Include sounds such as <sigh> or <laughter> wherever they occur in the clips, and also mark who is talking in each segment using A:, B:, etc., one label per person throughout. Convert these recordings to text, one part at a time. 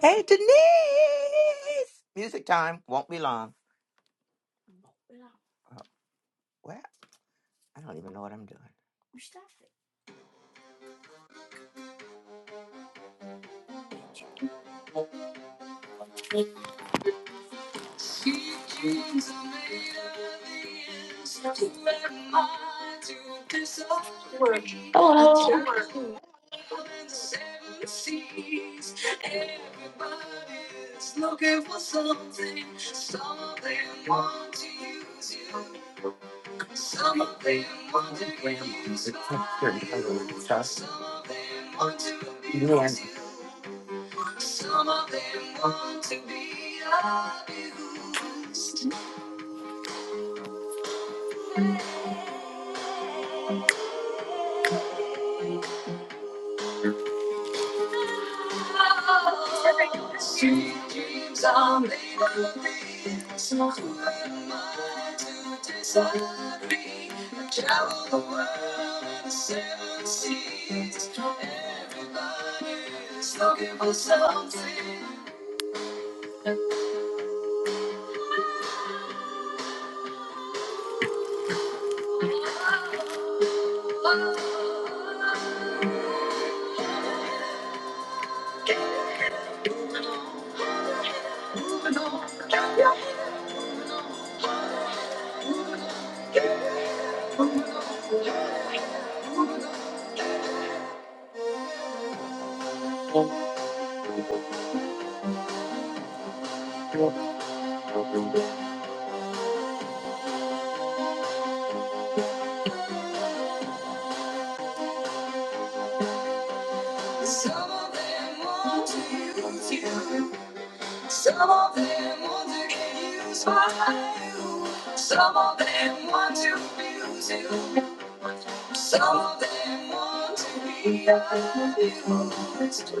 A: Hey, Denise! Music time won't be long. Oh, what? I don't even know what I'm doing. I
B: Hello.
A: travel around the seven seas. Everybody's looking for something. Some of them want to use you. Some of them want to be used by you. Some of them want to abuse you. Some of them want to be abused. She keeps on leading me. So who am I to disagree? I travel the world and the seven seas. Everybody's looking for something. Some of them want to use you. Some of them want to get used by you. Some of them want to abuse you. So they want to be abused.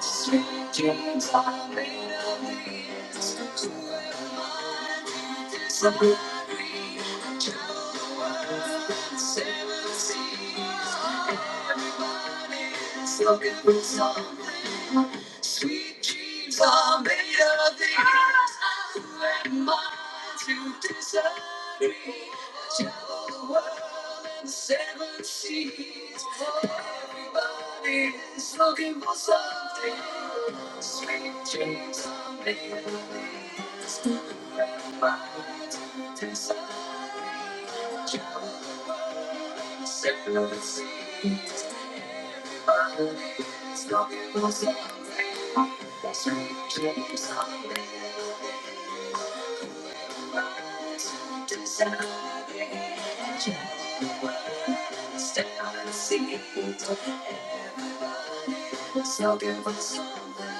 A: Sweet dreams are made of these. Who am I to disagree? Travel the world and seven seas. Everybody is looking for something. Sweet dreams are made of these. Who am I to disagree? Travel the world and the seven seas. Everybody is looking for something. Sweet dreams are made of these. Who am I to disagree? Travel the world and the seven seas. Everybody's talking about something. Strange things are happening. Who am I to decide? Travel the world, seven seas. Everybody's talking about something.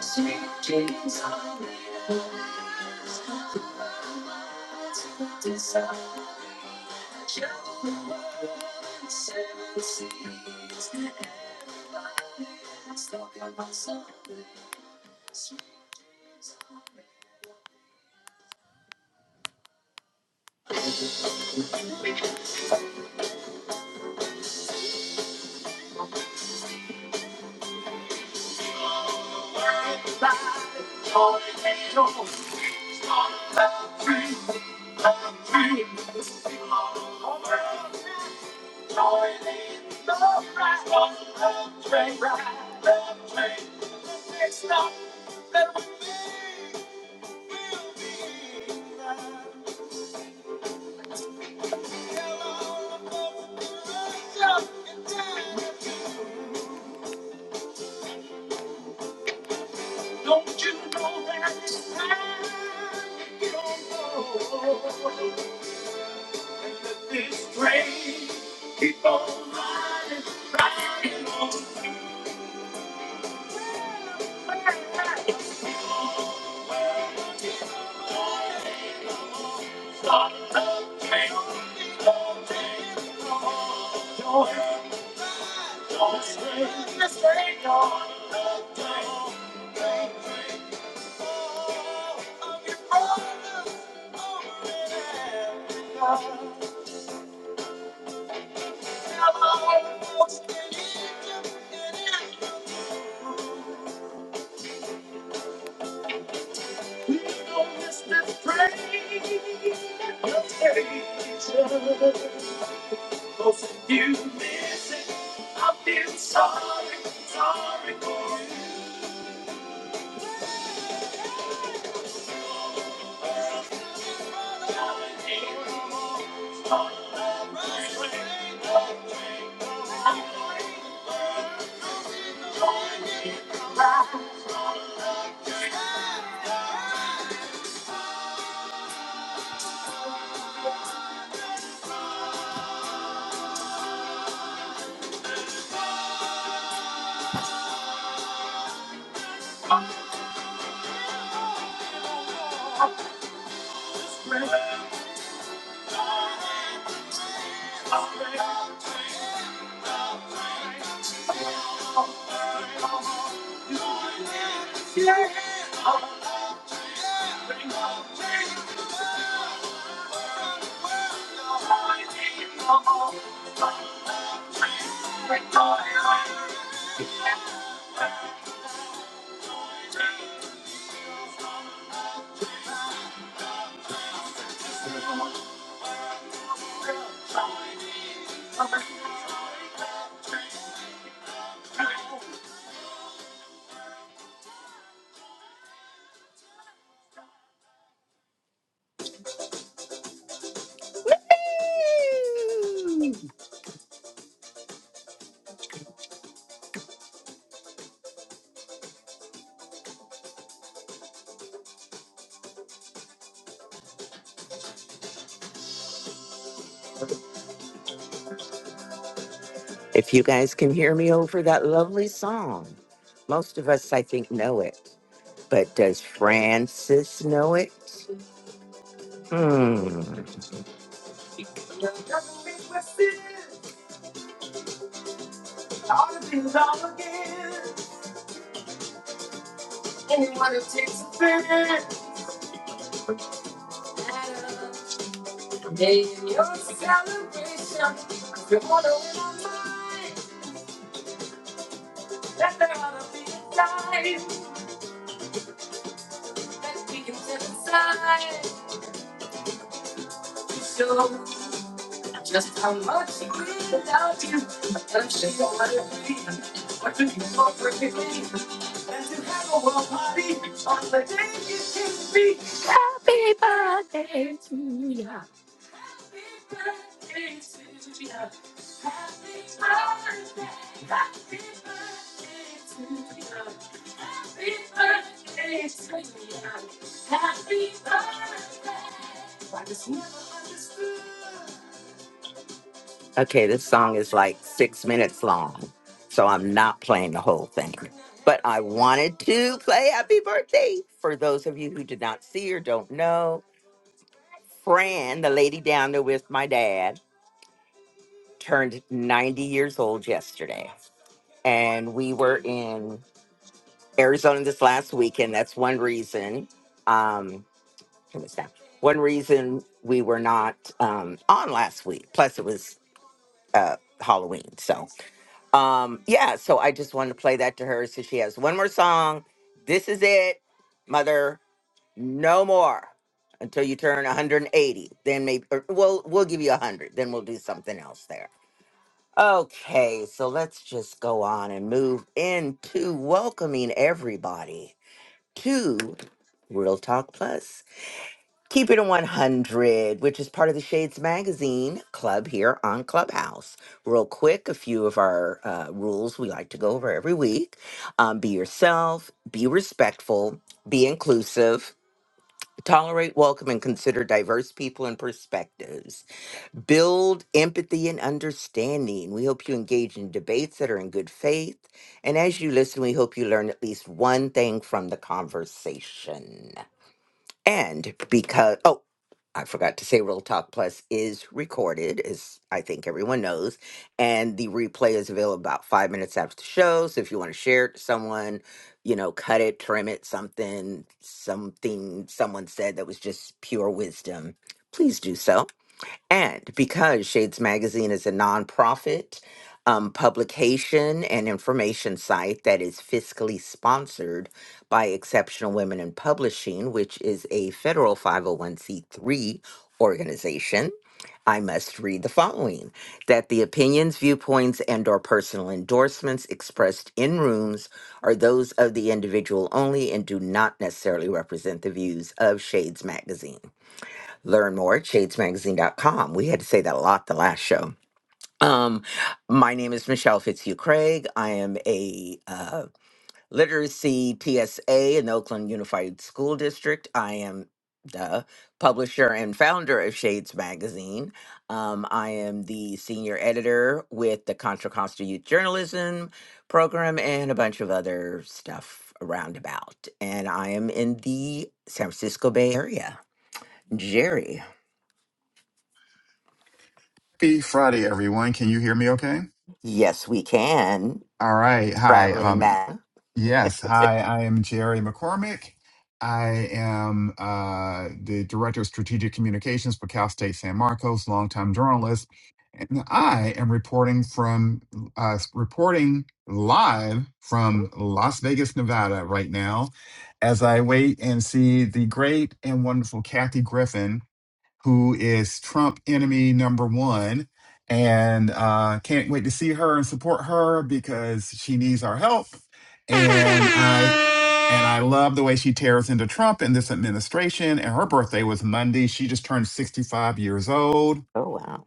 A: Strange things are happening. Who am I to decide? Travel the world, seven seas. If you guys can hear me over that lovely song, most of us, I think, know it. But does Francis know it? Hmm. All the things all again. Anyone who takes offense at in your celebration. If you wanna win on mine, let there ought to be a time that we can set aside to show just how much we love you. And I'm sure you'll want to be. what you want for me? And to have a world party on the day you can be. Okay, this song is like six minutes long, so I'm not playing the whole thing. But I wanted to play Happy Birthday for those of you who did not see or don't know. Fran, the lady down there with my dad, turned 90 years old yesterday. And we were in Arizona this last weekend. That's one reason. Um, turn this down. One reason we were not um, on last week. Plus, it was uh, Halloween. So, um, yeah, so I just wanted to play that to her. So she has one more song. This is it, mother. No more until you turn 180. Then maybe, or we'll we'll give you 100. Then we'll do something else there. Okay, so let's just go on and move into welcoming everybody to Real Talk Plus. Keep it at 100, which is part of the Shades Magazine club here on Clubhouse. Real quick, a few of our uh, rules we like to go over every week um, be yourself, be respectful, be inclusive, tolerate, welcome, and consider diverse people and perspectives. Build empathy and understanding. We hope you engage in debates that are in good faith. And as you listen, we hope you learn at least one thing from the conversation. And because, oh, I forgot to say Real Talk Plus is recorded, as I think everyone knows. And the replay is available about five minutes after the show. So if you want to share it to someone, you know, cut it, trim it, something, something someone said that was just pure wisdom, please do so. And because Shades Magazine is a nonprofit um, publication and information site that is fiscally sponsored by Exceptional Women in Publishing, which is a federal 501c3 organization. I must read the following that the opinions, viewpoints, and or personal endorsements expressed in rooms are those of the individual only and do not necessarily represent the views of Shades Magazine. Learn more at shades magazine dot com. We had to say that a lot the last show. Um, my name is Michelle Fitzhugh Craig. I am a uh, literacy TSA in the Oakland Unified School District. I am the publisher and founder of Shades Magazine. Um, I am the senior editor with the Contra Costa Youth Journalism Program and a bunch of other stuff around about. And I am in the San Francisco Bay Area. Jerry,
C: Happy Friday, everyone. Can you hear me okay?
A: Yes, we can.
C: All right. Hi.
A: Traveling
C: Um,
A: man.
C: yes. Hi, I am Jerry McCormick. I am uh, the Director of Strategic Communications for Cal State San Marcos, longtime journalist. And I am reporting from, uh, reporting live from Las Vegas, Nevada right now, as I wait and see the great and wonderful Kathy Griffin who is Trump enemy number one. And uh, can't wait to see her and support her because she needs our help.
A: Oh
C: And I and I love the way she tears into Trump and this administration. And her birthday was Monday. She just turned 65 years old,
A: wow.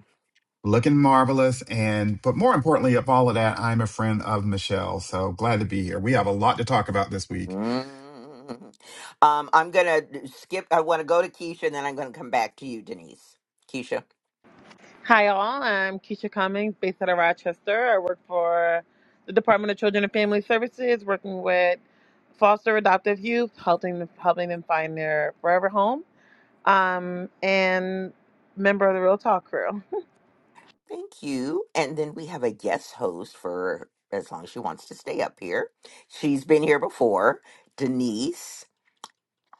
C: looking marvelous. And but more importantly, of all of that, I'm a friend of Michelle. So glad to be here. We have a lot to talk about this week.
A: Mm. Um, I'm gonna skip. I want to go to Keisha, and then I'm gonna come back to you, Denise. Keisha,
D: Hi, all. I'm Keisha Cummings, based out of Rochester. I work for the Department of Children and Family Services, working with foster adoptive youth, helping them, helping them find their forever home, um, and member of the Real Talk crew.
A: thank you. And then we have a guest host for as long as she wants to stay up here. She's been here before. Denise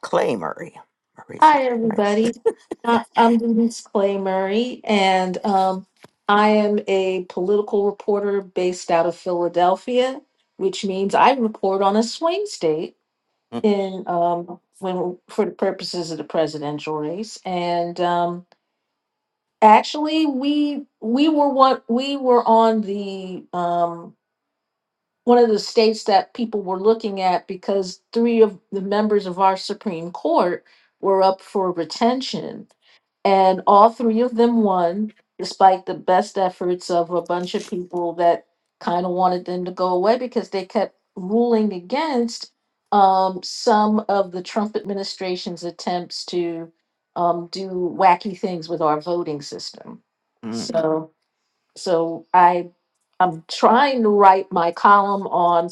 A: Clay Murray. Murray's
B: Hi,
A: last name.
B: everybody. I- I'm Denise Clay Murray, and um, I am a political reporter based out of Philadelphia, which means I report on a swing state
A: Mm,
B: in um, when for the purposes of the presidential race. And um, actually, we we were what we were on the um, one of the states that people were looking at because three of the members of our Supreme Court were up for retention. And all three of them won, despite the best efforts of a bunch of people that kind of wanted them to go away because they kept ruling against um, some of the Trump administration's attempts to um, do wacky things with our voting system.
A: mm,
B: So, so I I'm trying to write my column on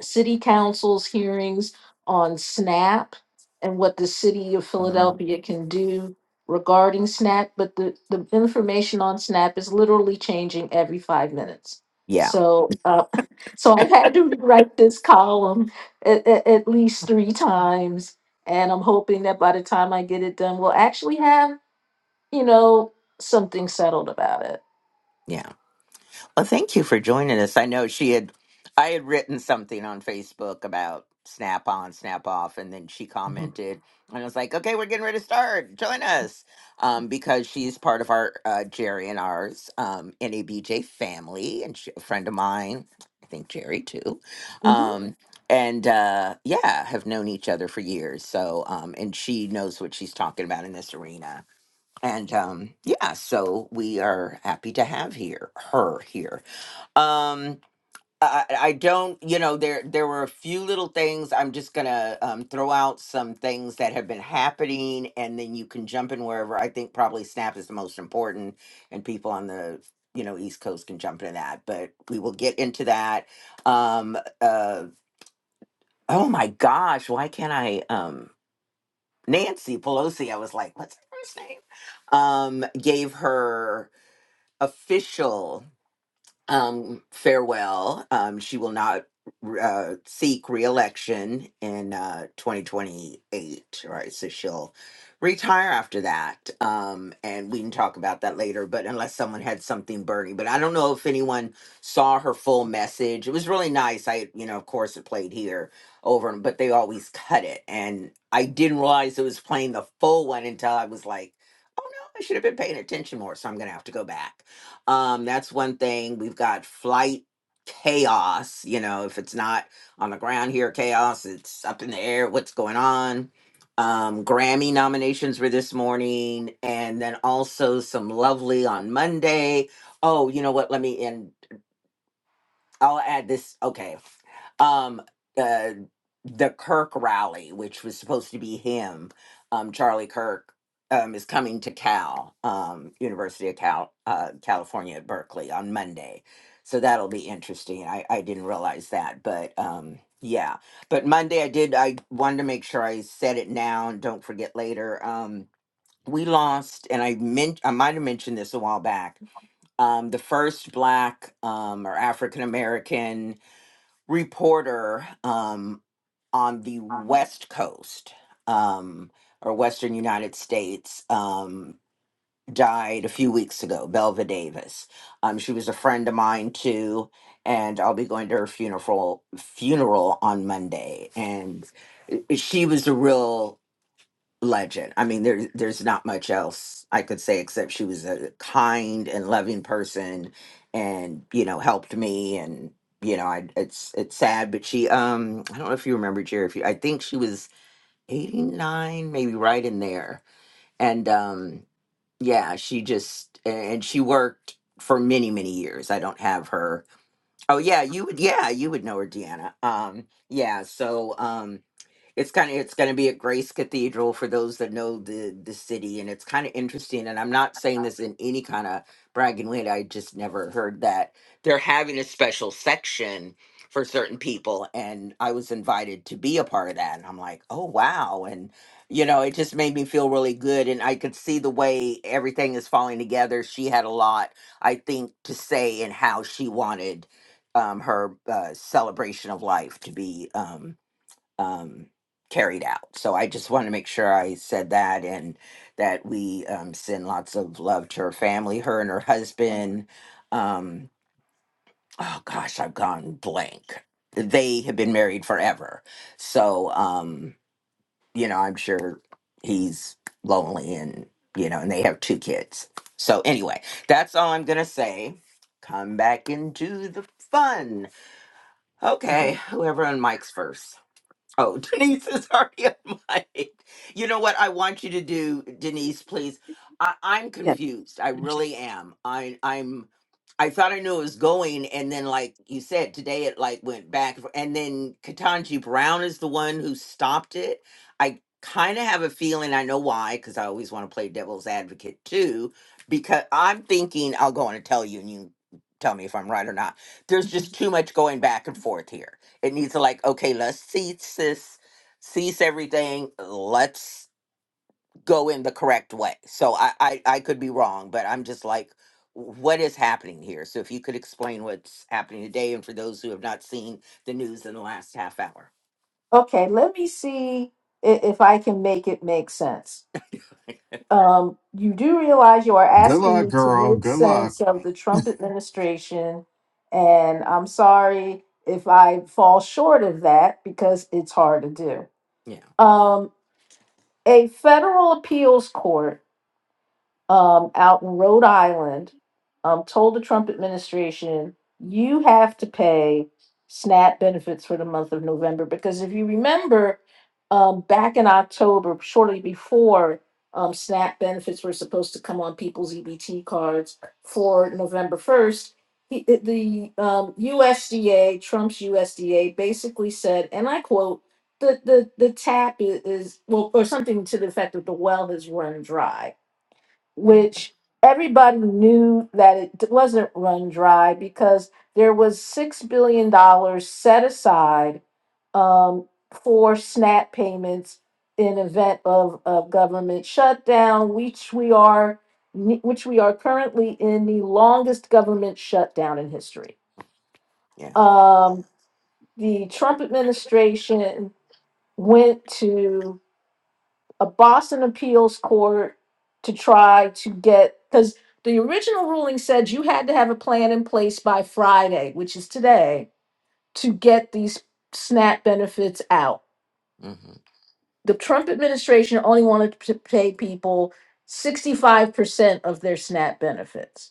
B: city council's hearings on SNAP and what the city of
A: mm.
B: Philadelphia can do regarding SNAP, but the, the information on SNAP is literally changing every five minutes.
A: Yeah,
B: So, uh, so I've had to rewrite this column at, at, at least three times. And I'm hoping that by the time I get it done, we'll actually have you know, something settled about it.
A: yeah. Well, thank you for joining us. I know she had, I had written something on Facebook about snap on, snap off, and then she
B: hmm
A: commented, and I was like, okay, we're getting ready to start. Join us, um, because she's part of our uh, Jerry and ours um, NABJ family, and she, a friend of mine, I think Jerry too,
B: hmm
A: um, and uh, yeah, have known each other for years. So, um, and she knows what she's talking about in this arena. And um, yeah, so we are happy to have here her here. Um, I, I don't, you know, there there were a few little things. I'm just gonna um, throw out some things that have been happening, and then you can jump in wherever. I think probably Snap is the most important, and people on the you know East Coast can jump into that. But we will get into that. Um, uh, oh my gosh, why can't I? Um, Nancy Pelosi. I was like, what's her first name? Um, gave her official. um, farewell. Um, she will not uh, seek election in uh, 2028, right? So she'll retire after that. Um, and we can talk about that later, but unless someone had something burning. But I don't know if anyone saw her full message. It was really nice. I, you know, of course it played here over, but they always cut it. And I didn't realize it was playing the full one until I was like, oh no, I should have been paying attention more. So I'm going to have to go back um, that's one thing. We've got flight chaos. You know, if it's not on the ground here, chaos, it's up in the air, what's going on. Um, Grammy nominations were this morning, and then also some lovely on Monday. Oh, you know what? Let me end. I'll add this. Okay. Um, uh, the Kirk rally, which was supposed to be him, um, Charlie Kirk, um, is coming to Cal, um, University of Cal, uh, California at Berkeley on Monday. So that'll be interesting. I, I didn't realize that, but um, yeah. But Monday, I did. I wanted to make sure I said it now and don't forget later. Um, we lost, and I meant I might have mentioned this a while back um, the first black um, or African American reporter um, on the West Coast um, or Western United States um, died a few weeks ago, Belva Davis. Um, she was a friend of mine too, and I'll be going to her funeral funeral on Monday. And i- she was a real legend. I mean, there, there's not much else I could say except she was a kind and loving person, and you know helped me. And you know, I it's it's sad, but she um I don't know if you remember Jerry. If you, I think she was 89, maybe right in there. And um yeah, she just a- and she worked for many many years. I don't have her. Oh yeah, you would yeah you would know her, Deanna. Um yeah, so um it's kind of it's going to be at grace cathedral for those that know the the city and it's kind of interesting and i'm not saying this in any kind of bragging way i just never heard that they're having a special section for certain people and i was invited to be a part of that and i'm like oh wow and you know it just made me feel really good and i could see the way everything is falling together she had a lot i think to say in how she wanted um, her uh, celebration of life to be Um, um, carried out. So I just wanted to make sure I said that and that we um, send lots of love to her family, her and her husband. Um, oh gosh, I've gone blank. They have been married forever. So, um, you know, I'm sure he's lonely and, you know, and they have two kids. So, anyway, that's all I'm going to say. Come back into the fun. Okay, whoever on mics first. Oh, <laughs> Denise is already on mic. You know what I want you to do, Denise, please. I, I'm
B: Yes.
A: confused. I really am. I I'm I thought I knew it was going, and then like you said, today it like went back and f- and then Katanji Brown is the one who stopped it. I kind of have a feeling I know why, because I always want to play devil's advocate too, because I'm thinking I'll go on and tell you and you tell me if I'm right or not. There's
B: Mm-hmm.
A: just too much going back and forth here it needs to like, okay, let's cease this, cease everything. Let's go in the correct way. So I, I, I could be wrong, but I'm just like, what is happening here? So if you could explain what's happening today, and for those who have not seen the news in the last half hour.
B: Okay, let me see i- if I can make it make sense.
A: <laughs>
B: Um, you do realize you are
C: Good
B: asking
C: luck,
B: me to
C: girl.
B: make
C: Good luck.
B: sense of the Trump administration, and I'm sorry if I fall short of that because it's hard to do.
A: Yeah,
B: Um, a federal appeals court um, out in Rhode Island um, told the Trump administration, you have to pay SNAP benefits for the month of November. Because if you remember, um, back in October, shortly before um, SNAP benefits were supposed to come on people's EBT cards for November 1st, he, it- the um, USDA, Trump's USDA, basically said, and I quote, the, the, the tap i- is, well, or something to the effect that the well has run dry which everybody knew that it wasn't run dry because there was $6 billion dollars set aside um, for SNAP payments in event of, of government shutdown, which we are which we are currently in the longest government shutdown in history.
A: yeah.
B: Um, the Trump administration went to a Boston appeals court to try to get because the original ruling said you had to have a plan in place by Friday, which is today, to get these SNAP benefits out.
A: Mm-hmm,
B: The Trump administration only wanted to pay people 65% of their SNAP benefits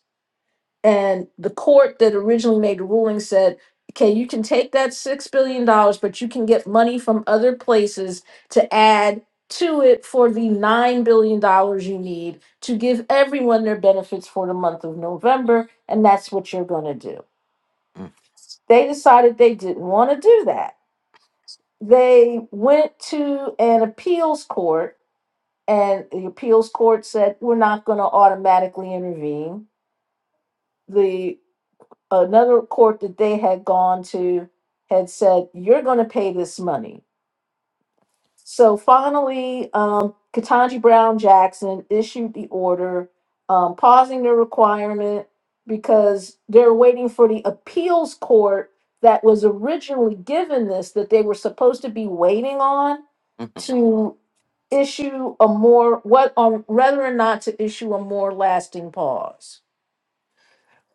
B: and the court that originally made the ruling said, okay, you can take that $6 billion, dollars, but you can get money from other places to add to it for the $9 billion dollars you need to give everyone their benefits for the month of November. And that's what you're going to do.
A: mm-hmm.
B: They decided they didn't want to do that. They went to an appeals court, and the appeals court said, we're not going to automatically intervene The another court that they had gone to had said, "You're going to pay this money." So finally, um, Katanji Brown Jackson issued the order, um, pausing the requirement because they're waiting for the appeals court that was originally given this that they were supposed to be waiting on
A: mm-hmm.
B: to issue a more what on whether or not to issue a more lasting pause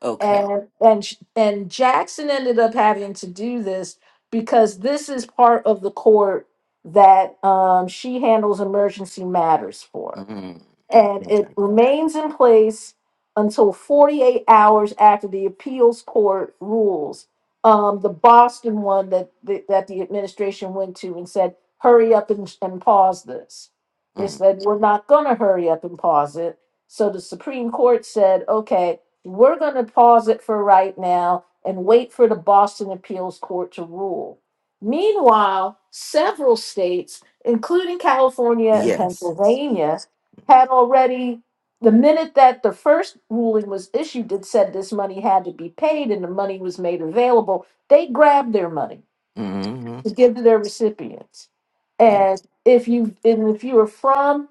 A: Okay.
B: and and sh- and Jackson ended up having to do this because this is part of the court that um, she handles emergency matters for and
A: Mm-hmm.
B: it
A: Okay.
B: remains in place until 48 hours after the appeals court rules. Um, the Boston one that the, that the administration went to and said, "Hurry up and, and pause this." They
A: Mm.
B: said, "We're not going to hurry up and pause it." So the Supreme Court said, "Okay, we're going to pause it for right now and wait for the Boston appeals court to rule." Meanwhile, several states, including California and
A: Yes.
B: Pennsylvania, had already, the minute that the first ruling was issued, it said this money had to be paid and the money was made available. They grabbed their money
A: Mm-hmm.
B: to give to their recipients.
A: Yeah.
B: And if you and if you were from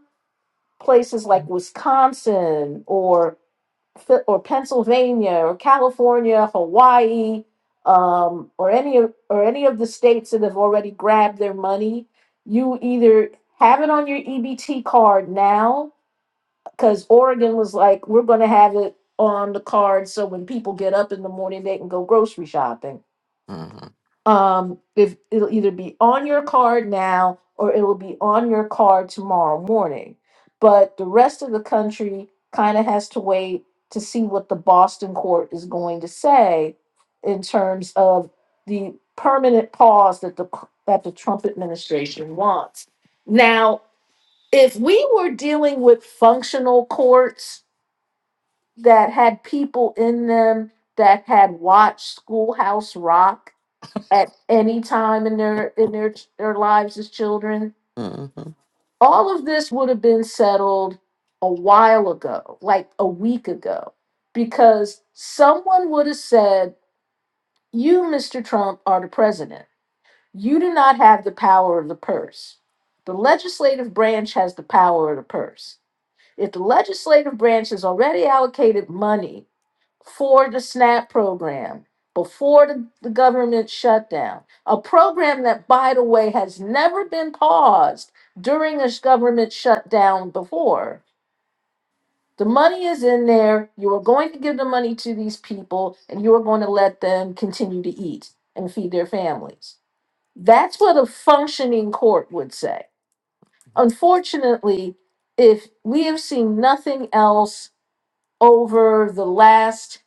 B: places like Wisconsin or Fi- or Pennsylvania or California, Hawaii, um, or any of or any of the states that have already grabbed their money, you either have it on your EBT card now because Oregon was like, we're going to have it on the card so when people get up in the morning, they can go grocery shopping.
A: Mm-hmm.
B: Um, if it'll either be on your card now or it'll be on your card tomorrow morning. But the rest of the country kind of has to wait to see what the Boston court is going to say in terms of the permanent pause that the that the Trump administration wants. Now, if we were dealing with functional courts, that had people in them that had watched Schoolhouse Rock at any time in their in their their lives as children.
A: Mm-hmm.
B: All of this would have been settled a while ago, like a week ago, because someone would have said, "You, Mr. Trump, are the president. You do not have the power of the purse. The legislative branch has the power of the purse. If the legislative branch has already allocated money for the SNAP program before the, the government shutdown, a program that, by the way, has never been paused during a sh- government shutdown before. The money is in there. You are going to give the money to these people, and you are going to let them continue to eat and feed their families. That's what a functioning court would say. Unfortunately, if we have seen nothing else over the last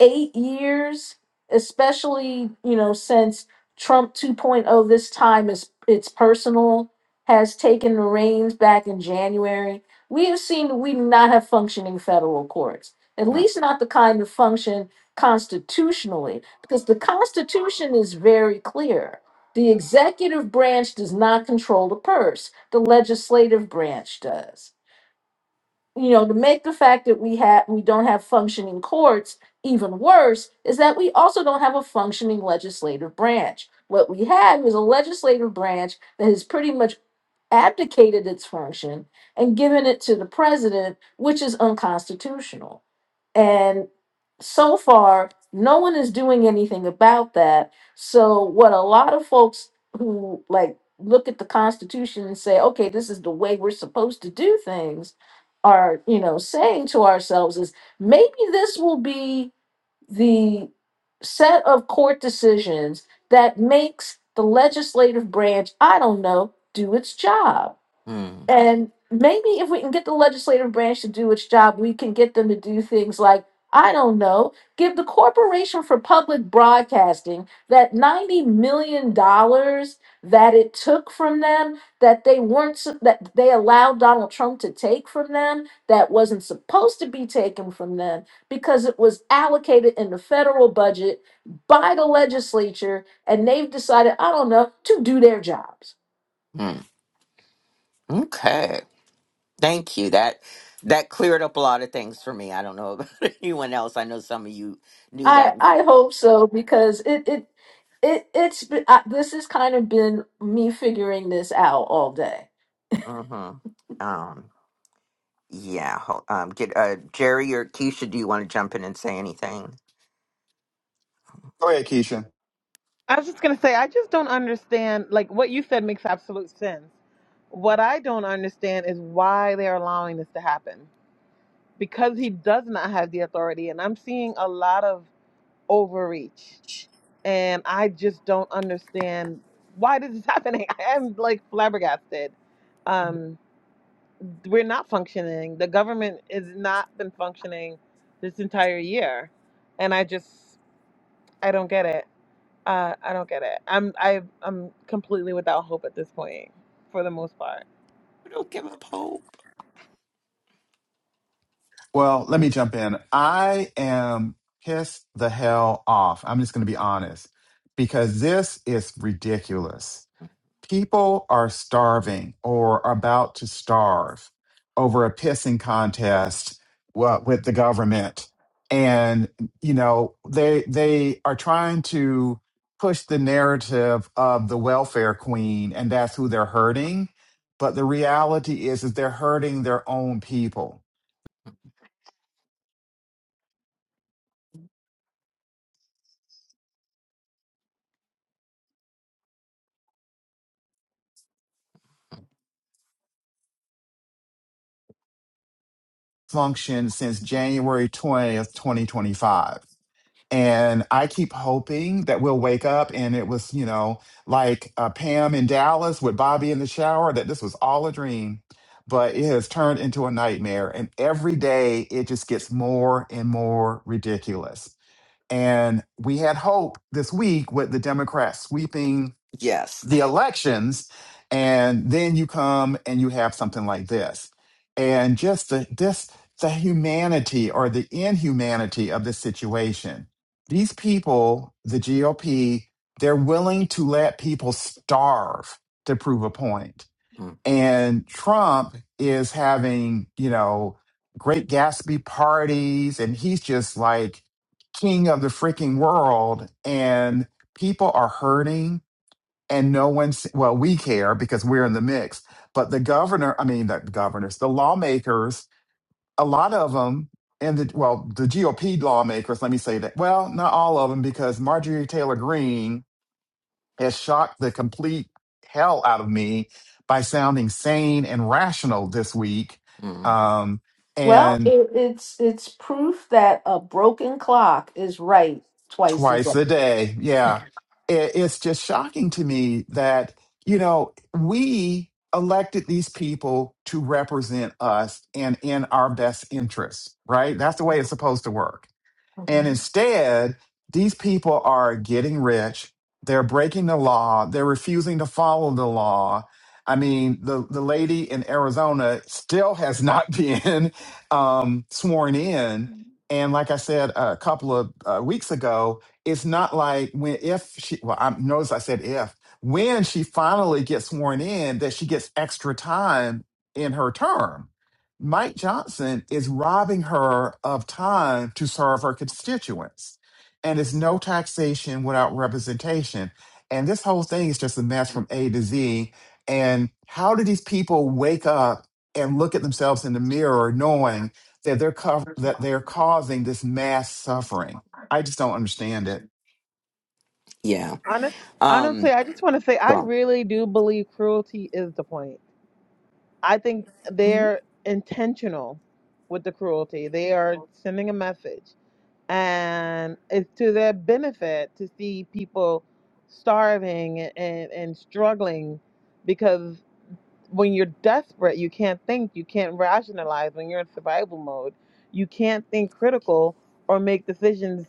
B: eight years, especially you know since Trump 2.0 this time is it's personal has taken the reins back in January. We have seen that we do not have functioning federal courts, at
A: Mm-hmm.
B: least not the kind that function constitutionally, because the Constitution is very clear. The executive branch does not control the purse. The legislative branch does you know, to make the fact that we have we don't have functioning courts even worse is that we also don't have a functioning legislative branch. What we had was a legislative branch that has pretty much abdicated its function and given it to the president, which is unconstitutional. And so far, no one is doing anything about that. So, what a lot of folks who like look at the Constitution and say, okay, this is the way we're supposed to do things, are, you know, saying to ourselves is maybe this will be the set of court decisions that makes the legislative branch, I don't know, do its job and maybe if we can get the legislative branch to do its job, we can get them to do things like, I don't know, give the Corporation for Public Broadcasting that $90 million dollars that it took from them, that they weren't, su- that they allowed Donald Trump to take from them, that wasn't supposed to be taken from them because it was allocated in the federal budget by the legislature and they've decided, I don't know, to do their jobs
A: mm-hmm, Okay. Thank you. That that cleared up a lot of things for me. I don't know about <laughs> anyone else. I know some of you knew
B: I
A: that.
B: I hope so because it it it it's been, I, this has kind of been me figuring this out all day.
A: Mm-hmm. Um, yeah. ho- Um, did uh, Jerry or Keisha? Do you want to jump in and say anything?
C: Go ahead, Keisha.
D: <laughs> I was just going to say, I just don't understand, like, what you said makes absolute sense. What I don't understand is why they're allowing this to happen because he does not have the authority. And I'm seeing a lot of overreach and I just don't understand why this is happening. <laughs> I am like flabbergasted. Um, we're not functioning. The government has not been functioning this entire year, and I just I don't get it. Uh, I don't get it. I'm I, I'm completely without hope at this point, for the most part.
A: We don't give up hope.
C: Well, let me jump in. I am pissed the hell off. I'm just going to be honest because this is ridiculous. people are starving or about to starve over a pissing contest uh, with the government and you know they they are trying to push the narrative of the welfare queen and that's who they're hurting but the reality is is they're hurting their own people function since January 20th 2025 And I keep hoping that we'll wake up and it was, you know, like uh, Pam in Dallas with Bobby in the shower, that this was all a dream. But it has turned into a nightmare. And every day it just gets more and more ridiculous. And we had hope this week with the Democrats sweeping
A: Yes.
C: the elections and then you come and you have something like this and just the this the humanity or the inhumanity of the situation these people the gop they're willing to let people starve to prove a point point. and trump is having you know great gatsby parties and he's just like king of the freaking world and people are hurting and no one's well we care because we're in the mix but the governor i mean the governors the lawmakers a lot of them and the well the gop lawmakers let me say that well not all of them because marjorie taylor Greene has shocked the complete hell out of me by sounding sane and rational this week
A: Mm-hmm.
C: um,
B: Well,
C: and
B: it, it's it's proof that a broken clock is right twice as
C: twice
B: often.
C: a day. Yeah. It, it's just shocking to me that, you know, we elected these people to represent us and in our best interests, right? That's the way it's supposed to work. And
B: Mhm.
C: instead, these people are getting rich. They're breaking the law. They're refusing to follow the law. I mean, the, the lady in Arizona still has not <laughs> been um, sworn in. And like I said a couple of uh, weeks ago, it's not like when, if she, well, I notice I said if, when she finally gets sworn in, that she gets extra time in her term Mike Johnson is robbing her of time to serve her constituents. And it's no taxation without representation. And this whole thing is just a mess from A to Z. And how do these people wake up and look at themselves in the mirror knowing that they're co- that they're causing this mass suffering? I just don't understand it.
A: Yeah.
D: Honest, honestly,
A: Um.
D: I just want to say
A: go
D: I
A: on.
D: really do believe cruelty is the point. I think
B: Mhm.
D: they're intentional with the cruelty. They are sending a message and it's to their benefit to see people starving and, and struggling because when you're desperate you can't think you can't rationalize when you're in survival mode you can't think critical or make decisions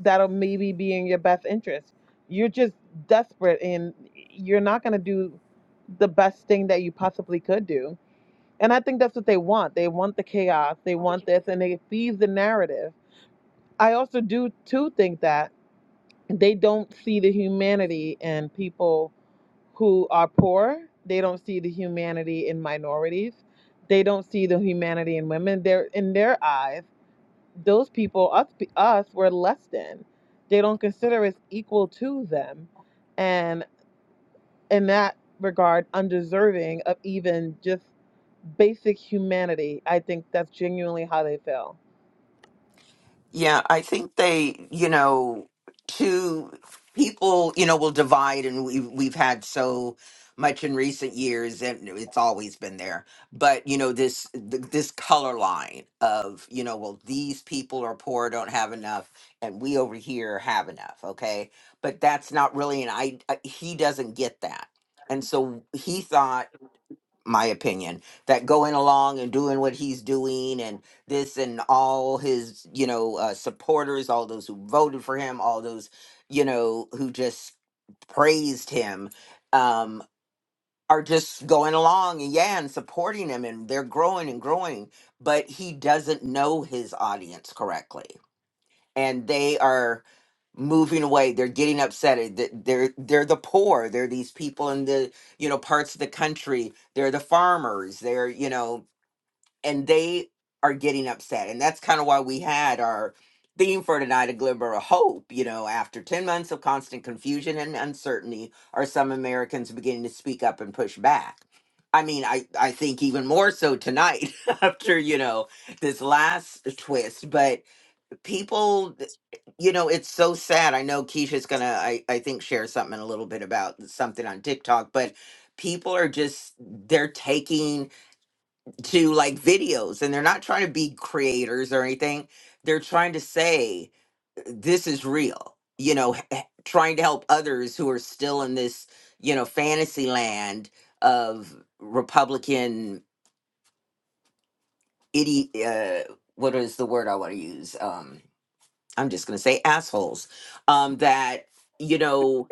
D: that'll maybe be in your best interest you're just desperate and you're not going to do the best thing that you possibly could do and i think that's what they want they want the chaos they want this and it feeds the narrative I also do too think that they don't see the humanity in people who are poor. They don't see the humanity in minorities. They don't see the humanity in women. They're in their eyes, those people, us, us, were less than. They don't consider us equal to them, and in that regard, undeserving of even just basic humanity. I think that's genuinely how they feel.
A: Yeah, I think they, you know, two people, you know, will divide, and we we've had so much in recent years, and it's always been there. But you know, this th- this color line of, you know, well, these people are poor, don't have enough, and we over here have enough. Okay, but that's not really an I. He doesn't get that, and so he thought my opinion that going along and doing what he's doing and this and all his you know uh, supporters all those who voted for him all those you know who just praised him um are just going along and yeah and supporting him and they're growing and growing but he doesn't know his audience correctly and they are moving away they're getting upset it- th- they're they're the poor they're these people in the you know parts of the country they're the farmers they're you know and they are getting upset and that's kind of why we had our theme for tonight a glimmer of hope you know after 10 months of constant confusion and uncertainty are some americans beginning to speak up and push back i mean i i think even more so tonight <laughs> after you know this last twist but people you know it's so sad i know keisha's gonna I, I think share something in a little bit about something on tiktok but people are just they're taking to like videos and they're not trying to be creators or anything they're trying to say this is real you know h- h- trying to help others who are still in this you know fantasy land of republican idiot uh, what is the word i want to use Um, I'm just gonna say assholes. Um, that you know,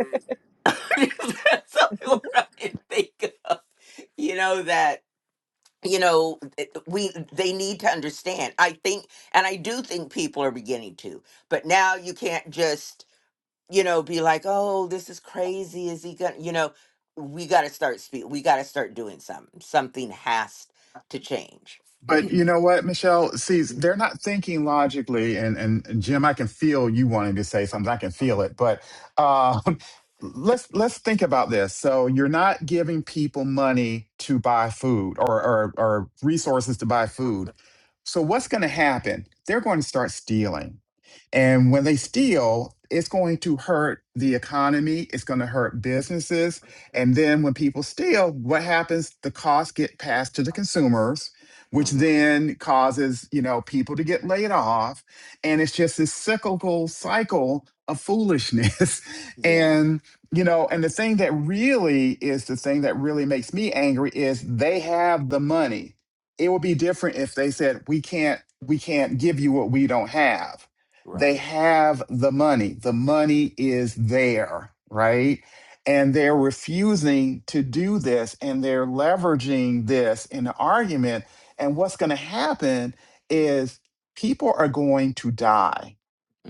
A: <laughs> that's the only word I can think of. You know that you know th- we they need to understand. I think, and I do think people are beginning to. But now you can't just you know be like, oh, this is crazy. Is he gonna? You know, we got to start speak. We got to start doing something. Something has to change.
C: But you know what, Michelle? See, they're not thinking logically, and and Jim, I can feel you wanting to say something. I can feel it, but um, <laughs> let's let's think about this. So you're not giving people money to buy food or or, or resources to buy food. So what's going to happen? They're going to start stealing and when they steal, it's going to hurt the economy, it's going to hurt businesses. And then when people steal, what happens? The costs get passed to the consumers, which
A: Mm-hmm.
C: then causes, you know, people to get laid off. And it's just this cyclical cycle of foolishness. <laughs>
A: Yeah.
C: and you know, and the thing that really is the thing that really makes me angry is they have the money. It would be different if they said, we can't, we can't give you what we don't have they
A: Right.
C: have the money. The money is there, right? And they're refusing to do this and they're leveraging this in an argument. And what's going to happen is people are going to die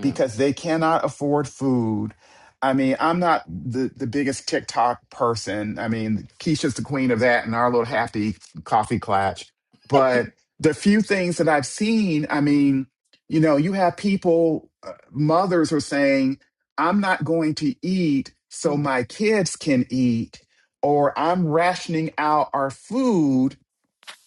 C: because they cannot afford food. I mean, I'm not the, the biggest TikTok person. I mean, Keisha's the queen of that and our little happy coffee clatch. But the few things that I've seen, I mean, you know, you have people, uh, mothers are saying, I'm not going to eat so
A: mm-hmm,
C: my kids can eat, or I'm rationing out our food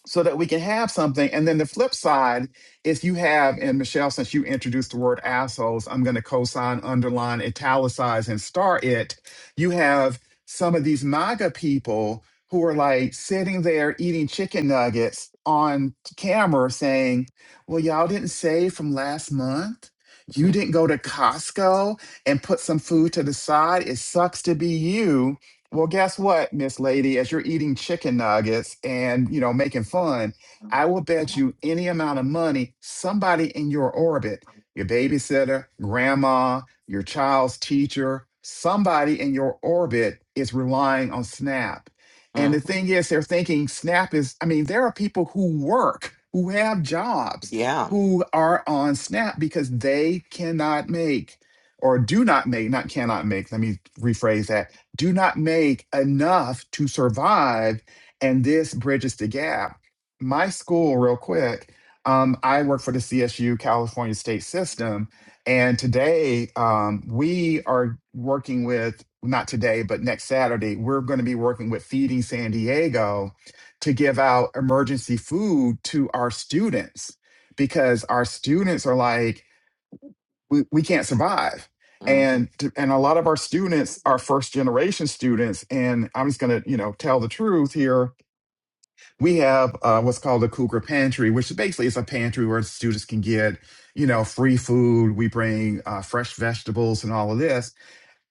C: so that we can have something. And then the flip side is you have, and Michelle, since you introduced the word assholes, I'm going to co sign, underline, italicize, and star it. You have some of these MAGA people who are like sitting there eating chicken nuggets on camera saying, Well, y'all didn't save from last month. You didn't go to Costco and put some food to the side. It sucks to be you well, guess what, Miss Lady? As you're eating chicken nuggets and you know making fun, I will bet you any amount of money somebody in your orbit, your babysitter, grandma, your child's teacher, somebody in your orbit is relying on Snap. And the
A: mm-hmm.
C: thing is, they're thinking Snap is. I mean, there are people who work, who have jobs,
A: Yeah.
C: who are on Snap because they cannot make or do not make, not cannot make. Let me rephrase that do not make enough to survive. And this bridges the gap. My school, real quick, um, I work for the CSU California State System. And today um, we are working with, not today, but next Saturday, we're going to be working with Feeding San Diego to give out emergency food to our students because our students are like, we, we can't survive
A: Mhm, mhm.
C: and to- and a lot of our students are first generation students and i'm just going to you know tell the truth here we have uh, what's called a cougar pantry which basically is a pantry where students can get you know free food we bring uh, fresh vegetables and all of this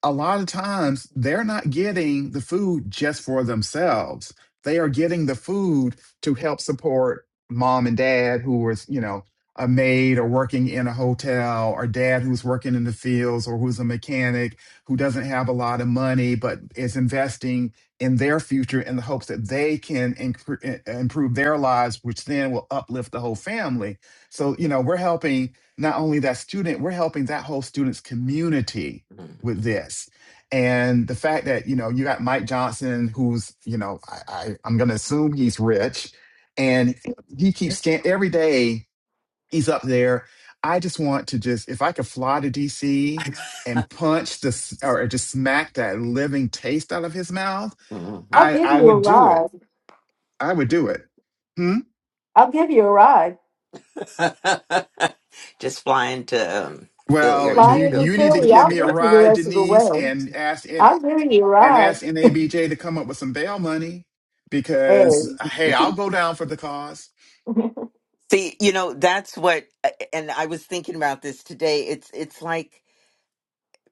C: a lot of times they're not getting the food just for themselves. They are getting the food to help support mom and dad who was, you know, a maid or working in a hotel or dad who's working in the fields or who's a mechanic who doesn't have a lot of money but is investing in their future in the hopes that they can incre- eh, eh, improve their lives which then will uplift the whole family. So, you know, we're helping not only that student, we're helping that whole student's community with this. And the fact that, you know, you got Mike Johnson, who's, you know, I, I, I'm going to assume he's rich and he keeps stand every day he's up there. I just want to just, if I could fly to DC and punch this or just smack that living taste out of his mouth,
B: I'll
A: Mhm.
C: I,
B: give
C: I
B: you a
C: would do it.
B: ride.
C: I would do it. Hmm?
B: I'll give you a ride.
A: <laughs> Just flying to um, Philly or
C: Well,
B: Fly
A: to
C: you
B: into
A: Philly.
C: you need to
B: Philly.
C: give
B: I'll
C: me a
B: get you the
C: ride,
B: rest of the
C: Denise,
B: way.
C: and
A: <laughs>
C: ask. and
B: I'll give you a
C: and ask
B: ride.
C: NABJ to come up with some bail money because
B: Hey,
C: hey, I'll go down for the cause.
A: See, you know, that's what, and I was thinking about this today. It's it's like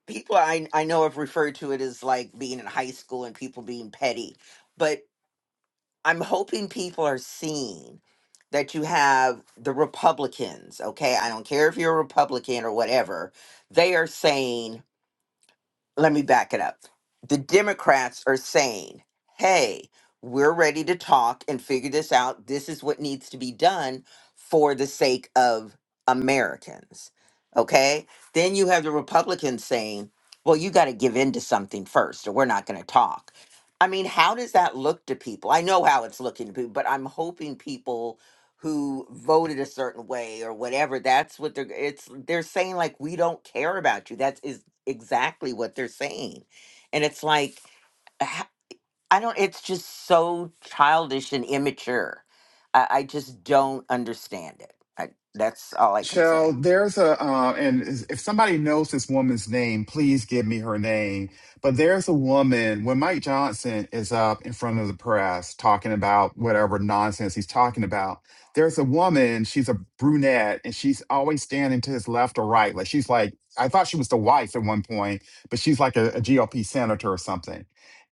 A: people I I know have referred to it as like being in high school and people being petty, but I'm hoping people are seeing that you have the Republicans, okay? I don't care if you're a Republican or whatever. They are saying let me back it up. The Democrats are saying, hey, we're ready to talk and figure this out. This is what needs to be done for the sake of Americans. Okay. Then you have the Republicans saying, well, you got to give in to something first or we're not going to talk. I mean, how does that look to people? I know how it's looking to people, but I'm hoping people who voted a certain way or whatever that's what they're it's they're saying like we don't care about you That's exactly what they're saying. And it's like, h- I don't, it's just so childish and immature. I, I just don't understand it. I, that's all I can say.
C: Michelle, there's a, uh, and is- if somebody knows this woman's name, please give me her name. But there's a woman, when Mike Johnson is up in front of the press talking about whatever nonsense he's talking about, there's a woman, she's a brunette, and she's always standing to his left or right. Like she's like, I thought she was the wife at one point, but she's like a, a G O P senator or something.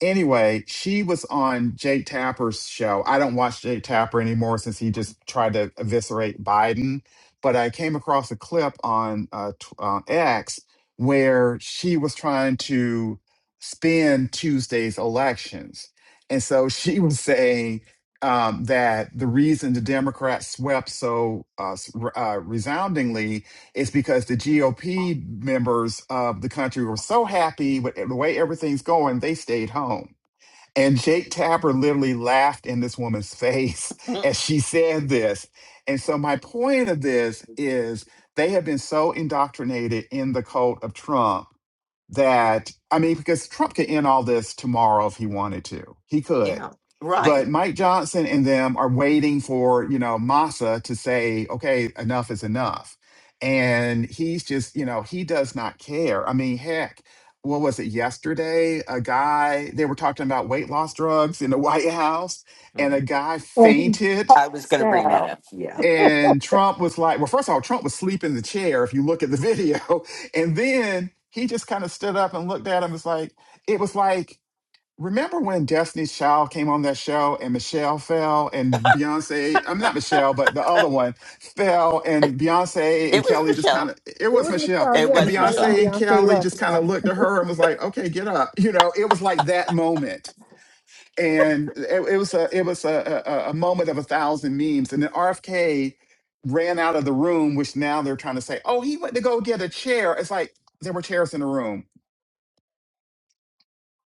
C: Anyway, she was on Jake Tapper's show. I don't watch Jake Tapper anymore since he just tried to eviscerate Biden but I came across a clip on uh, t- uh, X where she was trying to spin Tuesday's elections. And so <laughs> she was saying um, that the reason the Democrats swept so uh, s- r- uh, resoundingly is because the GOP members of the country were so happy with eh, the way everything's going, they stayed home. And Jake Tapper literally laughed in this woman's face <laughs>
A: Mm,
C: as she said this. And so, my point of this is they have been so indoctrinated in the cult of Trump that I mean, because Trump could end all this tomorrow if he wanted to. He could.
A: Yeah,
C: But
A: right.
C: Mike Johnson and them are waiting for, you know, Massa to say, okay, enough is enough. And he's just, you know, he does not care. I mean, heck, what was it yesterday? A guy, they were talking about weight loss drugs in the <laughs> White House, and a
A: Mm.
C: guy
B: <laughs> and he
C: fainted
A: I was
B: passed
A: going to bring that
B: out.
A: up. Yeah.
C: and Trump was like, well, first of all, Trump was sleeping in the chair if you look at the video. <laughs> And then he just kind of stood up and looked at him. It's like, it was like, remember when Destiny's Child came on that show and Michelle fell and Beyonce, I'm not Michelle, but the other one fell and Beyonce and
A: It was
C: Kelly just kind
A: Michelle.
C: of, it
D: It
C: was
D: was
C: Michelle.
D: Michelle,
A: It
D: yeah,
C: And
A: was
D: Michelle and
C: Beyonce
A: Michelle.
C: and
D: Beyonce
C: Kelly
D: Love,
C: just kind
D: yeah.
C: of looked at her and was like, okay, get up. You know, it was like that moment and it, it was a it was a, a, a moment of a thousand memes. And then RFK ran out of the room, which now they're trying to say, oh, he went to go get a chair. It's like there were chairs in the room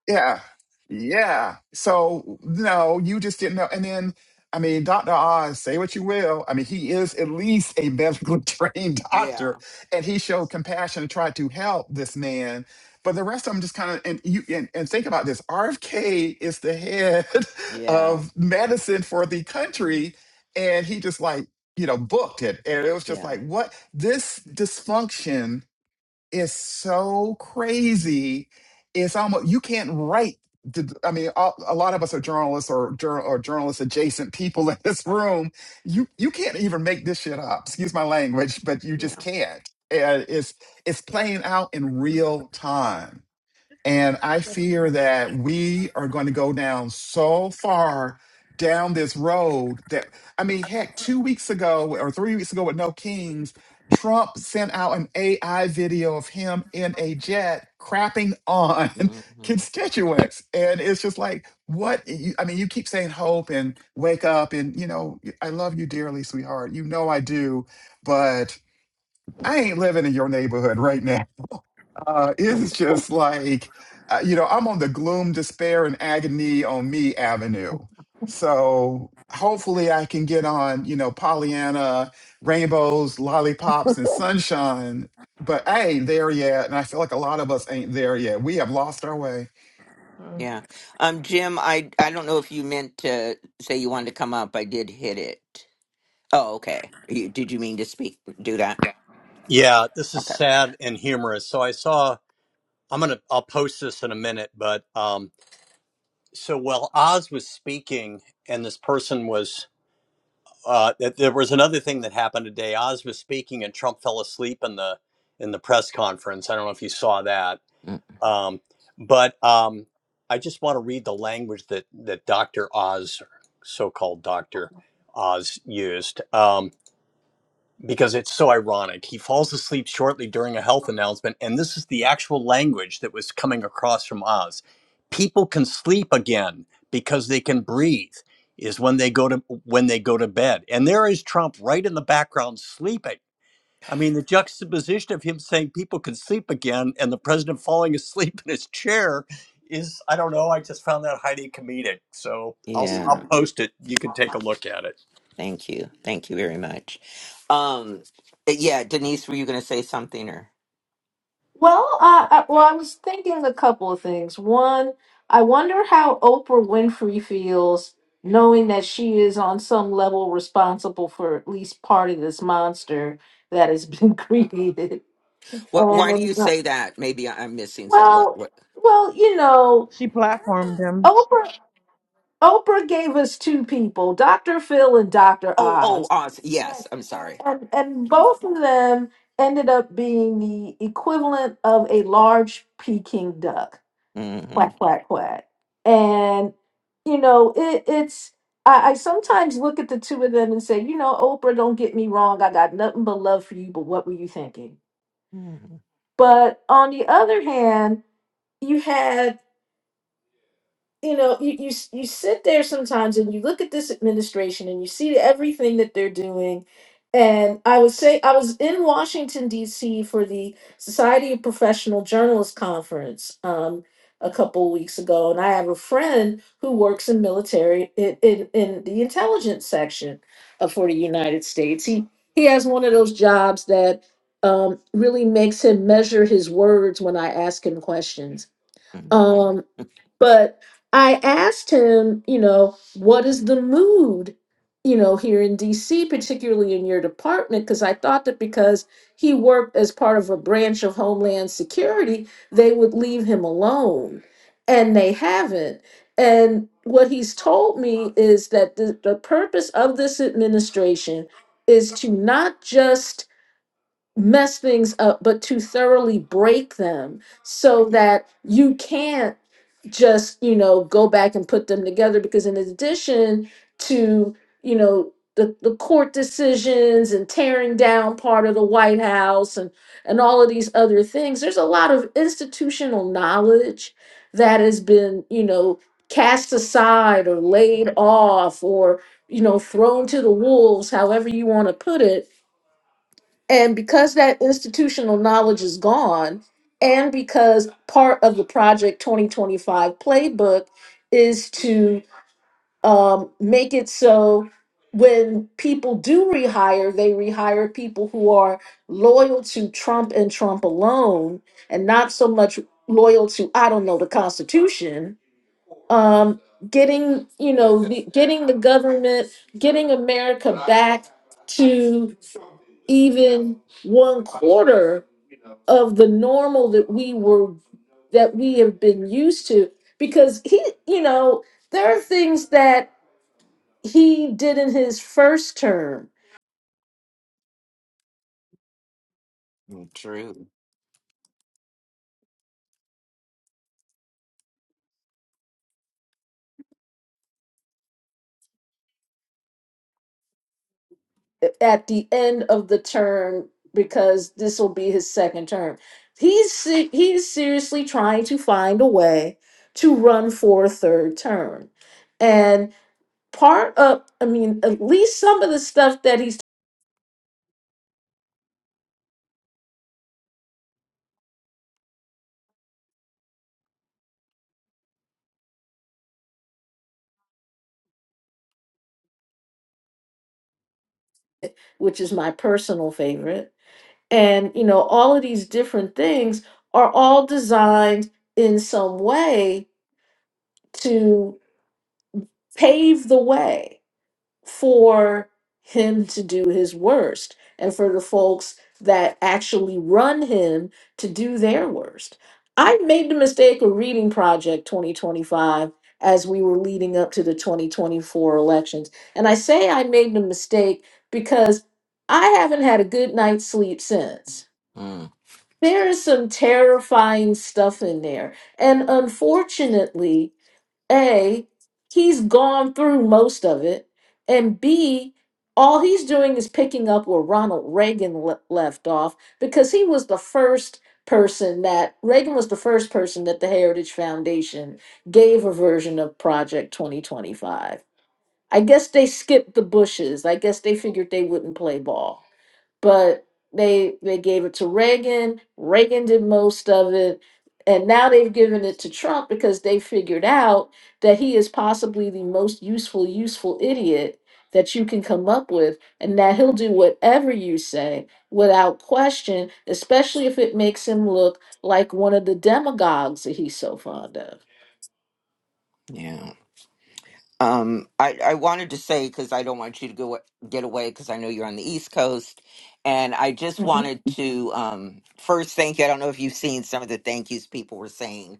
C: yeah. Yeah. So no, you just didn't know. And then, I mean, Dr. Oz, say what you will. I mean, he is at least a medically <laughs> trained
A: Yeah.
C: doctor, and he showed compassion and tried to help this man. But the rest of them just kind of and you and, and think about this. RFK is the head <laughs>
A: Yeah.
C: of medicine for the country, and he just like, you know, booked it. And it was just
A: Yeah.
C: like, what this dysfunction it's so crazy. It's almost you can't write. The, I mean, a, a lot of us are journalists or jour- or journalist adjacent people <laughs> in this room. You you can't even make this shit up. Excuse my language, but you
A: Yeah.
C: just can't. And it's it's playing out in real time. And I fear that we are going to go down so far down this road that, I mean, heck, two weeks ago or three weeks ago with No Kings, Trump sent out an AI video of him in a jet crapping on <laughs>
A: hmm
C: constituents. And it's just like, what? you- I mean, you keep saying hope and wake up and, you know, I love you dearly, sweetheart. You know I do, but I ain't living in your neighborhood right now. Uh, <laughs> it's just like, uh, you know, I'm on the gloom, despair, and agony on me avenue. So hopefully I can get on, you know, Pollyanna, rainbows, lollipops, and sunshine. But I ain't there yet, and I feel like a lot of us ain't there yet. We have lost our way.
A: Yeah. Um, Jim, I, I don't know if you meant to say you wanted to come up. I did hit it. Oh, okay. You, did you mean to speak, do that?
E: Yeah, this is
A: Okay.
E: sad and humorous. So I saw I'm gonna I'll post this in a minute, but um so while Oz was speaking and this person was uh th- there was another thing that happened today. Oz was speaking and Trump fell asleep in the in the press conference. I don't know if you saw that. Um but um I just want to read the language that that Dr. Oz, so-called Dr. Oz used. Um because it's so ironic. He falls asleep shortly during a health announcement, and this is the actual language that was coming across from Oz. People can sleep again because they can breathe is when they go to when they go to bed. And there is Trump right in the background sleeping. I mean, the juxtaposition of him saying people can sleep again and the president falling <laughs> asleep in his chair is I don't know, I just found that highly comedic. So I'll I'll
A: Yeah,
E: post it. You can take a look at it.
A: thank you. Thank you very much. Um eh, yeah, Denise, were you going to say something or
B: Well, I, I, well, I was thinking a couple of things. One, I wonder how Oprah Winfrey feels knowing that she is on some level responsible for at least part of this monster that has been <laughs> created.
A: what why do
B: And
A: you
B: uh,
A: say that? Maybe I- I'm missing some what
B: well,
A: what
B: well, you know,
D: She platformed him.
B: Oprah Oprah gave us two people, Dr. Phil and Dr.
A: Oh, oh,
B: Oz.
A: Oz.
B: And
A: Yes, I'm
B: and,
A: sorry.
B: and, both of them ended up being the equivalent of a large Peking duck.
A: Mhm.
B: Quack quack quack. And you know, it, it's I, I sometimes look at the two of them and say, you know, Oprah, don't get me wrong, I got nothing but love for you, but what were you thinking?
A: Mhm.
B: But on the other hand, you had you know you, you s- you sit there sometimes and you look at this administration and you see everything that they're doing and i would say i was in washington d.c for the society of professional journalists conference um, a couple weeks ago and i have a friend who works in military in, in, in the intelligence section of, for the united states he he has one of those jobs that um, really makes him measure his words when i ask him questions
A: Mhm.
B: Um,
A: <laughs>
B: but I asked him, you know, what is the mood, you know, here in DC, particularly in your department? Because I thought that because he worked as part of a branch of Homeland Security, they would leave him alone. And they haven't. And what he's told me is that the, the purpose of this administration is to not just mess things up, but to thoroughly break them so that you can't just, you know, go back and put them together. Because in addition to, you know, the, the court decisions and tearing down part of the White House and, and all of these other things, there's a lot of institutional knowledge that has been, you know, cast aside or laid off or, you know, thrown to the wolves, however you want to put it and because that institutional knowledge is gone, and because part of the Project 2025 playbook is to um, make it so when people do rehire, they rehire people who are loyal to Trump and Trump alone, and not so much loyal to, I don't know, the Constitution. Um, getting you know the, getting the government getting america back to even one quarter of the normal that we were that we have been used to because he you know there are things that he did in his first term
A: True.
B: at the end of the term because this will be his second term he's se- he's seriously trying to find a way to run for a third term and part of i mean at least some of the stuff that he's which is my personal favorite and you know all of these different things are all designed in some way to pave the way for him to do his worst and for the folks that actually run him to do their worst i made the mistake of reading project 2025 as we were leading up to the 2024 elections and i say i made the mistake because i haven't had a good night's sleep since
A: Mm,
B: there is some terrifying stuff in there. And unfortunately, A, he's gone through most of it. And B, all he's doing is picking up where Ronald Reagan le- left off because he was the first person that Reagan was the first person that the Heritage Foundation gave a version of Project 2025. I guess they skipped the bushes. I guess they figured they wouldn't play ball but they they gave it to Reagan. Reagan did most of it, and now they've given it to Trump because they figured out that he is possibly the most useful useful idiot that you can come up with, and that he'll do whatever you say without question, especially if it makes him look like one of the demagogues that he's so fond of.
A: yeah. Um, I, I wanted to say because I don't want you to go get away because I know you're on the East Coast, and I just
B: Mhm.
A: wanted to um, first thank you. I don't know if you've seen some of the thank yous people were saying.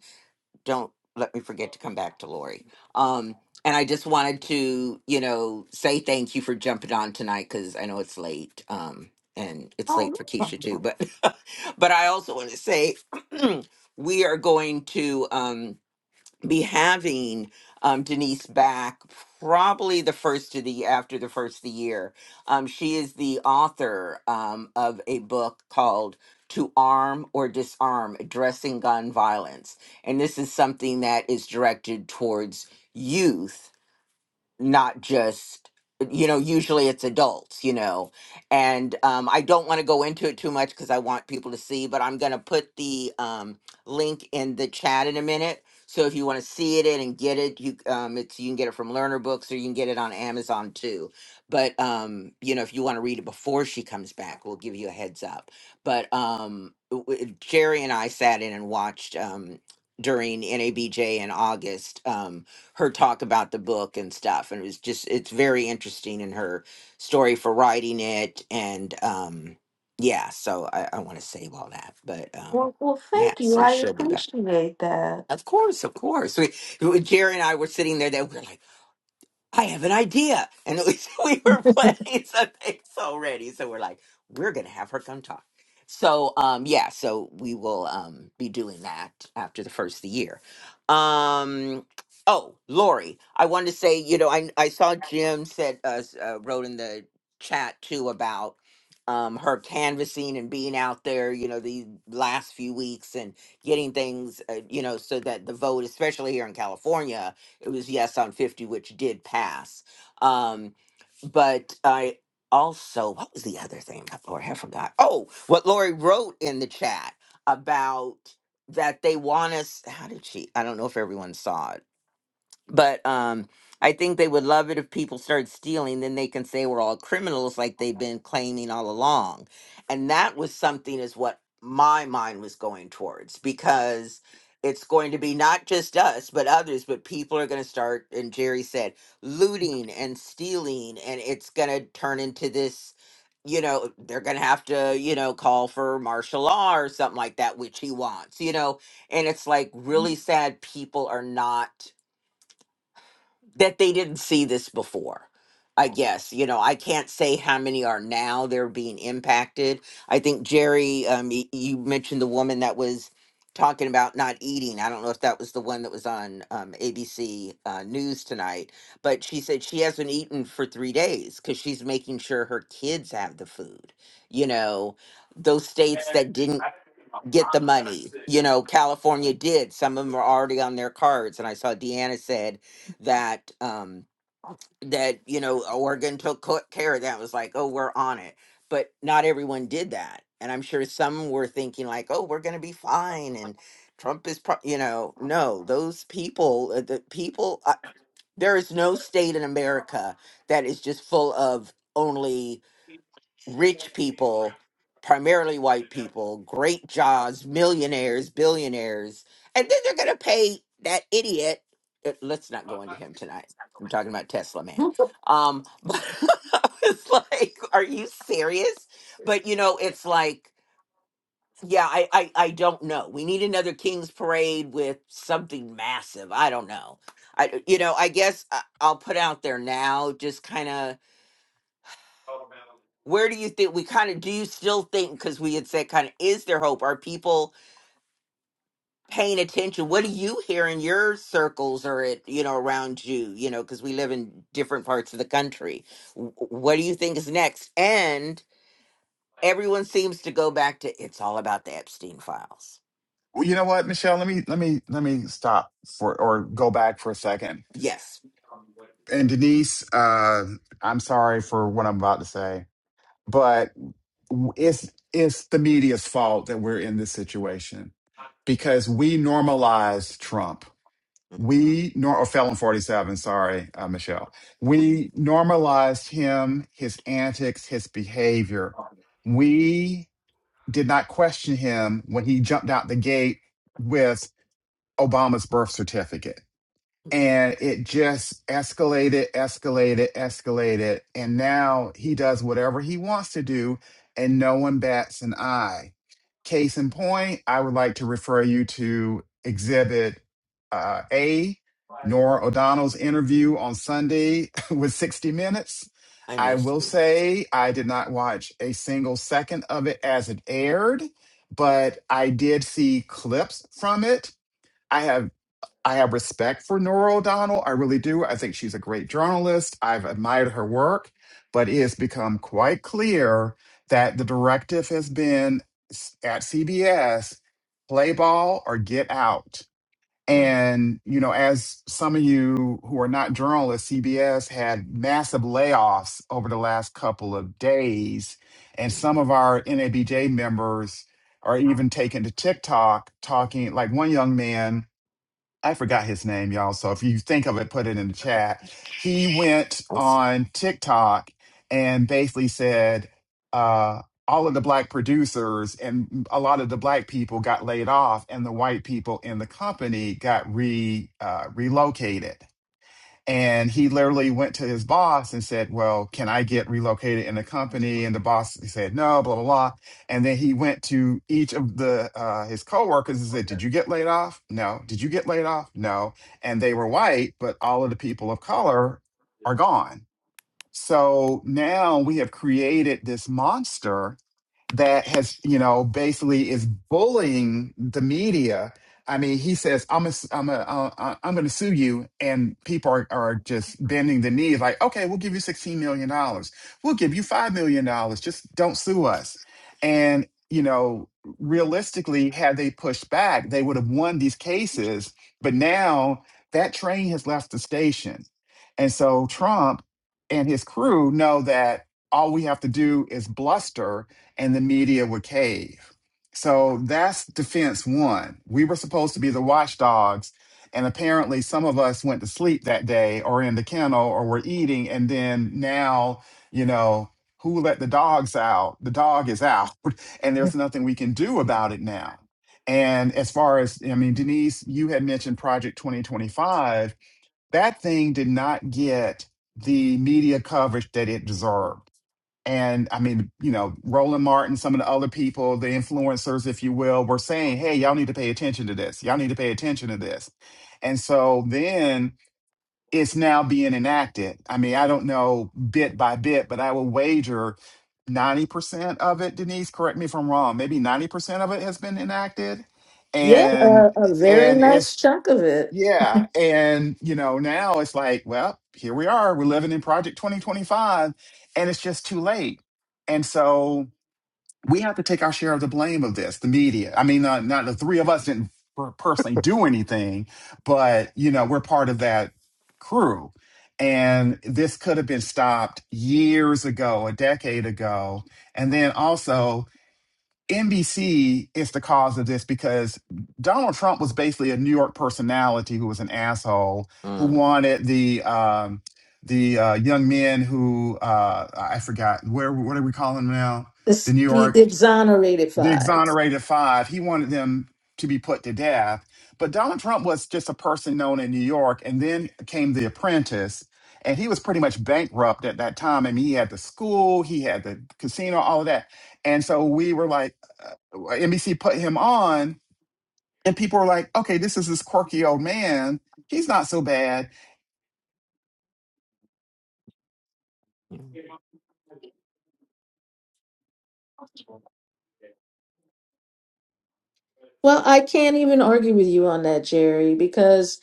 A: Don't let me forget to come back to Lori. Um, and I just wanted to, you know, say thank you for jumping on tonight because I know it's late, um, and it's late for Keisha too. But <laughs> but I also want to say <clears throat> we are going to. Um, be having um, Denise back probably the first of the after the first of the year. Um, she is the author um, of a book called "To Arm or Disarm: Addressing Gun Violence," and this is something that is directed towards youth not just you know usually it's adults you know and um, i don't want to go into it too much because i want people to see but i'm going to put the um, link in the chat in a minute so if you want to see it and get it you um, it's you can get it from learner books or you can get it on amazon too but um, you know if you want to read it before she comes back we'll give you a heads up but um, w- w- jerry and i sat in and watched um, during nabj in august um, her talk about the book and stuff and it was just it's very interesting in her story for writing it and um yeah so i, I want to save all that but um
B: Well, well,
A: yeah
B: thank you.
A: so
B: I
A: she'll be back
B: appreciate that.
A: of course of course we, we- jerry and i were sitting there They were like I have an idea. And at least <laughs> we were planning some things already. So we're like, we're gonna have her come talk. So um yeah, so we will um be doing that after the first of the year. Um oh, Lori, I wanted to say, you know, I I saw Jim said uh, s- uh wrote in the chat too about um her canvassing and being out there, you know, the last few weeks and getting things uh, you know, so that the vote, especially here in California, it was yes on 50, which did pass. Um, but I also, what was the other thing? Oh, Lord, I forgot. Oh, what Lori wrote in the chat about that they want us. How did she? I don't know if everyone saw it but um I think they would love it if people started stealing, then they can say we're all criminals like they've been claiming all along. And that was something is what my mind was going towards because it's going to be not just us, but others, but people are going to start, and Jerry said, looting and stealing, and it's going to turn into this, you know, they're going to have to, you know, call for martial law or something like that, which he wants, you know, and it's like really sad people are not that they didn't see this before. I guess you know I can't say how many are now they're being impacted. I think Jerry, um, y- you mentioned the woman that was talking about not eating. I don't know if that was the one that was on um, ABC uh, News tonight, but she said she hasn't eaten for three days because she's making sure her kids have the food. You know, those states that didn't get the money. You know, California did. Some of them are already on their cards. And I saw Deanna said that um that, you know, Oregon took co- care of that. It was like, oh, we're on it. But not everyone did that. And I'm sure some were thinking like, oh, we're going to be fine. And Trump is, pro-, you know, no, those people, uh, the people, uh, there is no state in America that is just full of only rich people, primarily white people, great jobs, millionaires, billionaires, and then they're going to pay that idiot. uh, Let's not go into him tonight. I'm talking about Tesla man. Um, but <laughs> it's like, are you serious? But you know, it's like, yeah, I, I, I don't know. We need another King's Parade with something massive. I don't know. I, you know, I guess I, I'll put out there now, just kind of where do you think we kind of do you still think because we had said kind of is there hope are people paying attention what do you hear in your circles or at you know around you you know because we live in different parts of the country W- what do you think is next and everyone seems to go back to it's all about the epstein files
C: Well, you know what, Michelle? Let me let me let me stop for or go back for a second.
A: yes
C: And Denise, uh, I'm sorry for what I'm about to say but it's it's the media's fault that we're in this situation because we normalized Trump. We nor or Felon Forty Seven. Sorry, uh, Michelle. We normalized him, his antics, his behavior. We did not question him when he jumped out the gate with Obama's birth certificate and it just escalated, escalated, escalated. And now he does whatever he wants to do, and no one bats an eye. Case in point, I would like to refer you to exhibit uh, A, Nora O'Donnell's interview on Sunday <laughs> with 60 Minutes.
A: i
C: I
A: missed
C: will
A: it
C: say I did not watch a single second of it as it aired, but I did see clips from it. I have I have respect for Nora O'Donnell. I really do. I think she's a great journalist. I've admired her work, but it has become quite clear that the directive has been s- at CBS play ball or get out.
A: mm
C: And, you know, as some of you who are not journalists, CBS had massive layoffs over the last couple of days. And
A: mm,
C: some
A: mm.
C: of our NABJ members are even taken to TikTok talking, like one young man I forgot his name, y'all. So if you think of it, put it in the chat. He went
A: I see.
C: on TikTok and basically said, uh, all of the black producers and a lot of the black people got laid off, and the white people in the company got re uh, relocated. And he literally went to his boss and said, Well, can I get relocated in the company? And the boss said, No, blah, blah, blah. And then he went to each of the uh, his coworkers and said, Did you get laid off? No. Did you get laid off? No. And they were white, but all of the people of color are gone so now we have created this monster that has, you know, basically is bullying the media. I mean, he says, "I'm a, I'm a, uh, uh, I'm going to sue you," and people are, are just bending the knee, like, "Okay, we'll give you sixteen million dollars. We'll give you five million dollars. Just don't sue us." And you know, realistically, had they pushed back, they would have won these cases. But now that train has left the station, and so Trump and his crew know that all we have to do is bluster and the media would cave. So that's defense one. We were supposed to be the watchdogs. And apparently, some of us went to sleep that day or in the kennel or were eating. And then now, you know, who let the dogs out? The dog is out, <laughs> and there's nothing we can do about it now. And as far as, I mean, Denise, you had mentioned Project 2025 that thing did not get the media coverage that it deserved. And I mean, you know, Roland Martin, some of the other people, the influencers, if you will, were saying, hey, y'all need to pay attention to this. Y'all need to pay attention to this. And so then it's now being enacted. I mean, I don't know bit by bit, but I will wager 90% of it, Denise, correct me if I'm wrong, maybe 90% of it has been enacted.
B: Yeah, uh,
C: And
B: a very
C: and it's
B: nice chunk of it.
C: yeah. And, you know, now it's like, well, here we are. We're living in Project 2025, and it's just too late. And so we have to take our share of the blame of this, the media. I mean, uh, not the three of us didn't per- personally do anything, but, you know, we're part of that crew. And this could have been stopped years ago, a decade ago. And then also, NBC is the cause of this because Donald Trump was basically a New York personality who was an asshole who
A: Mm,
C: wanted the um, the uh, young men who uh, I forgot where what are we calling them now? The
B: It's
C: New
B: the
C: York
B: the exonerated
C: the
B: five.
C: exonerated five. He wanted them to be put to death. But Donald Trump was just a person known in New York, and then came The Apprentice, and he was pretty much bankrupt at that time. I mean, he had the school, he had the casino, all of that, and so we were like, uh, NBC put him on, and people were like, okay, this is this quirky old man. He's not so bad.
A: mm.
B: Well, I can't even argue with you on that, Jerry, because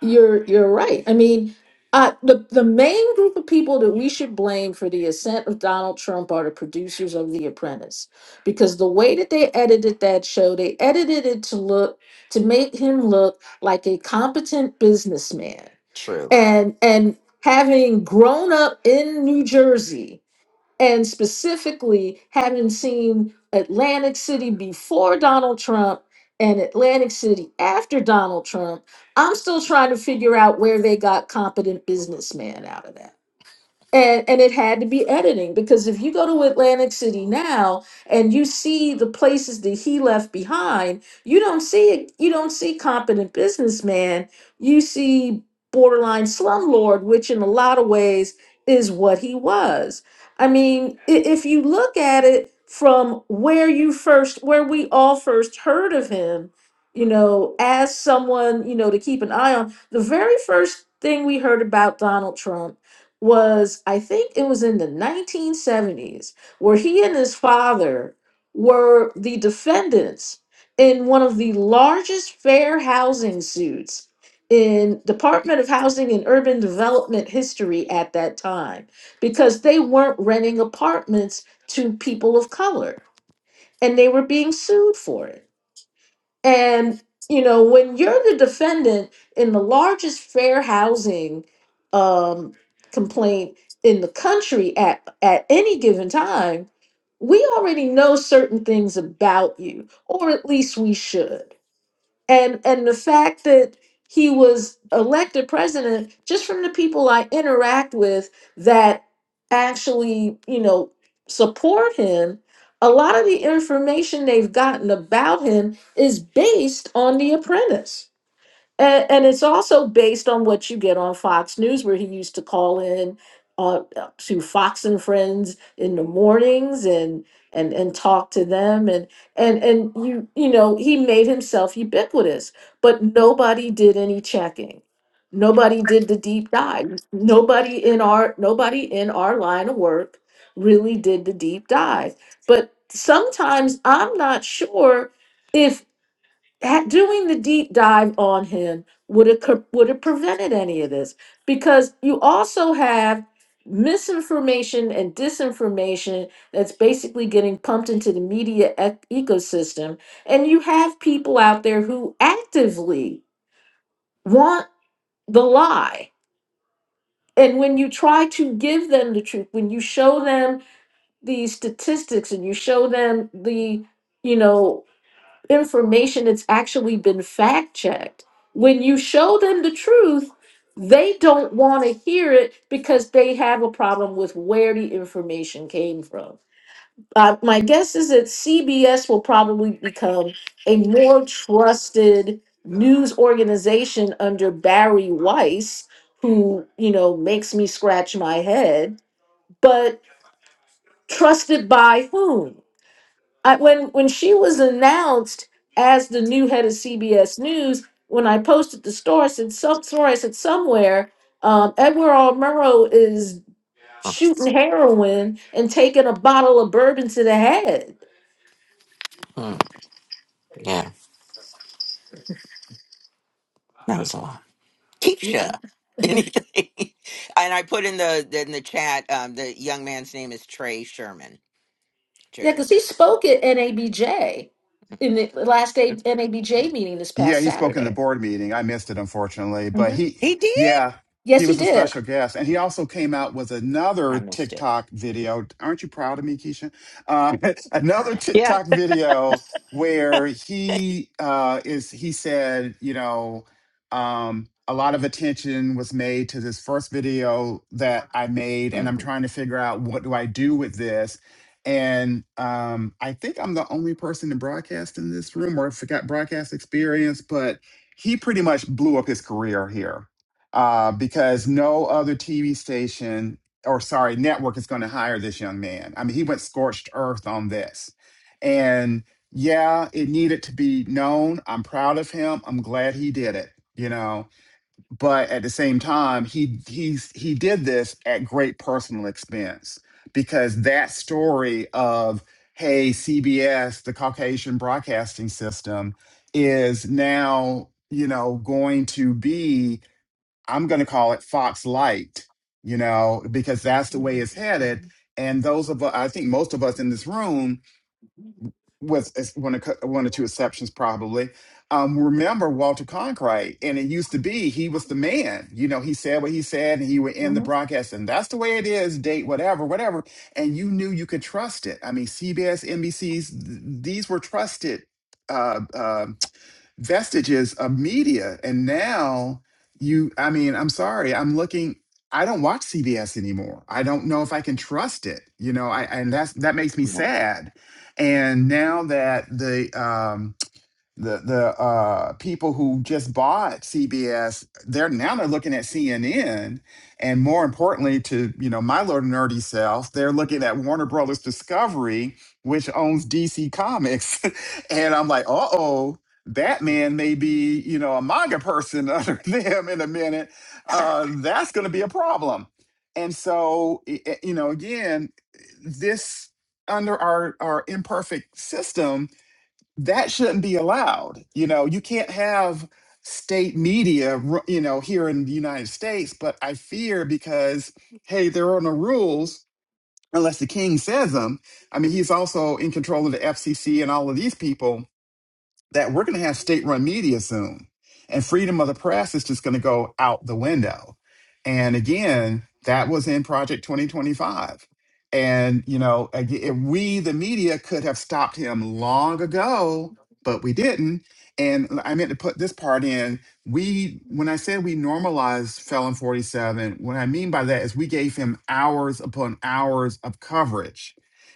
B: you're you're right. I mean, uh, the the main group of people that we should blame for the ascent of Donald Trump are the producers of The Apprentice, because the way that they edited that show, they edited it to look to make him look like a competent businessman,
A: true
B: and and having grown up in New Jersey. and specifically having seen Atlantic City before Donald Trump and Atlantic City after Donald Trump, I'm still trying to figure out where they got competent businessman out of that and and it had to be editing because if you go to Atlantic City now and you see the places that he left behind, you don't see it. You don't see competent businessman. You see borderline slumlord, which in a lot of ways is what he was. I mean, i- if you look at it from where you first, where we all first heard of him, you know, as someone you know to keep an eye on. The very first thing we heard about Donald Trump was I think it was in the 1970s where he and his father were the defendants in one of the largest fair housing suits in Department of Housing and Urban Development history at that time because they weren't renting apartments to people of color and they were being sued for it. And you know, when you're the defendant in the largest fair housing um, complaint in the country at at any given time, we already know certain things about you, or at least we should and and the fact that he was elected president just from the people i interact with that actually you know support him a lot of the information they've gotten about him is based on the apprentice and, and it's also based on what you get on Fox News, where he used to call in uh, to Fox and Friends in the mornings and and and talk to them, and and and you you know he made himself ubiquitous, but nobody did any checking, nobody did the deep dive, nobody in our nobody in our line of work really did the deep dive. But sometimes I'm not sure if. At doing the deep dive on him would have would have prevented any of this because you also have misinformation and disinformation that's basically getting pumped into the media ec- ecosystem and you have people out there who actively want the lie and when you try to give them the truth when you show them the statistics and you show them the you know information that's actually been fact checked. When you show them the truth, they don't want to hear it because they have a problem with where the information came from. Uh, my guess is that CBS will probably become a more trusted news organization under Barry Weiss, who, you know, makes me scratch my head, but trusted by whom? I, when when she was announced as the new head of CBS News, when I posted the story, I said some story, I said somewhere, um, Edward R. Murrow is
A: Mm,
B: shooting heroin and taking a bottle of bourbon to the head.
A: mm, yeah that was a lot
B: Yeah,
A: Keisha. Anything. <laughs> and I put in the in the chat. Um, the young man's name is Trey Sherman. Jerry.
B: because he spoke at NABJ in the last day
A: It's-
B: NABJ meeting this
C: Yeah,
B: past
C: he spoke in the
B: Saturday.
C: board meeting. I missed it, unfortunately. But
B: Mhm.
C: he,
A: He did.
C: yeah, he
B: Yes, he
C: was a
B: did.
C: special guest. And he also came out with
A: I
C: another
A: missed it.
C: TikTok video. Aren't you proud of me, Keisha? Uh, <laughs> another
D: Yeah.
C: TikTok video where he uh, is, he said, you know, um, a lot of attention was made to this first video that I made, and
A: hmm
C: I'm trying to figure out what do I do with this and um, I think I'm the only person to broadcast in this room or if got broadcast experience, but he pretty much blew up his career here uh, because no other TV station or sorry, network is going to hire this young man. I mean, he went scorched earth on this. And yeah, it needed to be known. I'm proud of him. I'm glad he did it, you know but at the same time he he's he did this at great personal expense because that story of hey CBS the Caucasian broadcasting system is now you know going to be I'm going to call it Fox Light you know because that's the way it's
A: hmm
C: headed
B: Mhm.
C: and those of us I think most of us in this room with ex- one or, cou- one or two exceptions probably um, remember walter conkright and it used to be he was the man you know he said what he said and he would end the
B: Mhm.
C: broadcast and that's the way it is date whatever whatever and you knew you could trust it i mean cbs nbcs th- these were trusted Uh, uh, vestiges of media. And now you, I mean, I'm sorry, I'm looking. I don't watch CBS anymore. I don't know if I can trust it. You know, I and that's that makes me sad. And now that the um, the the uh, people who just bought CBS, they're now they're looking at CNN, and more importantly, to you know my little nerdy self, they're looking at Warner Brothers Discovery, which owns DC Comics, <laughs> and I'm like, uh oh. Batman may be, you know, a manga person <laughs> under them in a minute. Uh, that's going to be a problem. And so, i- i- you know, again, this under our our imperfect system, that shouldn't be allowed. You know, you can't have state media, ru- you know, here in the United States, but I fear because, hey, there are no rules unless the king says them. I mean, he's also in control of the FCC and all of these people that we're going to have state run media soon. And freedom of the press is just going to go out the window. And again, that was in Project 2025. And, you know, again, we, the media, could have stopped him long ago, but we didn't. And I meant to put this part in. We, when I said we normalized Felon 47, what I mean by that is we gave him hours upon hours of coverage.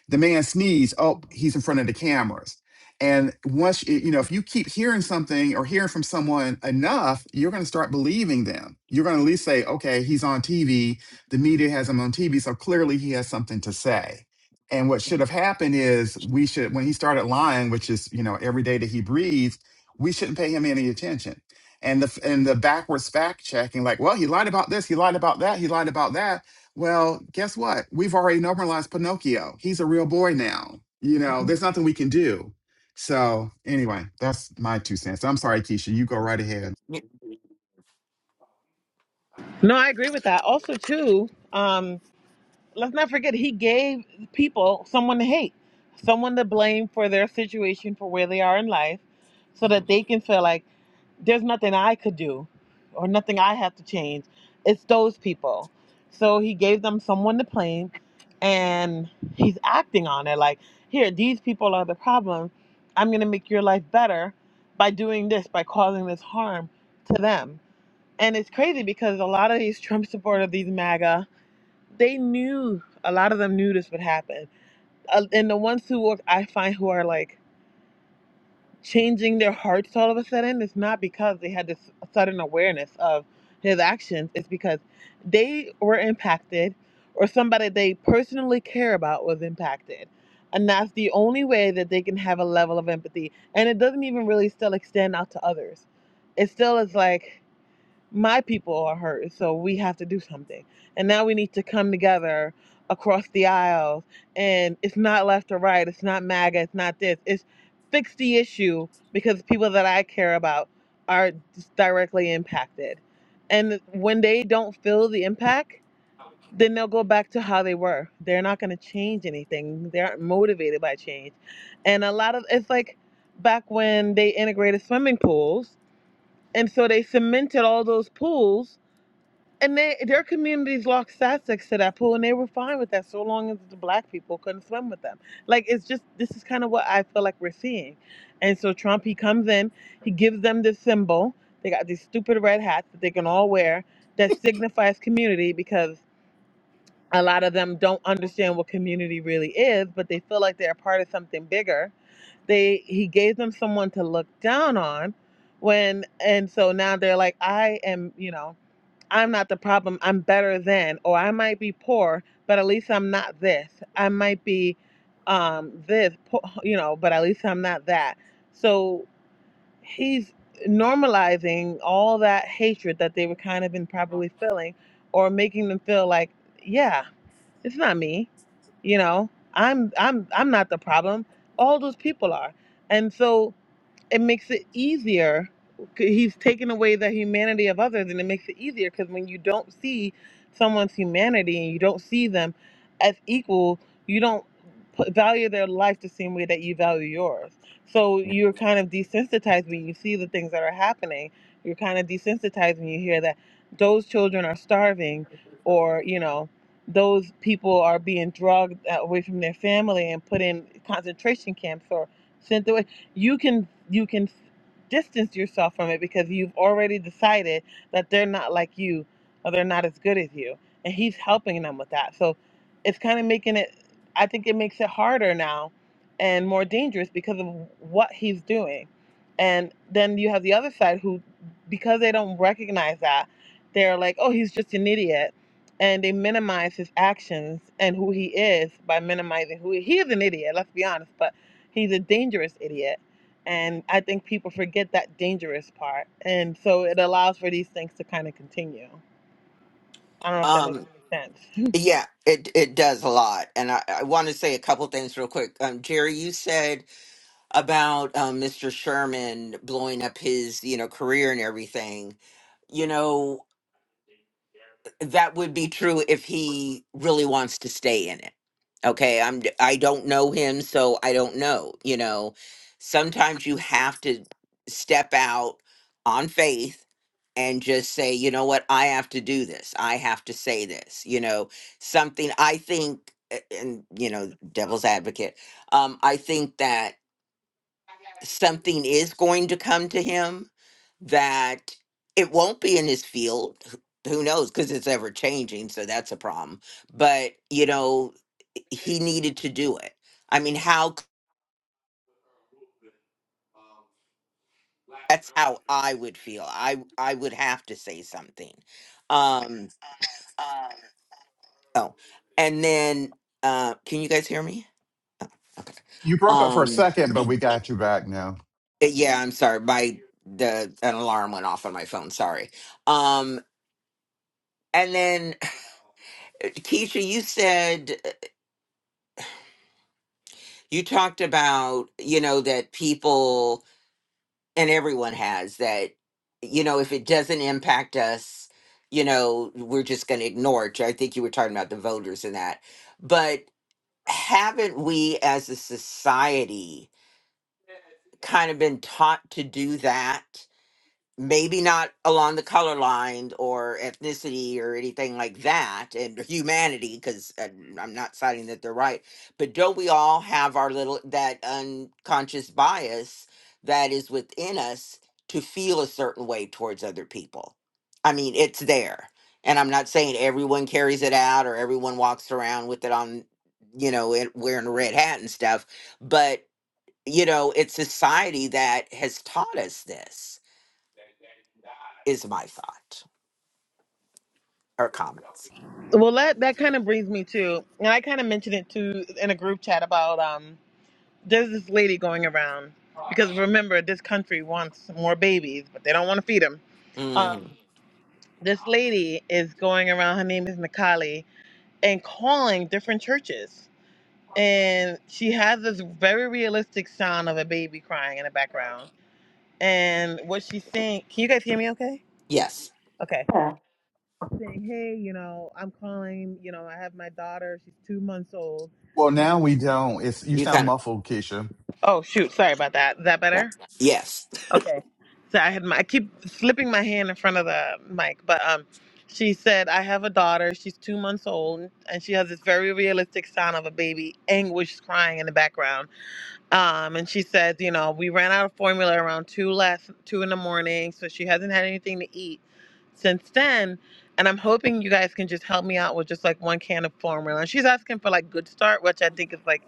C: The man sneezed. Oh, he's in front of the cameras and once you you know, if you keep hearing something or hearing from someone enough, you're going to start believing them. You're going to at least say, "Okay, he's on TV. The media has him on TV, so clearly he has something to say." And what should have happened is we should, when he started lying, which is you know every day that he breathes, we shouldn't pay him any attention. And the and the backwards fact checking, like, well, he lied about this, he lied about that, he lied about that. Well, guess what? We've already normalized Pinocchio. He's a real boy now. You know,
B: Mhm.
C: there's nothing we can do so anyway, that's my two cents. I'm sorry, Keisha. You go right ahead.
D: No, I agree with that. Also, too. Um, let's not forget he gave people someone to hate, someone to blame for their situation, for where they are in life, so that they can feel like there's nothing I could do or nothing I have to change. It's those people. So he gave them someone to blame and he's acting on it like, here, these people are the problem. I'm going to make your life better by doing this, by causing this harm to them. And it's crazy because a lot of these Trump supporters, these MAGA, they knew a lot of them knew this would happen uh, and the ones who are, i find who are like changing their hearts all of a sudden it's not because they had this sudden awareness of his actions it's because they were impacted or somebody they personally care about was impacted and that's the only way that they can have a level of empathy and it doesn't even really still extend out to others it still is like my people are hurt, so we have to do something. And now we need to come together across the aisles. And it's not left or right. It's not MAGA. It's not this. It's fix the issue because people that I care about are just directly impacted. And when they don't feel the impact, then they'll go back to how they were. They're not going to change anything. They aren't motivated by change. And a lot of it's like back when they integrated swimming pools. And so they cemented all those pools and they their communities lost Sussex to that pool, and they were fine with that so long as the black people couldn't swim with them. Like it's just this is kind of what I feel like we're seeing. And so Trump he comes in, he gives them this symbol. They got these stupid red hats that they can all wear that signifies community because a lot of them don't understand what community really is, but they feel like they're a part of something bigger. They he gave them someone to look down on when and so now they're like, I am, you know, I'm not the problem. I'm better than, or I might be poor, but at least I'm not this. I might be um, this, you know, but at least I'm not that. So he's normalizing all that hatred that they were kind of been probably feeling, or making them feel like, yeah, it's not me. You know, I'm I'm I'm not the problem. All those people are, and so it makes it easier. He's taken away the humanity of others, and it makes it easier because when you don't see someone's humanity and you don't see them as equal, you don't put, value their life the same way that you value yours. So you're kind of desensitized when you see the things that are happening. You're kind of desensitized when you hear that those children are starving, or you know, those people are being drugged uh, away from their family and put in concentration camps or sent away you can you can distance yourself from it because you've already decided that they're not like you or they're not as good as you and he's helping them with that so it's kind of making it i think it makes it harder now and more dangerous because of what he's doing and then you have the other side who because they don't recognize that they're like oh he's just an idiot and they minimize his actions and who he is by minimizing who he, he is an idiot let's be honest but he's a dangerous idiot and I think people forget that dangerous part. And so it allows for these things to kind of continue. I don't know if that makes
A: Um,
D: any sense.
A: Yeah, it it does a lot, and I, I want to say a couple things real quick. Um, Jerry, you said about um, Mr. Sherman blowing up his you know career and everything. You know, that would be true if he really wants to stay in it. Okay, I'm d- I don't know him, so I don't know, you know. Sometimes you have to step out on faith and just say, you know what, I have to do this. I have to say this, you know, something I think a- and you know, devil's advocate. Um I think that something is going to come to him that it won't be in his field. Who who knows? Because it's ever changing. So that's a problem. But, you know, he needed to do it. I mean, how c- that's how I would feel. I I would have to say something. Um oh. And then uh can you guys hear me? Okay.
C: You broke up for a
A: Um
C: second, but we got you back now.
A: uh, yeah, I'm sorry. My the an alarm went off on my phone, sorry. Um and then <clears throat> Keisha, you said you talked about you know that people and everyone has that you know if it doesn't impact us you know we're just going to ignore it i think you were talking about the voters and that but haven't we as a society kind of been taught to do that maybe not along the color line or ethnicity or anything like that and humanity because i'm not citing that they're right but don't we all have our little that unconscious bias that is within us to feel a certain way towards other people i mean it's there and i'm not saying everyone carries it out or everyone walks around with it on you know it, wearing a red hat and stuff but you know it's society that has taught us this is my thought or comment.
D: Well, that, that kind of brings me to, and I kind of mentioned it too in a group chat about um, there's this lady going around because remember, this country wants more babies, but they don't want to feed them. Um,
A: Mhm.
D: this lady is going around, her name is Nikali, and calling different churches. And she has this very realistic sound of a baby crying in the background and what she's saying can you guys hear me okay
A: Yes,
D: okay
B: Yeah.
D: saying hey you know i'm calling you know i have my daughter she's two months old
C: Well, now we don't. It's you
A: you
C: sound
A: kind
C: muffled, Keisha.
D: oh shoot sorry about that is that
A: of.
D: better
A: Yes.
D: okay so i had my i keep slipping my hand in front of the mic but um she said i have a daughter she's two months old and she has this very realistic sound of a baby anguish crying in the background Um, and she says, you know, we ran out of formula around two last two in the morning, so she hasn't had anything to eat since then. And I'm hoping you guys can just help me out with just like one can of formula. And she's asking for like Good Start, which I think is like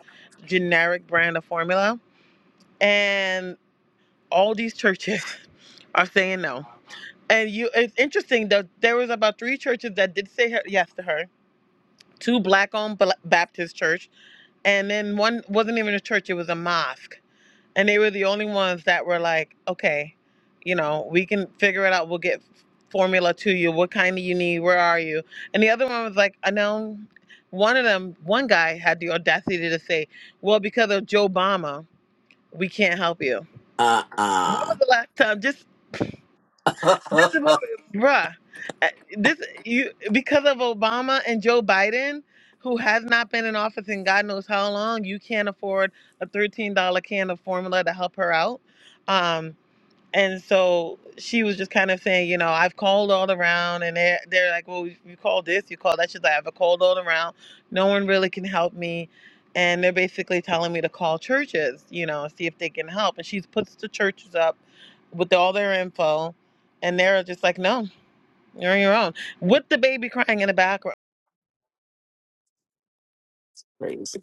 D: generic brand of formula. And all these churches <laughs> are saying no. And you, it's interesting that There was about three churches that did say her, yes to her. Two black-owned Bla- Baptist church, and then one wasn't even a church; it was a mosque and they were the only ones that were like, okay, you know, we can figure it out. We'll get formula to you. What kind do you need? Where are you? And the other one was like, I know. One of them, one guy had the audacity to say, "Well, because of Joe Obama, we can't help you."
A: Uh.
D: When was
A: Uh.
D: the last time? Just this is what,
A: <laughs>
D: bruh. uh, This you because of Obama and Joe Biden, who has not been in office in God knows how long. You can't afford a thirteen dollar can of formula to help her out. Um, and so she was just kind of saying, you know, I've called all around, and they're, they're like, well, you call this, you call that. She's like, I've called all around. No one really can help me. And they're basically telling me to call churches, you know, see if they can help. And she puts the churches up with all their info, and they're just like, no, you're on your own with the baby crying in the background.
A: Crazy.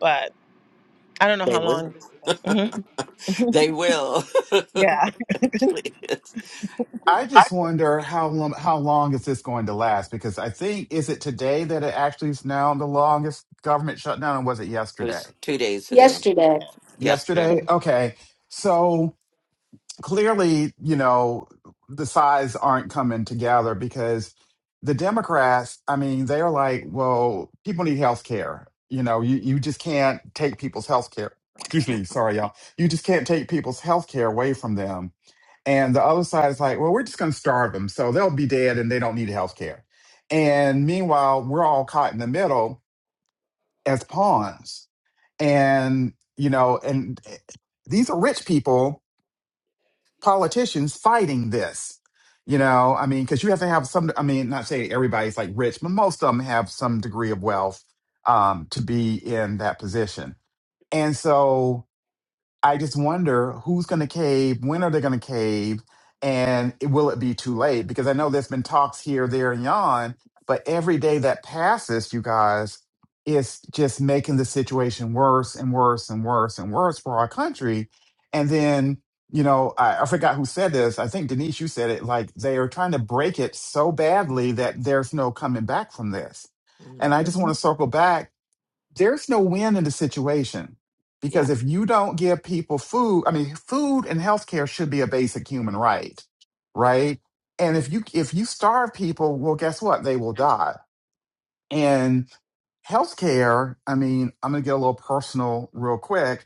D: But I don't know
A: They
D: how
A: will.
D: long this
A: They will. <laughs> it
C: I just wonder how long how long is this going to last? Because I think is it today that it actually is now the longest government shutdown, or was it yesterday?
A: was two days ago.
B: Yesterday.
A: Yesterday.
C: Yesterday, okay. So clearly, you know, the sides aren't coming together because the Democrats, I mean, they are like, well, people need health care. You know, you, you just can't take people's health care. <coughs> Excuse me, sorry, y'all. You just can't take people's health care away from them. And the other side is like, well, we're just going to starve them. So they'll be dead and they don't need health care. And meanwhile, we're all caught in the middle as pawns. And, you know, and eh, these are rich people politicians fighting this. You know, I mean, because you have to have some. I mean, not say everybody's like rich, but most of them have some degree of wealth um, to be in that position. And so, I just wonder who's going to cave, when are they going to cave, and it- will it be too late? Because I know there's been talks here, there, and yon, but every day that passes, you guys, is just making the situation worse and worse and worse and worse for our country. And then, you know, I, I forgot who said this. I think Denise, you said it. Like they are trying to break it so badly that there's no coming back from this. And I just want
B: Mhm.
C: to circle back there's no win in the situation because
A: Yeah.
C: if you don't give people food, I mean, food and healthcare should be a basic human right, right? And if you if you starve people, well, guess what? They will die and healthcare, I mean, I'm going to get a little personal real quick.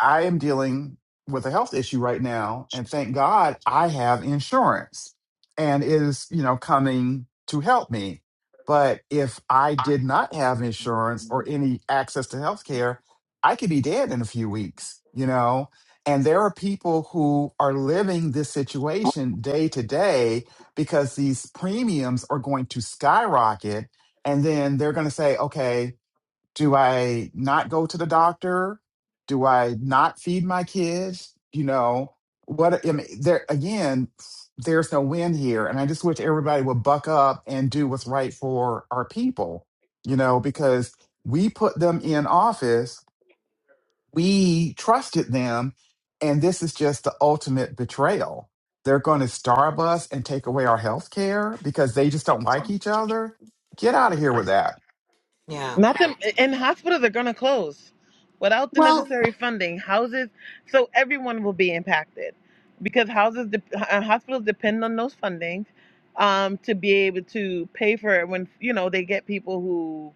C: I am dealing with a health issue right now, and thank God I have insurance and it is, you know, coming to help me. But if I did not have insurance or any access to healthcare, I could be dead in a few weeks, you know? And there are people who are living this situation day to day because these premiums are going to skyrocket and then they're going to say, okay, do I not go to the doctor? Do I not feed my kids? You know, what I mean, there again, there's no win here. And I just wish everybody would buck up and do what's right for our people, you know, because we put them in office, we trusted them, and this is just the ultimate betrayal. They're going to starve us and take away our health care because they just don't like each other. Get out of here with that
A: Yeah.
D: Nothing and hospitals are gonna close without the
B: Well,
D: necessary funding. Houses, so everyone will be impacted because houses, de- uh, hospitals depend on those fundings um, to be able to pay for it when you know they get people who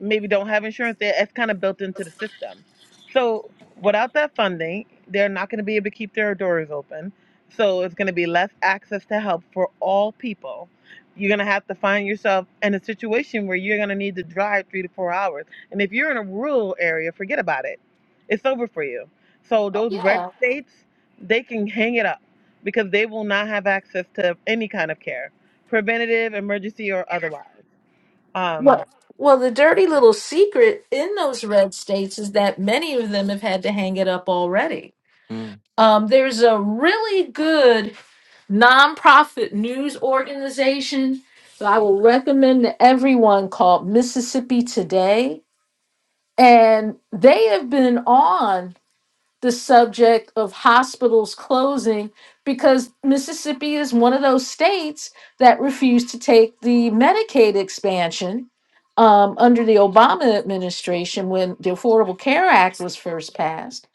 D: maybe don't have insurance there, it's kind of built into the system. So without that funding, they're not going to be able to keep their doors open. So it's going to be less access to help for all people. You're going to have to find yourself in a situation where you're going to need to drive three to four hours. And if you're in a rural area, forget about it. It's over for you. So those red
B: Yeah.
D: states, they can hang it up because they will not have access to any kind of care, preventative, emergency, or otherwise. Um,
B: well, well, the dirty little secret in those red states is that many of them have had to hang it up already.
A: Mm.
B: Um, there's a really good nonprofit news organization that I will recommend to everyone called Mississippi Today. And they have been on. the subject of hospitals closing because Mississippi is one of those states that refused to take the Medicaid expansion um, under the Obama administration when the Affordable Care Act was first passed.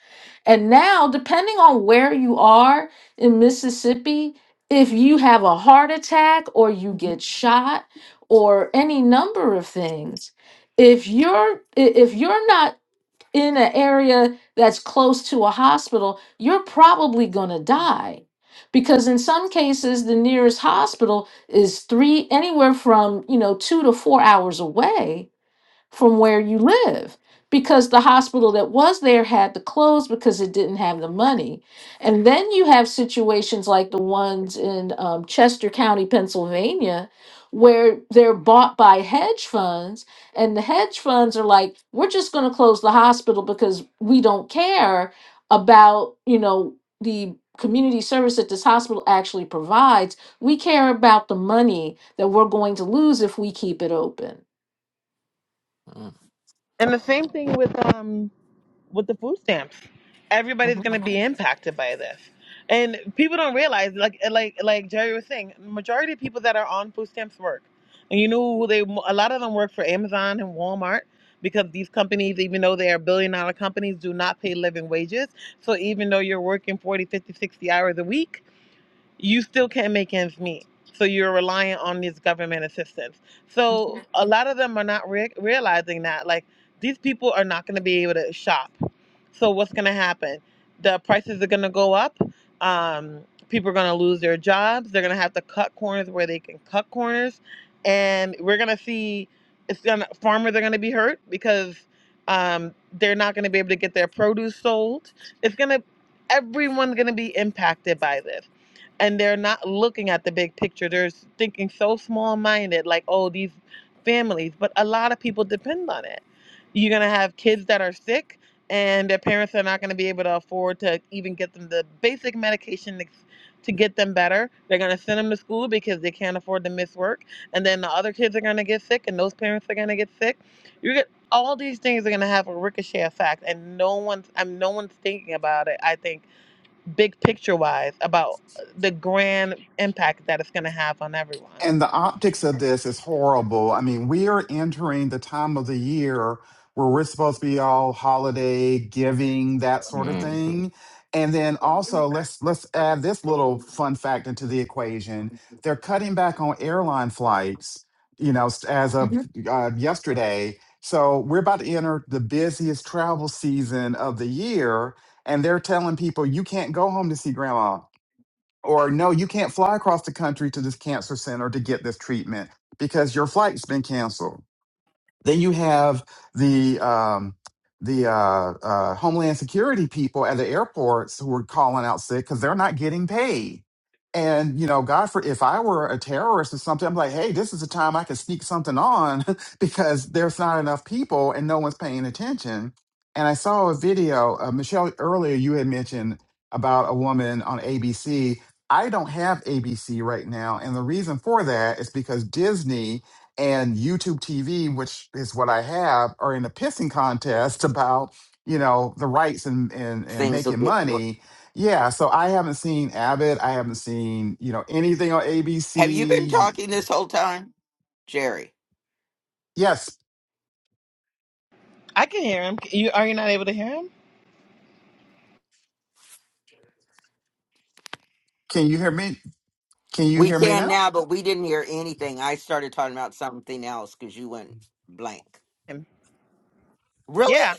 B: And now, depending on where you are in Mississippi, if you have a heart attack or you get shot or any number of things, if you're i- if you're not in an area that's close to a hospital, you're probably going to die. Because in some cases, the nearest hospital is three, anywhere from, you know, two to four hours away from where you live because the hospital that was there had to close because it didn't have the money. And then you have situations like the ones in um, Chester County, Pennsylvania, where they're bought by hedge funds, and the hedge funds are like, we're just going to close the hospital because we don't care about, you know, the community service that this hospital actually provides. We care about the money that we're going to lose if we keep it open.
D: And the same thing with um with the food stamps. Everybody's
B: Mhm.
D: gonna be impacted by this. And people don't realize, like eh, like like Jerry was saying, majority of people that are on food stamps work, and you know who they a lot of them work for Amazon and Walmart because these companies, even though they are billion dollar companies, do not pay living wages. So even though you're working 40, 50, 60 hours a week, you still can't make ends meet. So you're reliant on these government assistance. So a lot of them are not re- realizing that. Like these people are not going to be able to shop. So what's going to happen? The prices are going to go up. Um, people are going to lose their jobs. They're going to have to cut corners where they can cut corners, and we're going to see it's going to farmers are going to be hurt because um, they're not going to be able to get their produce sold. It's going to everyone's going to be impacted by this and they're not looking at the big picture. They're thinking so small minded, like, oh, these families. But a lot of people depend on it. You're going to have kids that are sick, and their parents are not going to be able to afford to even get them the basic medication to get them better. They're going to send them to school because they can't afford to miss work. And then the other kids are going to get sick, and those parents are going to get sick. You get all these things are going to have a ricochet effect, and no one's I'm no one's thinking about it. I think big picture wise about the grand impact that it's going to have on everyone.
C: And the optics of this is horrible. I mean, we are entering the time of the year where we're supposed to be all holiday giving, that sort of
A: hmm
C: thing. And then also let's let's add this little fun fact into the equation. They're cutting back on airline flights, you know, s- as of
B: Mhm.
C: uh, yesterday. So we're about to enter the busiest travel season of the year, and they're telling people you can't go home to see grandma or no, you can't fly across the country to this cancer center to get this treatment because your flight's been canceled. Then you have the um, the uh, uh, Homeland Security people at the airports who are calling out sick because they're not getting paid. And you know, God, for if I were a terrorist or something, I'm like, hey, this is the time I can sneak something on <laughs> because there's not enough people and no one's paying attention. And I saw a video, uh, Michelle. Earlier, you had mentioned about a woman on ABC. I don't have ABC right now, and the reason for that is because Disney and YouTube TV, which is what I have, are in a pissing contest <laughs> about you know the rights and and and
A: Things will
C: making
A: get. worse.
C: money. Yeah, so I haven't seen Abbott. I haven't seen you know anything on
A: Have you been
C: ABC.
A: talking this whole time, Jerry?
C: Yes,
D: I can hear him. You are you not able to hear him?
C: can you hear me? Can you
A: We
C: hear me
A: can
C: now?
A: now, but we didn't hear anything. I started talking about something else because you went blank.
D: Him.
A: Really?
D: Yeah,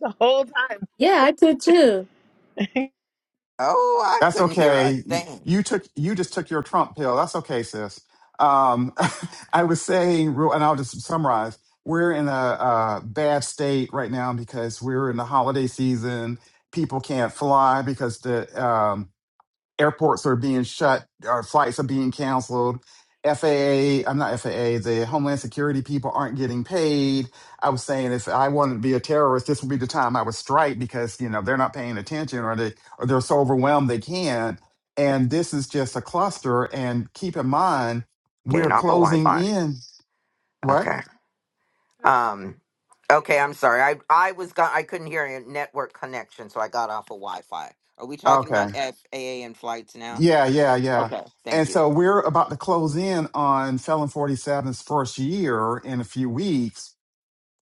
D: the whole time
B: Yeah, I could too.
D: <laughs>
A: Oh, I
C: That's
A: couldn't hear a
C: okay.
A: thing.
C: You took you just took your Trump pill. That's okay, sis. Um, <laughs> I was saying, real- and I'll just summarize. We're in a, uh bad state right now because we're in the holiday season. People can't fly because the um, airports are being shut, our flights are being canceled. FAA, I'm not FAA, the Homeland Security people aren't getting paid. I was saying if I wanted to be a terrorist, this would be the time I would strike because, you know, they're not paying attention or they or they're so overwhelmed they can't. And this is just a cluster. And keep in mind, we're
A: Getting off of
C: closing
A: Wi-Fi.
C: in. What?
A: Okay. Um. Okay. I'm sorry. I I was got. I couldn't hear a network connection, so I got off of Wi-Fi. Are we talking
C: Okay.
A: about FAA and flights now?
C: Yeah, yeah, yeah.
A: Okay. Thank
C: And
A: you.
C: so we're about to close in on Felon forty seven's first year in a few weeks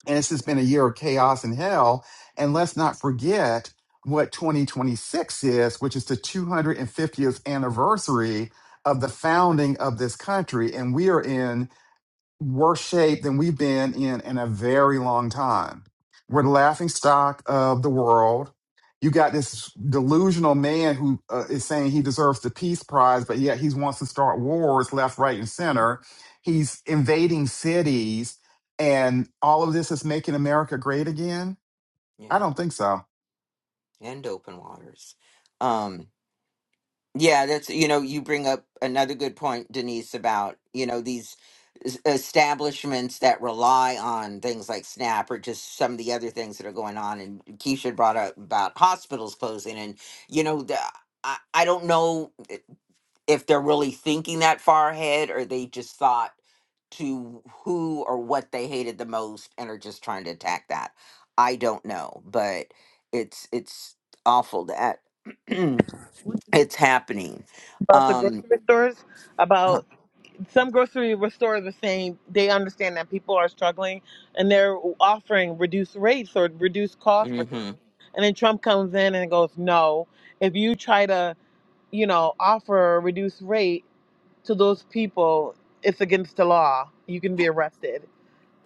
C: and it's just been a year of chaos and hell. And let's not forget what 2026 is, which is the 250th anniversary of the founding of this country. And we are in worse shape than we've been in in a very long time. We're the laughing stock of the world. You got this delusional man who uh, is saying he deserves the peace prize, but yet he wants to start wars left, right, and center. He's invading cities, and all of this is making America great again. I
A: Yeah.
C: don't think so.
A: And open waters. Um. Yeah. That's you know you bring up another good point, Denise, about you know these es- establishments that rely on things like snap or just some of the other things that are going on and keisha brought up about hospitals closing and you know the, I, I don't know if they're really thinking that far ahead or they just thought to who or what they hated the most and are just trying to attack that. I don't know, but it's it's awful that <clears throat> it's happening.
D: about the
A: Um
D: grocery stores.
A: uh,
D: About some grocery stores are saying they understand that people are struggling and they're offering reduced rates or reduced costs for things.
A: mhm.
D: And then Trump comes in and goes, "No, if you try to, you know, offer a reduced rate to those people, it's against the law. You can be arrested."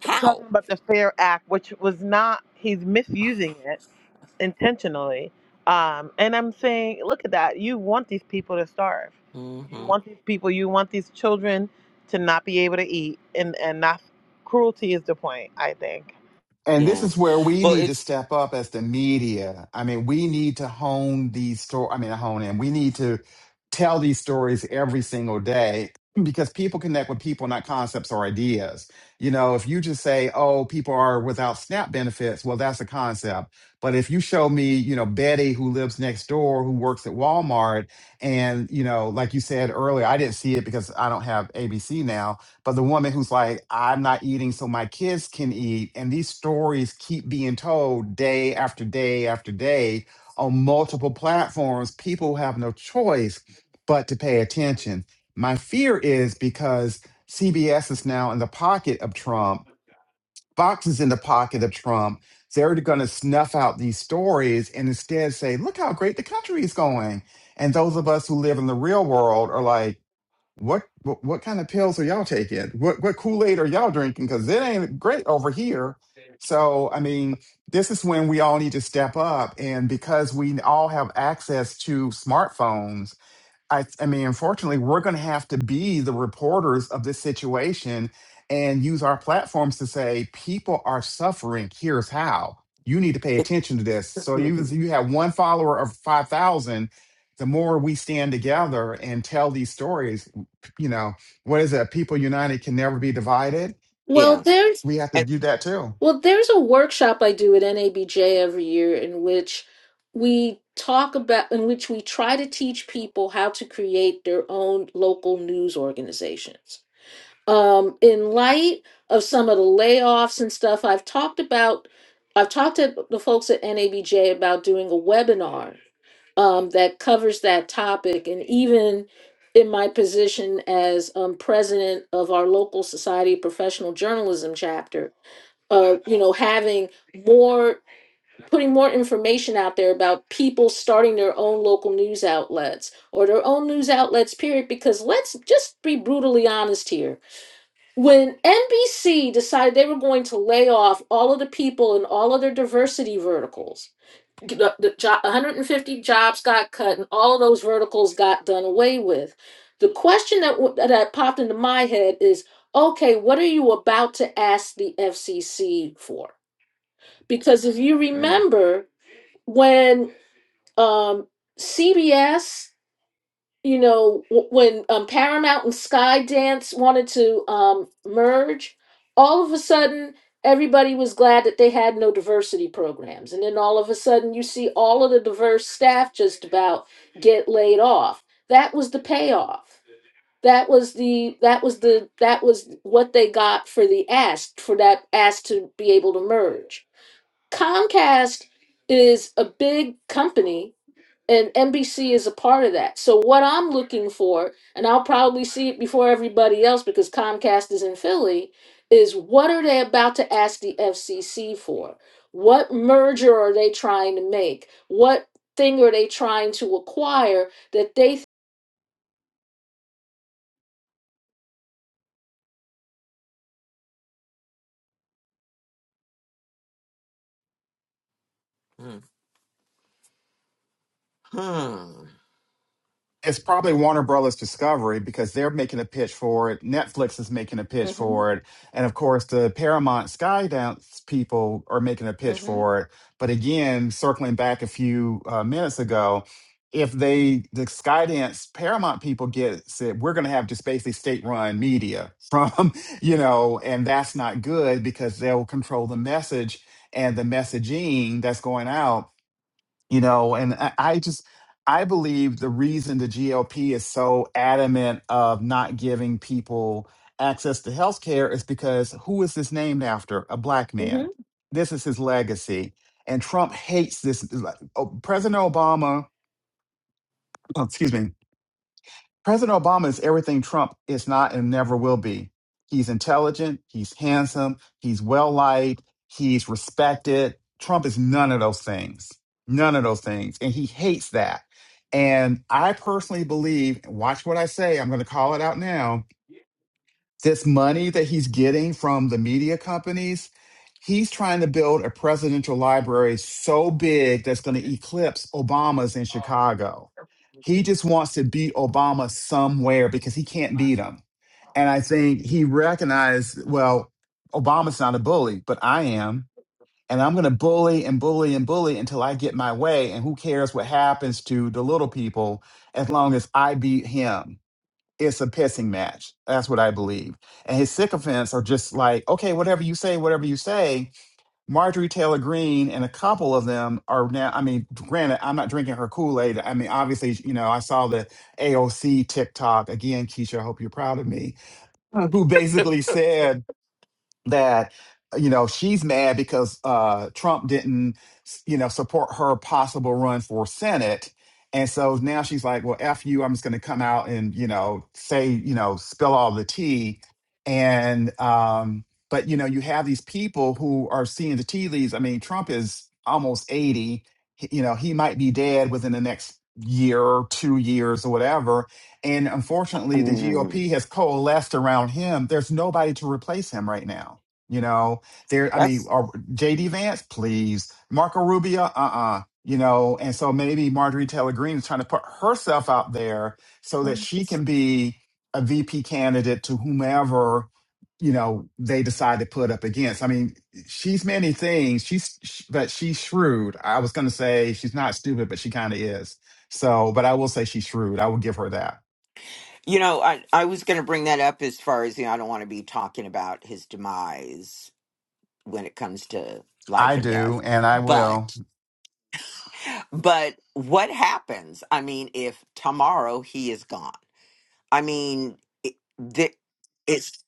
A: how?
D: talking about the Fair Act, which was not, he's misusing it intentionally. Um, and I'm saying, look at that. You want these people to starve. You
A: hmm
D: want these people, you want these children to not be able to eat. And, and that's cruelty is the point, I think.
C: And this
A: Yeah.
C: is where we
A: Well,
C: need to
A: it's
C: step up as the media. I mean, we need to hone these stories. I mean, hone in. We need to tell these stories every single day because people connect with people, not concepts or ideas. You know, if you just say, oh, people are without SNAP benefits, well, that's a concept. But if you show me, you know, Betty who lives next door, who works at Walmart, and, you know, like you said earlier, I didn't see it because I don't have ABC now but the woman who's like, I'm not eating so my kids can eat. And these stories keep being told day after day after day on multiple platforms. People have no choice but to pay attention. My fear is because CBS is now in the pocket of Trump, Fox is in the pocket of Trump. They're going to snuff out these stories and instead say, look how great the country is going. And those of us who live in the real world are like, what, what what kind of pills are y'all taking? What what Kool-Aid are y'all drinking? Because it ain't great over here. So, I mean, this is when we all need to step up. And because we all have access to smartphones, I, I mean, unfortunately, we're going to have to be the reporters of this situation and use our platforms to say people are suffering. Here's how you need to pay attention to this. So even if you have one follower of five thousand, the more we stand together and tell these stories, you know, what is it? People united can never be divided.
B: Well,
A: yeah.
B: there's
C: We have to
A: And,
C: do that too.
B: well, there's a workshop I do at NABJ every year in which we talk about in which we try to teach people how to create their own local news organizations. Um, in light of some of the layoffs and stuff, I've talked about I've talked to the folks at NABJ about doing a webinar um, that covers that topic. And even in my position as um, president of our local Society of Professional Journalism chapter, uh, you know, having more, putting more information out there about people starting their own local news outlets or their own news outlets, period. Because let's just be brutally honest here. When NBC decided they were going to lay off all of the people in all of their diversity verticals, the, the job, 150 jobs got cut and all of those verticals got done away with. The question that, w- that popped into my head is, okay, what are you about to ask the FCC for? Because if you remember when um, CBS you know, w- when um, Paramount and Skydance wanted to um, merge, all of a sudden everybody was glad that they had no diversity programs, and then all of a sudden you see all of the diverse staff just about get laid off. That was the payoff. That was the that was the that was what they got for the ask for that ask to be able to merge. Comcast is a big company and NBC is a part of that. So what I'm looking for, and I'll probably see it before everybody else because Comcast is in Philly, is what are they about to ask the FCC for? What merger are they trying to make? What thing are they trying to acquire that they
C: it's probably Warner Brothers Discovery because they're making a pitch for it. Netflix is making a pitch
B: Mm-hmm.
C: for it, and of course the Paramount Skydance people are making a pitch
B: Mm-hmm.
C: for it. But again, circling back a few uh, minutes ago, if they the Skydance Paramount people get said we're going to have just basically state-run media from <laughs> you know, and that's not good because they'll control the message and the messaging that's going out you know and i I just i believe the reason the glp is so adamant of not giving people access to health care is because who is this named after a black
B: Mm-hmm.
C: man this is his legacy and trump hates this like, oh, president obama <clears throat> excuse me President Obama is everything Trump is not and never will be. He's intelligent, he's handsome, he's well liked, he's respected. Trump is none of those things. None of those things. And he hates that. And I personally believe, watch what I say, I'm going to call it out now this money that he's getting from the media companies, he's trying to build a presidential library so big that's going to eclipse Obama's in Chicago. He just wants to beat Obama somewhere because he can't beat him. And I think he recognized, well, Obama's not a bully, but I am. And I'm going to bully and bully and bully until I get my way. And who cares what happens to the little people as long as I beat him it's a pissing match. That's what I believe. And his sycophants are just like, okay, whatever you say, whatever you say. Marjorie Taylor Greene and a couple of them are now. I mean, granted, I'm not drinking her Kool Aid. I mean, obviously, you know, I saw the AOC TikTok again. Keisha, I hope you're proud of me. Uh, Who basically said that uh, you know she's mad because uh Trump didn't you know support her possible run for Senate and so now she's like well F you I'm just going to come out and you know say you know spill all the tea and um but you know you have these people who are seeing the tea leaves I mean Trump is almost 80 He- you know he might be dead within the next year or 2 years or whatever and unfortunately, the
A: mhm.
C: GOP has coalesced around him. There's nobody to replace him right now. You know, there, I mean, or JD Vance, please. Marco Rubio, uh uh You know, and so maybe Marjorie Taylor Greene is trying to put herself out there so that she can be a VP candidate to whomever, you know, they decide to put up against. I mean, she's many things. She's, sh- but she's shrewd. I was going to say she's not stupid, but she kind of is. So, but I will say she's shrewd. I will give her that.
A: You know, I I was going to bring that up as far as you know, I don't want to be talking about his demise when it comes to
C: I
A: life and death.
C: do, and I
A: But
C: will.
A: But what happens? I mean, if tomorrow he is gone, I mean, it, the, it's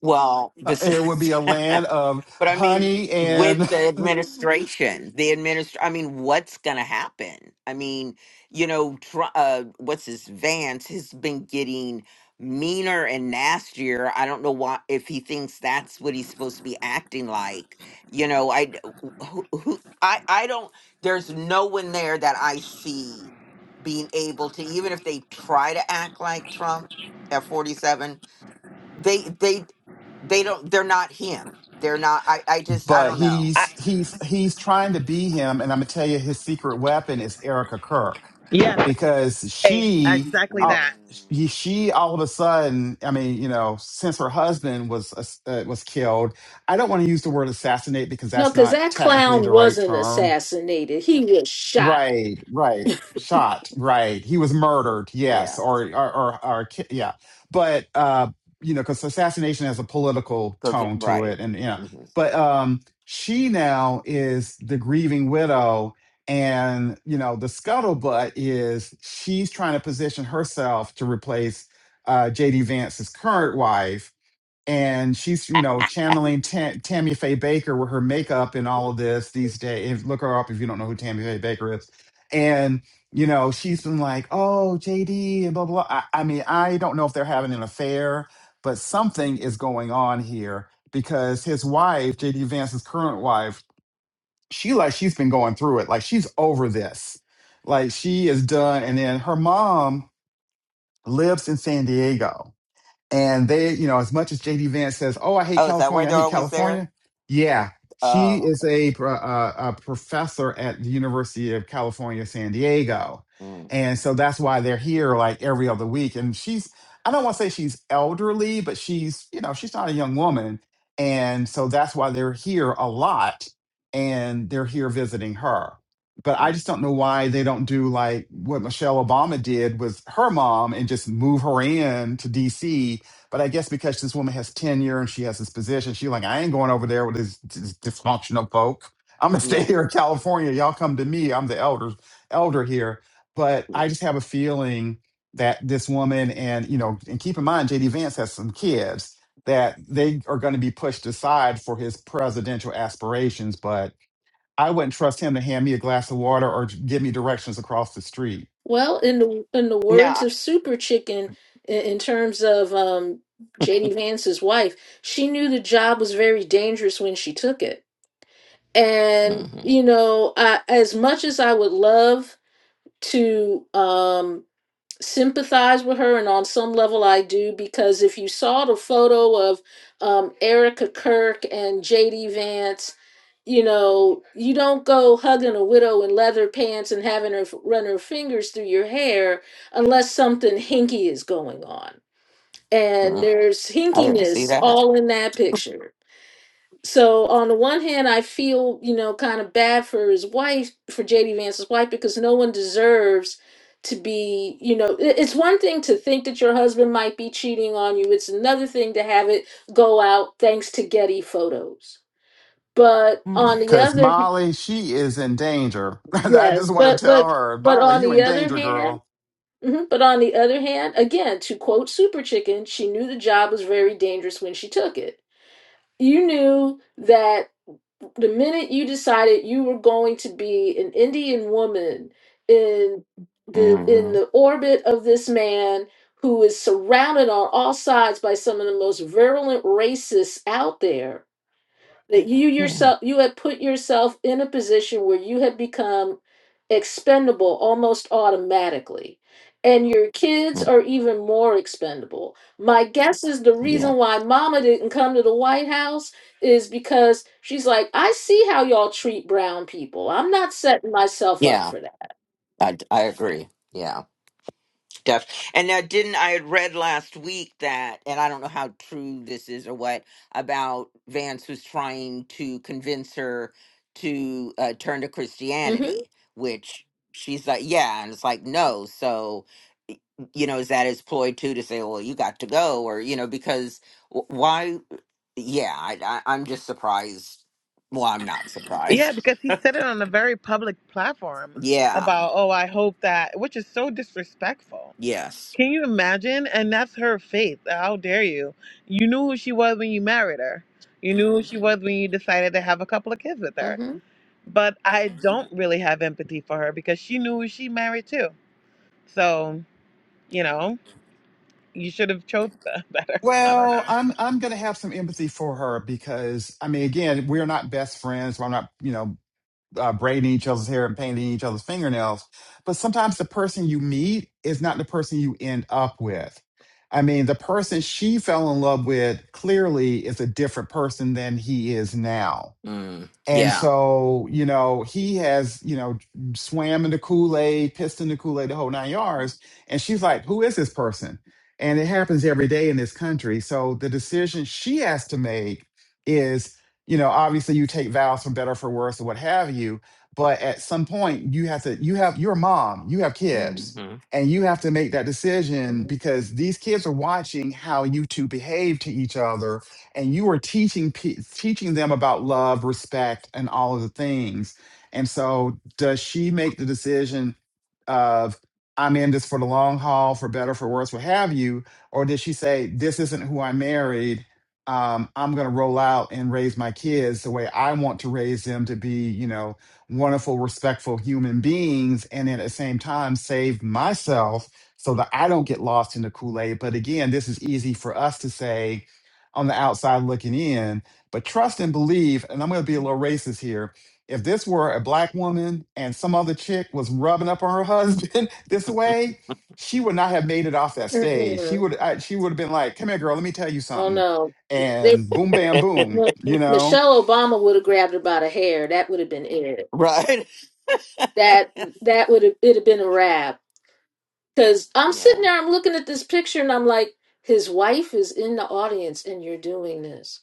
A: well,
C: Uh, It would
A: besides.
C: be a
A: <laughs>
C: land of
A: But I mean,
C: honey
A: with
C: and
A: the
C: <laughs>
A: administration, the administr I mean, what's going to happen? I mean, you know, tr uh, what's his Vance has been getting meaner and nastier. I don't know why, if he thinks that's what he's supposed to be acting like. You know, I, d- who, who, I, I don't, there's no one there that I see being able to, even if they try to act like Trump at 47 they they they don't they're not him they're not i i just i
C: but
A: don't know
D: I,
C: he's he's he's trying to be him, and I'm gonna tell you his secret weapon is Erica Kirk
D: yeah,
C: because
D: Sunday,
C: she
D: exactly
C: uh,
D: that.
C: she she all of a sudden, I mean, you know, since her husband was ass- uh, was killed, I don't want to use the word assassinate because
B: no,
C: that's
B: because
C: not
B: that
C: technically
B: clown
C: the right
B: wasn't
C: term
B: assassinated. He was shot.
C: Right, right. Shot, right. He was murdered,
A: yeah
C: yes, or or or, or ki- yeah. But uh, you know, because assassination has a political tone to it, and you know,
A: mhm.
C: but um, she now is the grieving widow, and you know, the scuttlebutt is she's trying to position herself to replace uh, J.D. Vance's current wife, and she's you know channeling Tam- Tammy Faye Baker with her makeup and all of this these days. If- Look her up if you don't know who Tammy Faye Baker is. And you know she's been like, oh JD and blah blah. I, I mean, I don't know if they're having an affair, but something is going on here because his wife, JD Vance's current wife, she like she's been going through it. Like she's over this. Like she is done. And then her mom lives in San Diego and they, you know, as much as JD Vance says, "Oh, I hate
A: oh is that why
C: California, I
A: they're
C: hate
A: always there
C: California," yeah, she
A: oh
C: is
A: okay
C: a pro- uh, a professor at the University of California, San Diego,
A: mm
C: and so that's why they're here like every other week. And she's, I don't want to say she's elderly, but she's, you know, she's not a young woman, and so that's why they're here a lot, and they're here visiting her. But I
A: mhm.
C: just don't know why they don't do like what Michelle Obama did with her mom and just move her in to DC but I guess because this woman has tenure and she has this position, she's like, I ain't going over there with these these dysfunctional folk. I'm gonna <laughs> stay
A: yeah
C: here in California. Y'all come to me. I'm the elder elder here. But I just have a feeling that this woman and you know, and keep in mind JD Vance has some kids that they are gonna be pushed aside for his presidential aspirations. But I wouldn't trust him to hand me a glass of water or give me directions across the street.
B: Well, in the in the
A: no
B: words
A: I,
B: of Super Chicken, in, in terms of um, JD Vance's wife, she knew the job was very dangerous when she took it. And
A: hmm
B: you know, I, as much as I would love to um, sympathize with her, and on some level I do because if you saw the photo of um, Erica Kirk and JD Vance, you know, you don't go hugging a widow in leather pants and having her f- run her fingers through your hair unless something hinky is going on. And there's
A: I,
B: hinkiness all in that picture. So on the one hand, I feel you know kind of bad for his wife, for JD Vance's wife, because no one deserves to be you know. i- It's one thing to think that your husband might be cheating on you. It's another thing to have it go out thanks to Getty photos. But on the
C: Cause
B: other,
C: Molly, she is in danger. <laughs> I
B: yes,
C: just want
B: but
C: to tell
B: but
C: her,
B: but
C: Molly,
B: on
C: you
B: the
C: in
B: other
C: danger,
B: hand.
C: girl.
B: mhm, But on the other hand, again, to quote Super Chicken, she knew the job was very dangerous when she took it you knew that the minute you decided you were going to be an Indian woman in the in
A: hmm
B: the orbit of this man who is surrounded on all sides by some of the most virulent racists out there that you
A: yeah
B: yourself you had put yourself in a position where you had become expendable almost automatically and your kids
A: mm,
B: are even more expendable my guess is the
A: yeah
B: reason why mama didn't come to the white house is because she's like i see how y'all treat brown people i'm not setting myself up
A: yeah
B: for that
A: I, d- I agree Yeah. stuff. And now, didn't I had read last week that, and I don't know how true this is or what, about Vance was trying to convince her to uh, turn to
B: mm-hmm
A: Christianity, which she's like, yeah, and it's like no. So, y- you know, is that his ploy too to say, well, you got to go, or you know, because wh- why? Yeah, I, I, I'm just surprised. Well, I'm not
D: Yeah,
A: surprised. <laughs>
D: because he said it on a very public platform
A: Yeah.
D: about, oh, I hope that, which is so disrespectful.
A: Yes.
D: Can you imagine? And that's her faith. How dare you? You knew who she was when you married her. You knew who she was when you decided to have a couple of kids with her.
B: mm-hmm
D: But I don't really have empathy for her because she knew who she married to. So, you know, you should have chose the- <laughs> better. I don't
C: Well,
D: know.
C: I'm I'm gonna have some empathy for her because I mean, again, we're not best friends. We're not, you know, uh, braiding each other's hair and painting each other's fingernails. But sometimes the person you meet is not the person you end up with. I mean, the person she fell in love with clearly is a different person than he is now.
A: Mm.
C: And
A: Yeah.
C: so, you know, he has, you know, swam in the Kool Aid, pissed in the Kool Aid, the whole nine yards. And she's like, who is this person? And it happens every day in this country. So the decision she has to make is, you know, obviously you take vows for better, for worse, or what have you. But at some point, you have to, you have, you're a mom, you have
A: Mhm.
C: kids,
A: hmm
C: and you have to make that decision because these kids are watching how you two behave to each other and you are teaching pe- teaching them about love, respect, and all of the things. And so, does she make the decision of I'm in this for the long haul, for better, for worse, what have you, or did she say this isn't who I married? Um, I'm going to roll out and raise my kids the way I want to raise them to be, you know, wonderful, respectful human beings, and then at the same time save myself so that I don't get lost in the Kool Aid. But again, this is easy for us to say on the outside looking in. But trust and believe, and I'm going to be a little racist here. If this were a black woman and some other chick was rubbing up on her husband <laughs> this way, she would not have made it off that stage. She
B: Mm-mm.
C: would I, she would have been like, "Come here, girl. Let me tell you
B: oh
C: something."
B: no they,
C: And boom, bam, boom.
B: well,
C: You know.
B: Michelle Obama would have grabbed her by the hair. That would have been it.
A: Right. <laughs>
B: that that would have it'd have been a wrap. Because I'm sitting
A: Yeah.
B: there, I'm looking at this picture, and I'm like, his wife is in the audience, and you're doing this.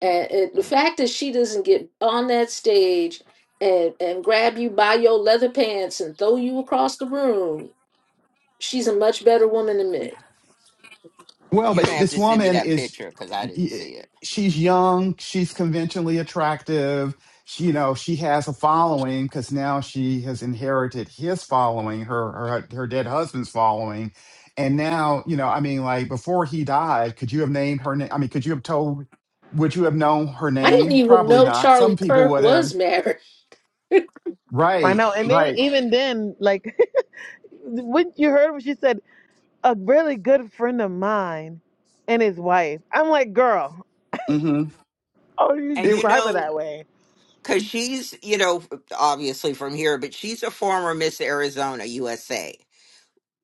B: And, and the
A: Mm.
B: fact that she doesn't get on that stage and and grab you by your leather pants and throw you across the room, she's a much better woman than
A: Well,
B: me.
C: Well,
A: You're
C: but
A: gonna have
C: this
A: to send me
C: woman
A: that
C: is
A: picture because I didn't see it.
C: she's young, she's conventionally attractive. She, you know, she has a following because now she has inherited his following, her her her dead husband's following, and now you know, I mean, like before he died, could you have named her name? I mean, could you have told? Would you have known her
B: I didn't
C: name?
B: even
C: Probably
B: know
C: not. Some
B: Charlie
C: people
B: Kirk
C: would have.
B: was married.
D: I
C: Right,
D: know. And then
C: right.
D: even then, like <laughs> when you heard what she said, a really good friend of mine and his wife. I'm like, girl,
C: hmm
D: oh, you
A: And you
D: describe her
A: know,
D: that way.
A: because she's, you know, obviously from here, but she's a former Miss Arizona USA.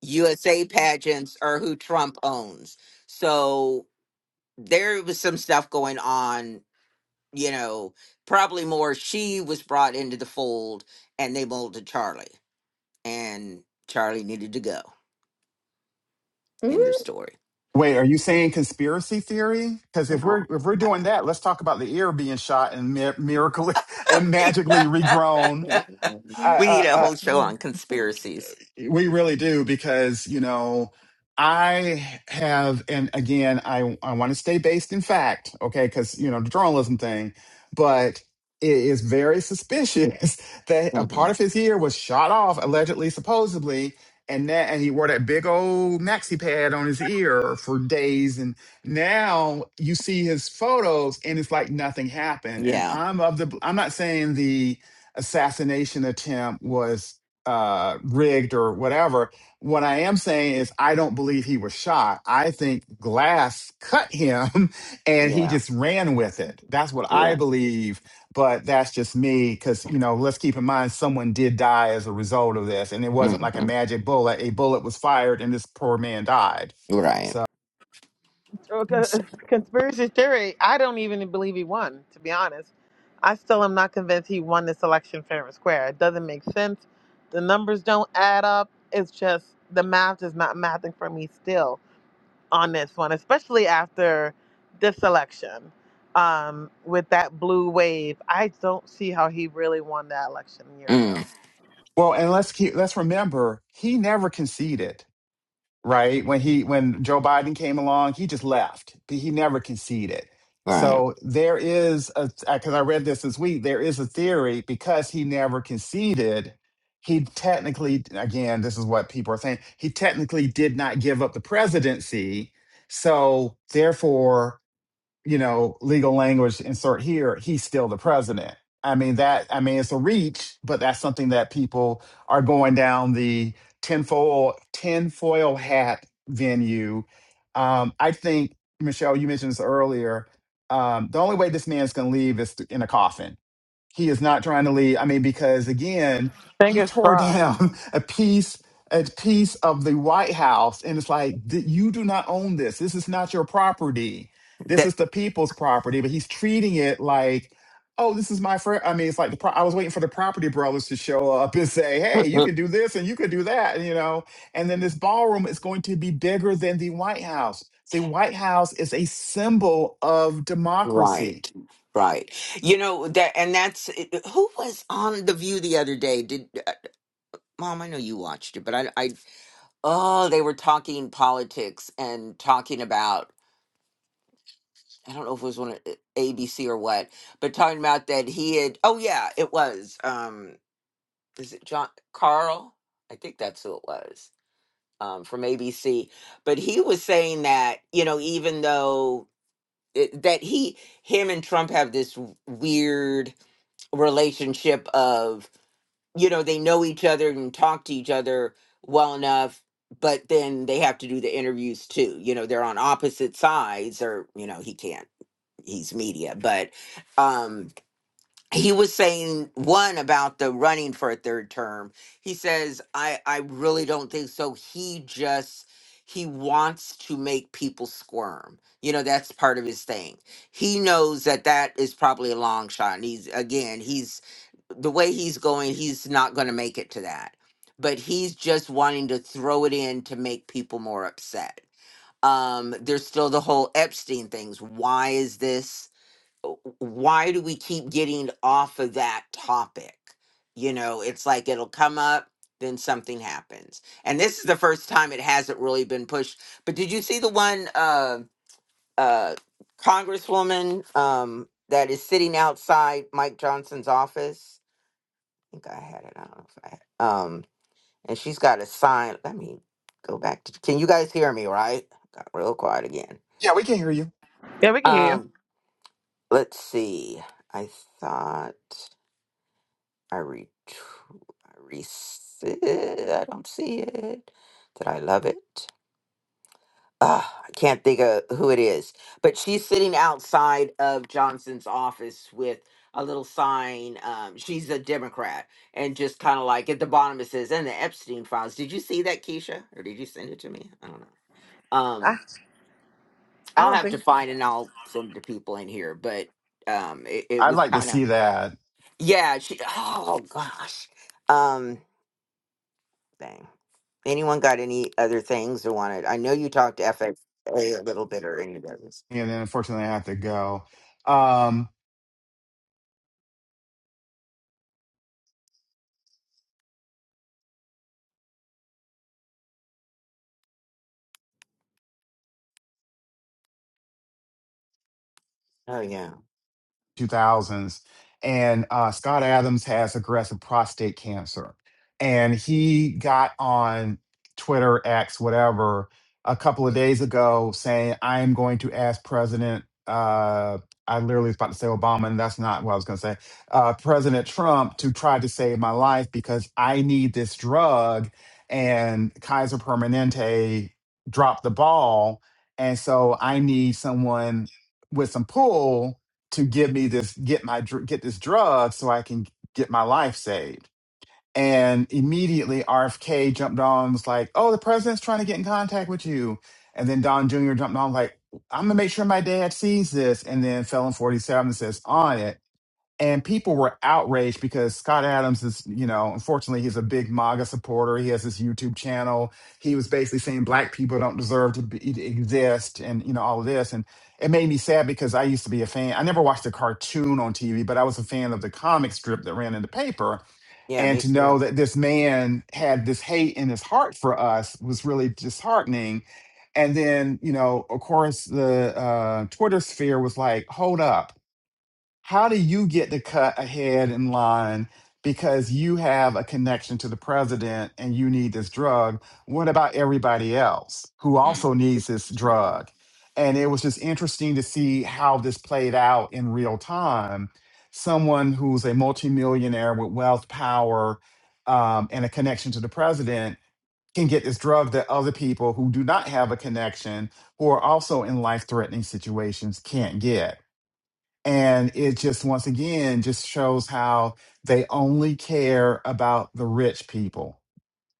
A: USA pageants are who Trump owns. So there was some stuff going on, you know, probably more she was brought into the fold and they molded Charlie and Charlie needed to go.
B: <laughs>
A: End of story.
C: Wait, are you saying conspiracy theory? Because if we're
A: Oh.
C: if we're doing that, let's talk about the ear being shot and mi- miracle <laughs> and magically
A: <laughs>
C: regrown.
B: Mhm.
A: we need
C: I.
A: a
C: I,
A: whole show on conspiracies.
C: we really do because, you know, I have, and again, I, I want to stay based in fact, okay, because, you know, the journalism thing, but it is very suspicious <laughs> that a
A: Mhm.
C: part of his ear was shot off, allegedly, supposedly, and that, and he wore that big old maxi pad on his ear for days. And now you see his photos and it's like nothing happened. And I'm of the, I'm not saying the assassination attempt was uh, rigged or whatever. What I am saying is, I don't believe he was shot. I think glass cut him <laughs>
A: Yeah.
C: and he just ran with it. That's what I
A: Yeah.
C: believe. But that's just me because, you know, let's keep in mind someone did die as a result of this. And it wasn't like a
A: hmm
C: magic bullet. A bullet was fired and this poor man died.
A: Right.
C: So,
D: Well, co-
A: So-
D: <laughs> Conspiracy theory. I don't even believe he won. To be honest, I still am not convinced he won this election fair and square. It doesn't make sense. The numbers don't add up. It's just the math is not mathing for me still on this one, especially after this election um, with that blue wave. I don't see how he really won that election a year ago.
A: mm,
C: well, and let's keep, let's remember he never conceded. right? When he when Joe Biden came along, he just left. He never conceded.
A: Right.
C: So there is a because I read this this week. There is a theory because he never conceded. He technically, again, this is what people are saying. He technically did not give up the presidency, so therefore you know, legal language insert here, he's still the president. I mean that I mean it's a reach, but that's something that people are going down the tinfoil tinfoil hat venue. Um, I think Michelle, you mentioned this earlier. Um, the only way this man's gonna leave is th- in a coffin he is not trying to leave. I mean, because again, he
D: Fingers
C: tore
D: crossed.
C: down <laughs> a piece a piece of the White House, and it's like th- you do not own this. This is not your property. This
A: That,
C: is the people's property. But he's treating it like, oh, this is my friend. I mean, it's like the pro- I was waiting for the property brothers to show up and say, hey, you can do this and you can do that, you know. And then this ballroom is going to be bigger than the White House. The White House is a symbol of democracy.
A: right. Right. You know that and that's who was on the view the other day? Did Mom, I know you watched it, but I, I, oh, they were talking politics and talking about, I don't know if it was one of uh, ABC or what, but talking about that he had, oh yeah, it was, um, is it John Carl? I think that's who it was, um, from ABC. But he was saying that, you know, even though it, that he, him and Trump have this w- weird relationship of you know they know each other and talk to each other well enough but then they have to do the interviews too you know they're on opposite sides or you know he can't he's media but um he was saying one about the running for a third term he says i i really don't think so he just he wants to make people squirm you know that's part of his thing he knows that that is probably a long shot and he's again he's the way he's going, he's not going to make it to that. But he's just wanting to throw it in to make people more upset. Um, there's still the whole Epstein things. Why is this? uh, Why do we keep getting off of that topic? You know, it's like it'll come up, then something happens. And this is the first time it hasn't really been pushed. But did you see the one uh, uh, Congresswoman um, that is sitting outside Mike Johnson's office? think I had it. I don't know if I had. Um, and she's got a sign. Let me go back to. Can you guys hear me? Right? Got real quiet again.
C: Yeah, we can hear you.
D: Yeah, we can hear you.
A: Um, let's see. I thought I re. I re. I don't see it. Did I love it? uh, I can't think of who it is, but she's sitting outside of Johnson's office with a little sign. Um, she's a Democrat, and just kind of like at the bottom it says, "And the Epstein files." Did you see that, Keisha, or did you send it to me? I don't know.
D: I,
A: Um,
D: I
A: I'll
D: don't
A: have
D: think
A: to
D: so.
A: find it and I'll send it to people in here. But um, it, it
C: I'd
A: was
C: like to
A: kind of
C: see that.
A: yeah. She oh gosh, um, dang. Anyone got any other things they wanted? I know you talked to FXA a a little bit or any of those.
C: And then unfortunately, I have to go. Um,
A: Oh yeah.
C: 2000s and uh, scott adams has aggressive prostate cancer and he got on twitter x whatever a couple of days ago saying i am going to ask president uh, i literally was about to say obama and that's not what i was going to say uh, president trump to try to save my life because i need this drug and kaiser permanente dropped the ball and so i need someone with some pull to give me this get my dr- get this drug so I can get my life saved. And immediately RFK jumped on and was like, "Oh, the president's trying to get in contact with you." And then Don Jr. jumped on like, "I'm gonna make sure my dad sees this." And then Felon 47 says on it and people were outraged because Scott Adams is, you know, unfortunately, he's a big MAGA supporter. He has his YouTube channel. He was basically saying black people don't deserve to, be, to exist, and you know all of this. And it made me sad because I used to be a fan. I never watched a cartoon on TV, but I was a fan of the comic strip that ran in the paper.
A: Yeah,
C: And
A: me
C: to
A: too.
C: know that this man had this hate in his heart for us was really disheartening. And then, you know, of course, the uh, Twitter sphere was like, "Hold up." how do you get to cut ahead in line because you have a connection to the president and you need this drug? What about everybody else who also needs this drug? And it was just interesting to see how this played out in real time. Someone who's a multimillionaire with wealth, power, um, and a connection to the president can get this drug that other people who do not have a connection, who are also in life threatening situations, can't get. And it just once again just shows how they only care about the rich people.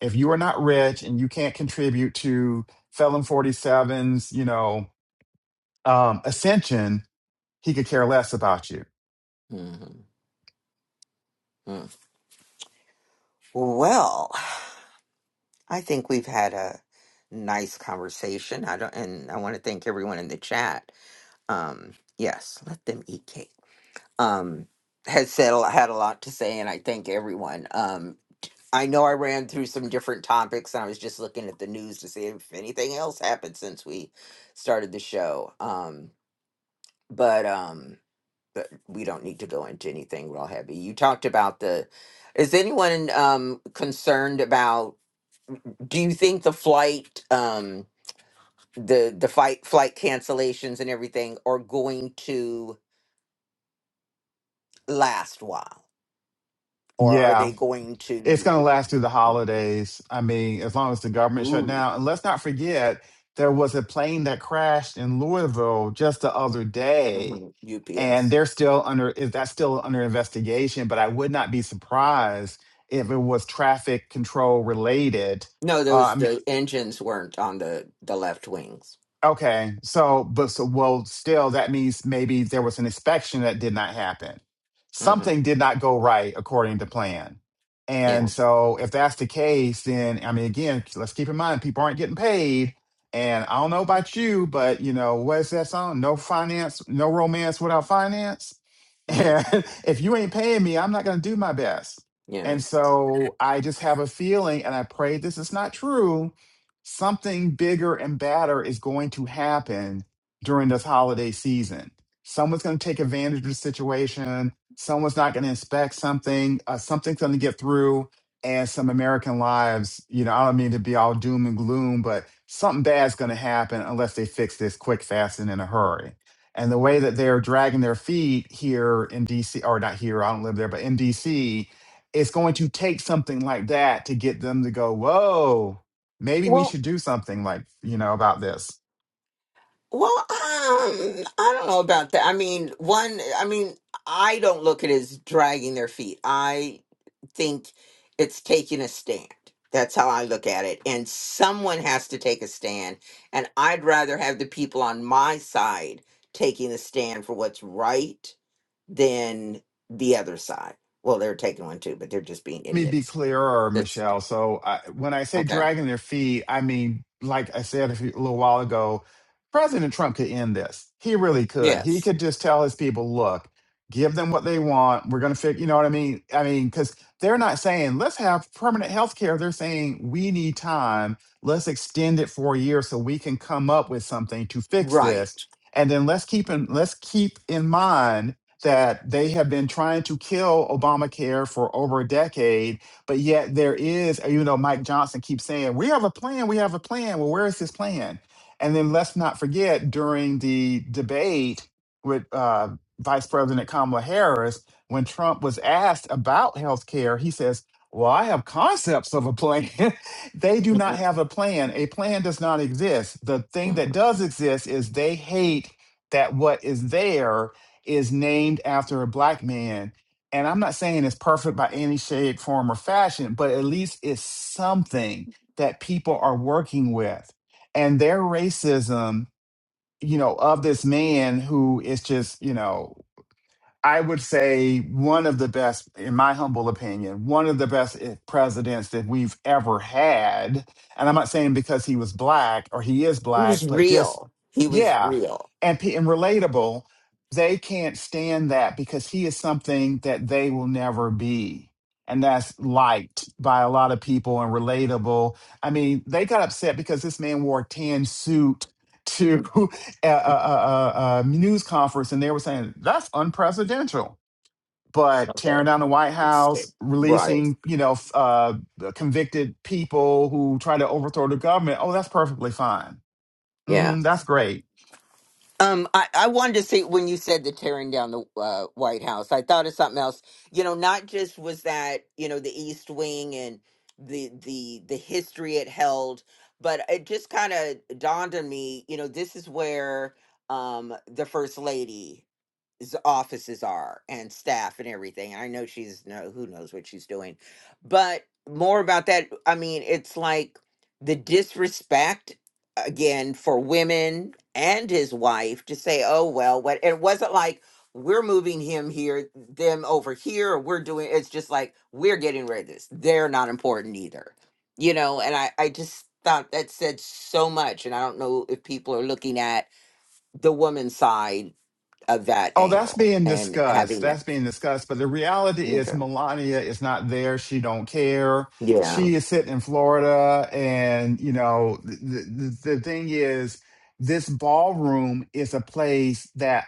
C: If you are not rich and you can't contribute to Felon Forty Seven's, you know, um, ascension, he could care less about you.
A: hmm Well, I think we've had a nice conversation. I don't, and I want to thank everyone in the chat. Um, yes, let them eat cake. Um, has said a- had a lot to say, and I thank everyone. Um, I know I ran through some different topics, and I was just looking at the news to see if anything else happened since we started the show. Um, but um, but we don't need to go into anything real heavy. You talked about the. Is anyone um concerned about? do you think the flight um the the fight flight cancellations and everything are going to last while or are
C: Yeah,
A: they going
C: It's
A: to
C: going to last through the holidays. I mean, as long as the government shut
A: Ooh.
C: down. And let's not forget, there was a plane that crashed in Louisville just the other day,
A: mhm.
C: and they're still under. Is that still under investigation? But I would not be surprised if it was traffic control related.
A: no those the engines weren't on the the left wings
C: Okay. So, but so, well, still, that means maybe there was an inspection that did not happen.
A: hmm
C: Something did not go right according to plan.
A: yeah
C: And so, if that's the case, then I mean, again, let's keep in mind people aren't getting paid. And I don't know about you, but you know, what's that song? No finance, no romance without finance.
A: mm,
C: And <laughs> if you ain't paying me, I'm not going to do my best.
A: yeah
C: And so, I just have a feeling, and I pray this is not true something bigger and badder is going to happen during this holiday season. Someone's going to take advantage of the situation. Someone's not going to inspect something. Uh, something's going to get through, and some American lives. You know, I don't mean to be all doom and gloom, but something bad's going to happen unless they fix this quick, fast, and in a hurry. And the way that they're dragging their feet here in DC, or not here, I don't live there, but in DC, it's going to take something like that to get them to go, whoa, maybe we should do something like you know about this
A: well um i don't know about that i mean one i mean i don't look at it as dragging their feet i think it's taking a stand. That's how I look at it. And someone has to take a stand. And I'd rather have the people on my side taking a stand for what's right than the other side. Well, they're taking one too, but they're just being
C: let me be
A: idiots.
C: clearer
A: That's
C: michelle so I, when i say
A: okay.
C: dragging their feet i mean like i said a, few, a little while ago president trump could end this he really could he
A: Yes.
C: could just tell his people look give them what they want we're going to fix you know what i mean i mean because they're not saying let's have permanent health care they're saying we need time let's extend it for a year so we can come up with something to fix this
A: Right.
C: and then let's keep in let's keep in mind that they have been trying to kill Obamacare for over a decade, but yet there is, uh, you know, Mike Johnson keeps saying, we have a plan, we have a plan. Well, where is this plan? And then let's not forget during the debate with uh, Vice President Kamala Harris, when Trump was asked about health care, he says, well, I have concepts of a plan. <laughs> they do not
A: Mhm.
C: have a plan. A plan does not exist. The thing that
A: Mhm.
C: does exist is they hate that what is there is named after a black man. And I'm not saying it's perfect by any shade, form, or fashion, but at least it's something that people are working with. And their racism, you know, of this man who is just, you know, I would say one of the best, in my humble opinion, one of the best i- presidents that we've ever had. And I'm not saying because he was black or he is
A: He
C: black,
A: was
C: but just,
A: real. He was
C: yeah,
A: real.
C: and, pe- and relatable. They can't stand that because he is something that they will never be. And that's liked by a lot of people and relatable. I mean, they got upset because this man wore a tan suit to <laughs> a, a, a, a news conference and they were saying that's unprecedented. But tearing
A: Okay.
C: down the White
A: It's-
C: House,
A: Right.
C: releasing you know f- uh, convicted people who try to overthrow the government, oh, that's perfectly fine.
A: Yeah.
C: hmm that's great.
A: Um, I, I wanted to say when you said the tearing down the uh, White House, I thought of something else. You know, not just was that you know the East Wing and the the the history it held, but it just kind of dawned on me. You know, this is where um, the First Lady s- offices are and staff and everything. I know she's no who knows what she's doing, but more about that. I mean, it's like the disrespect again for women and his wife to say, "Oh well, what?" It wasn't like we're moving him here, them over here, or we're doing. It's just like we're getting rid of this. They're not important either, you know. And I, I just thought that said so much, and I don't know if people are looking at the woman's side of that
C: Oh, that's
A: angle
C: being
A: and
C: discussed.
A: having that.
C: That's being discussed. But the reality is
A: Okay.
C: Melania is not there. She don't care.
A: Yeah.
C: She is sitting in Florida. And, you know, the, the, the thing is, this ballroom is a place that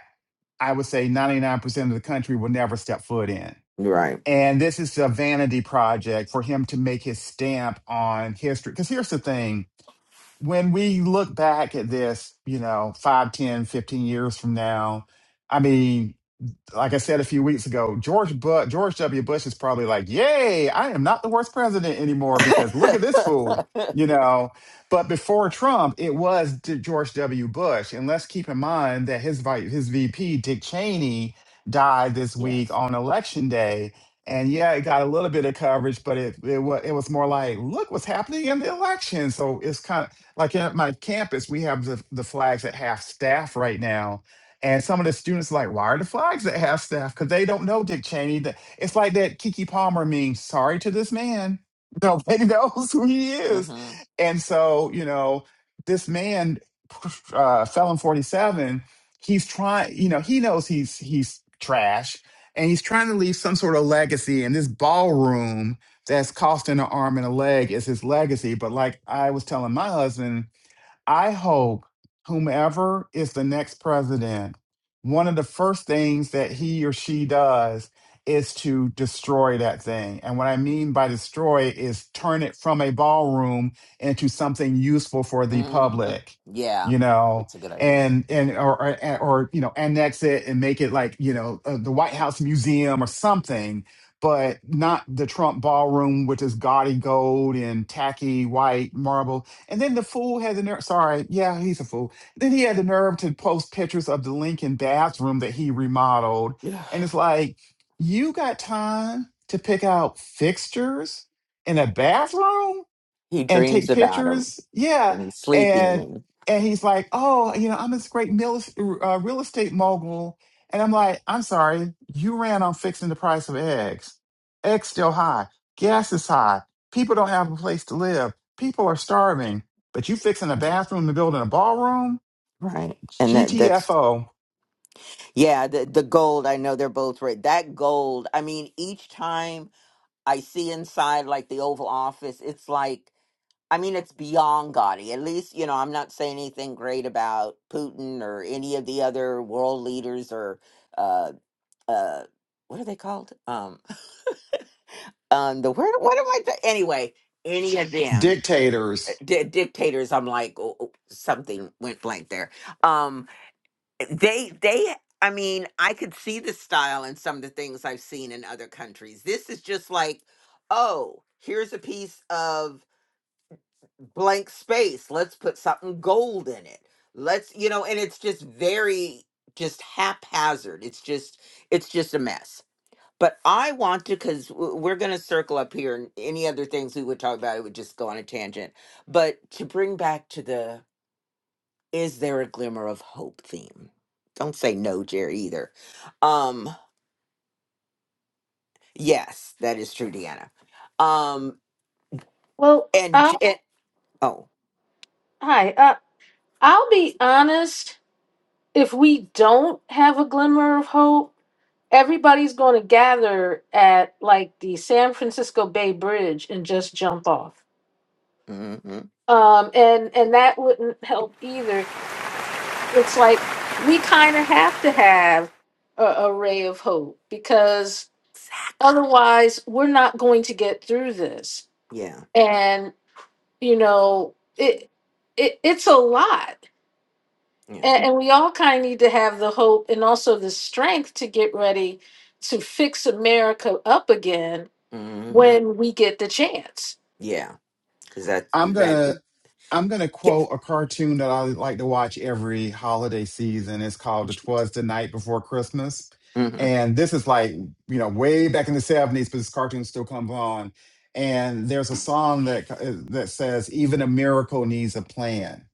C: I would say 99% of the country will never step foot in.
A: Right.
C: And this is a vanity project for him to make his stamp on history. Because here's the thing when we look back at this, you know, 5, 10, 15 years from now, I mean, like I said a few weeks ago, George but George W. Bush is probably like, "Yay, I am not the worst president anymore because look at this fool." You know, but before Trump, it was D- George W. Bush, and let's keep in mind that his vi- his VP Dick Cheney died this week
A: Yes.
C: on election day, and yeah, it got a little bit of coverage, but it it was it was more like, look what's happening in the election. So it's kind of like at my campus, we have the the flags at half staff right now, and some of the students are like, why are the flags at half staff? Because they don't know Dick Cheney. That- It's like that Kiki Palmer meme, sorry to this man. Nobody <laughs> knows who he is.
A: Mm-hmm.
C: And so, you know, this man, uh, Felon 47, he's trying, you know, he knows he's he's trash and he's trying to leave some sort of legacy. And this ballroom that's costing an arm and a leg is his legacy. But like I was telling my husband, I hope whomever is the next president, one of the first things that he or she does is to destroy that thing. And what I mean by destroy is turn it from a ballroom into something useful for the
A: Mm-hmm.
C: public,
A: Yeah.
C: you know,
A: It's a good idea.
C: and and or or, or you know, annex it and make it like, you know, uh, the White House museum or something. But not the Trump ballroom, which is gaudy gold and tacky white marble and then the fool had the nerve. Sorry, yeah, he's a fool. Then he had the nerve to post pictures of the Lincoln bathroom that he remodeled.
A: Yeah.
C: And it's like, you got time to pick out fixtures in a bathroom?
A: He
C: and
A: dreams
C: take
A: about him
C: pictures. Yeah,
A: when he's sleeping.
C: and
A: And...
C: and he's like, oh, you know, I'm this great mil- uh, real estate mogul, and I'm like, I'm sorry, you ran on fixing the price of eggs. Eggs still high, gas is high, people don't have a place to live, people are starving, but you fixing a bathroom and building a ballroom?
A: Right. And that that's
C: GTFO,
A: Yeah, the the gold, I know they're both red. That gold, I mean, each time I see inside like the Oval Office, it's like I mean, it's beyond gaudy. At least, you know, I'm not saying anything great about Putin or any of the other world leaders or uh uh what are they called? Um <laughs> um the word what am I th- anyway, any of them uh,
C: dictators.
A: di- dictators, I'm like oh, oh, something went blank there. Um, they they i mean i could see the style in some of the things i've seen in other countries this is just like oh here's a piece of blank space let's put something gold in it let's you know and it's just very just haphazard it's just it's just a mess but i want to because we're going to circle up here and any other things we would talk about it would just go on a tangent but to bring back to the is there a glimmer of hope theme? Don't say no, Jerry, either. Um, yes, that is true, Deanna. Um,
B: Well,
A: and, J-
B: uh,
A: and oh,
B: hi. Uh, I'll be honest. if we don't have a glimmer of hope, everybody's going to gather at like the San Francisco Bay Bridge and just jump off.
A: hmm
B: Um, and and that wouldn't help either. It's like we kind of have to have a, a ray of hope because otherwise we're not going to get through this.
A: yeah,
B: And you know, it, it it's a lot.
A: yeah,
B: And, and we all kind of need to have the hope and also the strength to get ready to fix America up again
A: hmm
B: when we get the chance.
A: yeah, because that's
C: I'm
A: that.
C: gonna I'm going to quote a cartoon that I like to watch every holiday season. It's called "Twas the Night Before Christmas,"
A: Mm-hmm,
C: and this is like you know way back in the '70s, but this cartoon still comes on. And there's a song that uh, that says, "Even a miracle needs a plan."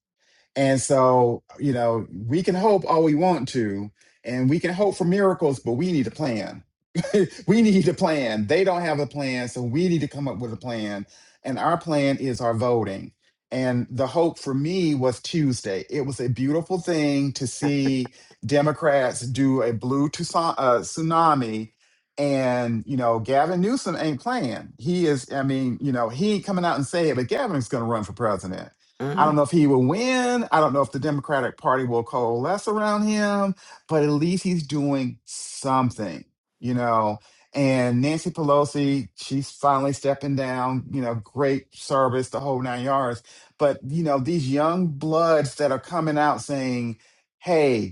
C: And so, you know, we can hope all we want to, and we can hope for miracles, but we need a plan. <laughs> we need a plan. They don't have a plan, so we need to come up with a plan. And our plan is our voting. And the hope for me was Tuesday. It was a beautiful thing to see Democrats do a blue tusa- uh, tsunami. And, you know, Gavin Newsom ain't playing. He is, I mean, you know, he ain't coming out and say it, but Gavin's going to run for president I
A: hmm
C: don't know if he will win. I don't know if the Democratic Party will coalesce around him, but at least he's doing something, you know. And Nancy Pelosi, she's finally stepping down, you know, great service, the whole nine yards. But, you know, these young bloods that are coming out saying, hey,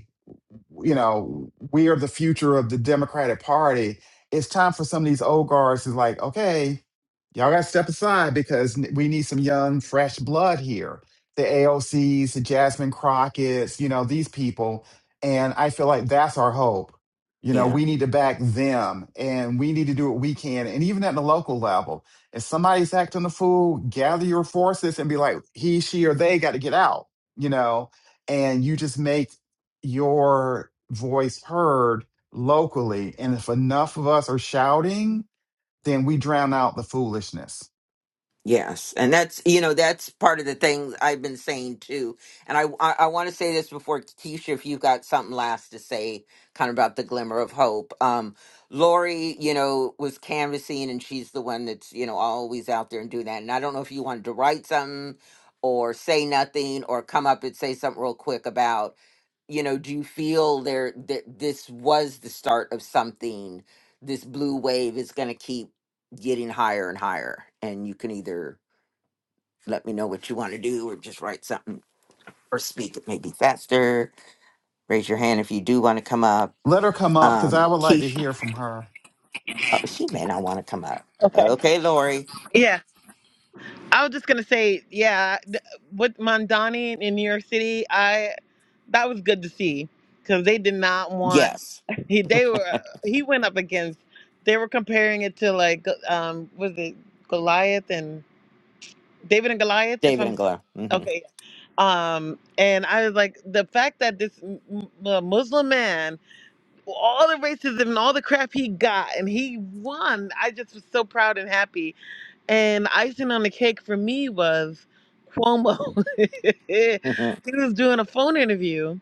C: you know, we are the future of the Democratic Party. It's time for some of these old guards is like, okay, y'all got to step aside because n- we need some young, fresh blood here. The AOCs, the Jasmine Crockett's, you know, these people. And I feel like that's our hope. You know,
A: yeah.
C: we need to back them and we need to do what we can. And even at the local level, if somebody's acting a fool, gather your forces and be like, he, she, or they got to get out, you know, and you just make your voice heard locally. And if enough of us are shouting, then we drown out the foolishness.
A: Yes, and that's you know that's part of the thing I've been saying too, and I I, I want to say this before Keisha, if you've got something last to say, kind of about the glimmer of hope. Um, Lori, you know, was canvassing, and she's the one that's you know always out there and doing that. And I don't know if you wanted to write something or say nothing or come up and say something real quick about you know do you feel there that this was the start of something? This blue wave is going to keep getting higher and higher, and you can either let me know what you want to do, or just write something or speak. It may be faster. Raise your hand if you do want to come up.
C: Let her come up because
A: Um,
C: I would like to
A: Keith,
C: hear from her.
A: oh, she may not want to come up.
D: Okay.
A: Okay, Lori.
D: I was just gonna say, yeah, th- with Mondani in New York City, I that was good to see because they did not want
A: Yes,
D: he they were he went up against they were comparing it to like um was it Goliath and David and Goliath if
A: David
D: I'm
A: and Glow. hmm
D: okay um and I was like the fact that this m- m- uh, Muslim man all the racism and all the crap he got and he won I just was so proud and happy and the icing on the cake for me was Cuomo. <laughs> he
A: hmm
D: was doing a phone interview,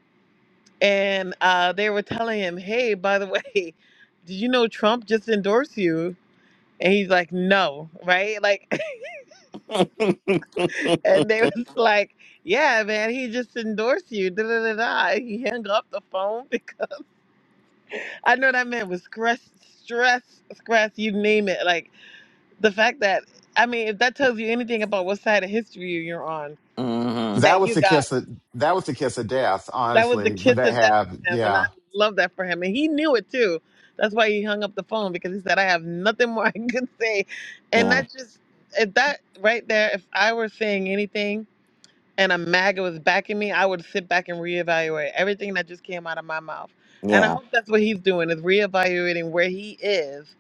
D: and uh, they were telling him, "Hey, by the way, <laughs> did you know Trump just endorsed you?" And he's like, "No, right?" Like,
A: <laughs>
D: <laughs> and they was like, "Yeah, man, he just endorsed you." Da da da da. And He hung up the phone <laughs> because I know that man was stress, stress, stress. You name it. Like the fact that I mean, if that tells you anything about what side of history you're on,
A: Mm-hmm.
C: That
D: that
C: was
D: you
C: the
D: got
C: kiss of that was the kiss of death,
D: That was the
C: honestly, when
D: kiss
C: that
D: of death
C: happened.
D: for him, and I
C: Yeah.
D: love that for him. And he knew it too. That's why he hung up the phone because he said, "I have nothing more <laughs> I could say," and
A: Yeah,
D: that just if that right there. If I were saying anything and a MAGA was backing me, I would sit back and reevaluate everything that just came out of my mouth. And I
A: yeah,
D: hope that's what he's doing is reevaluating where he is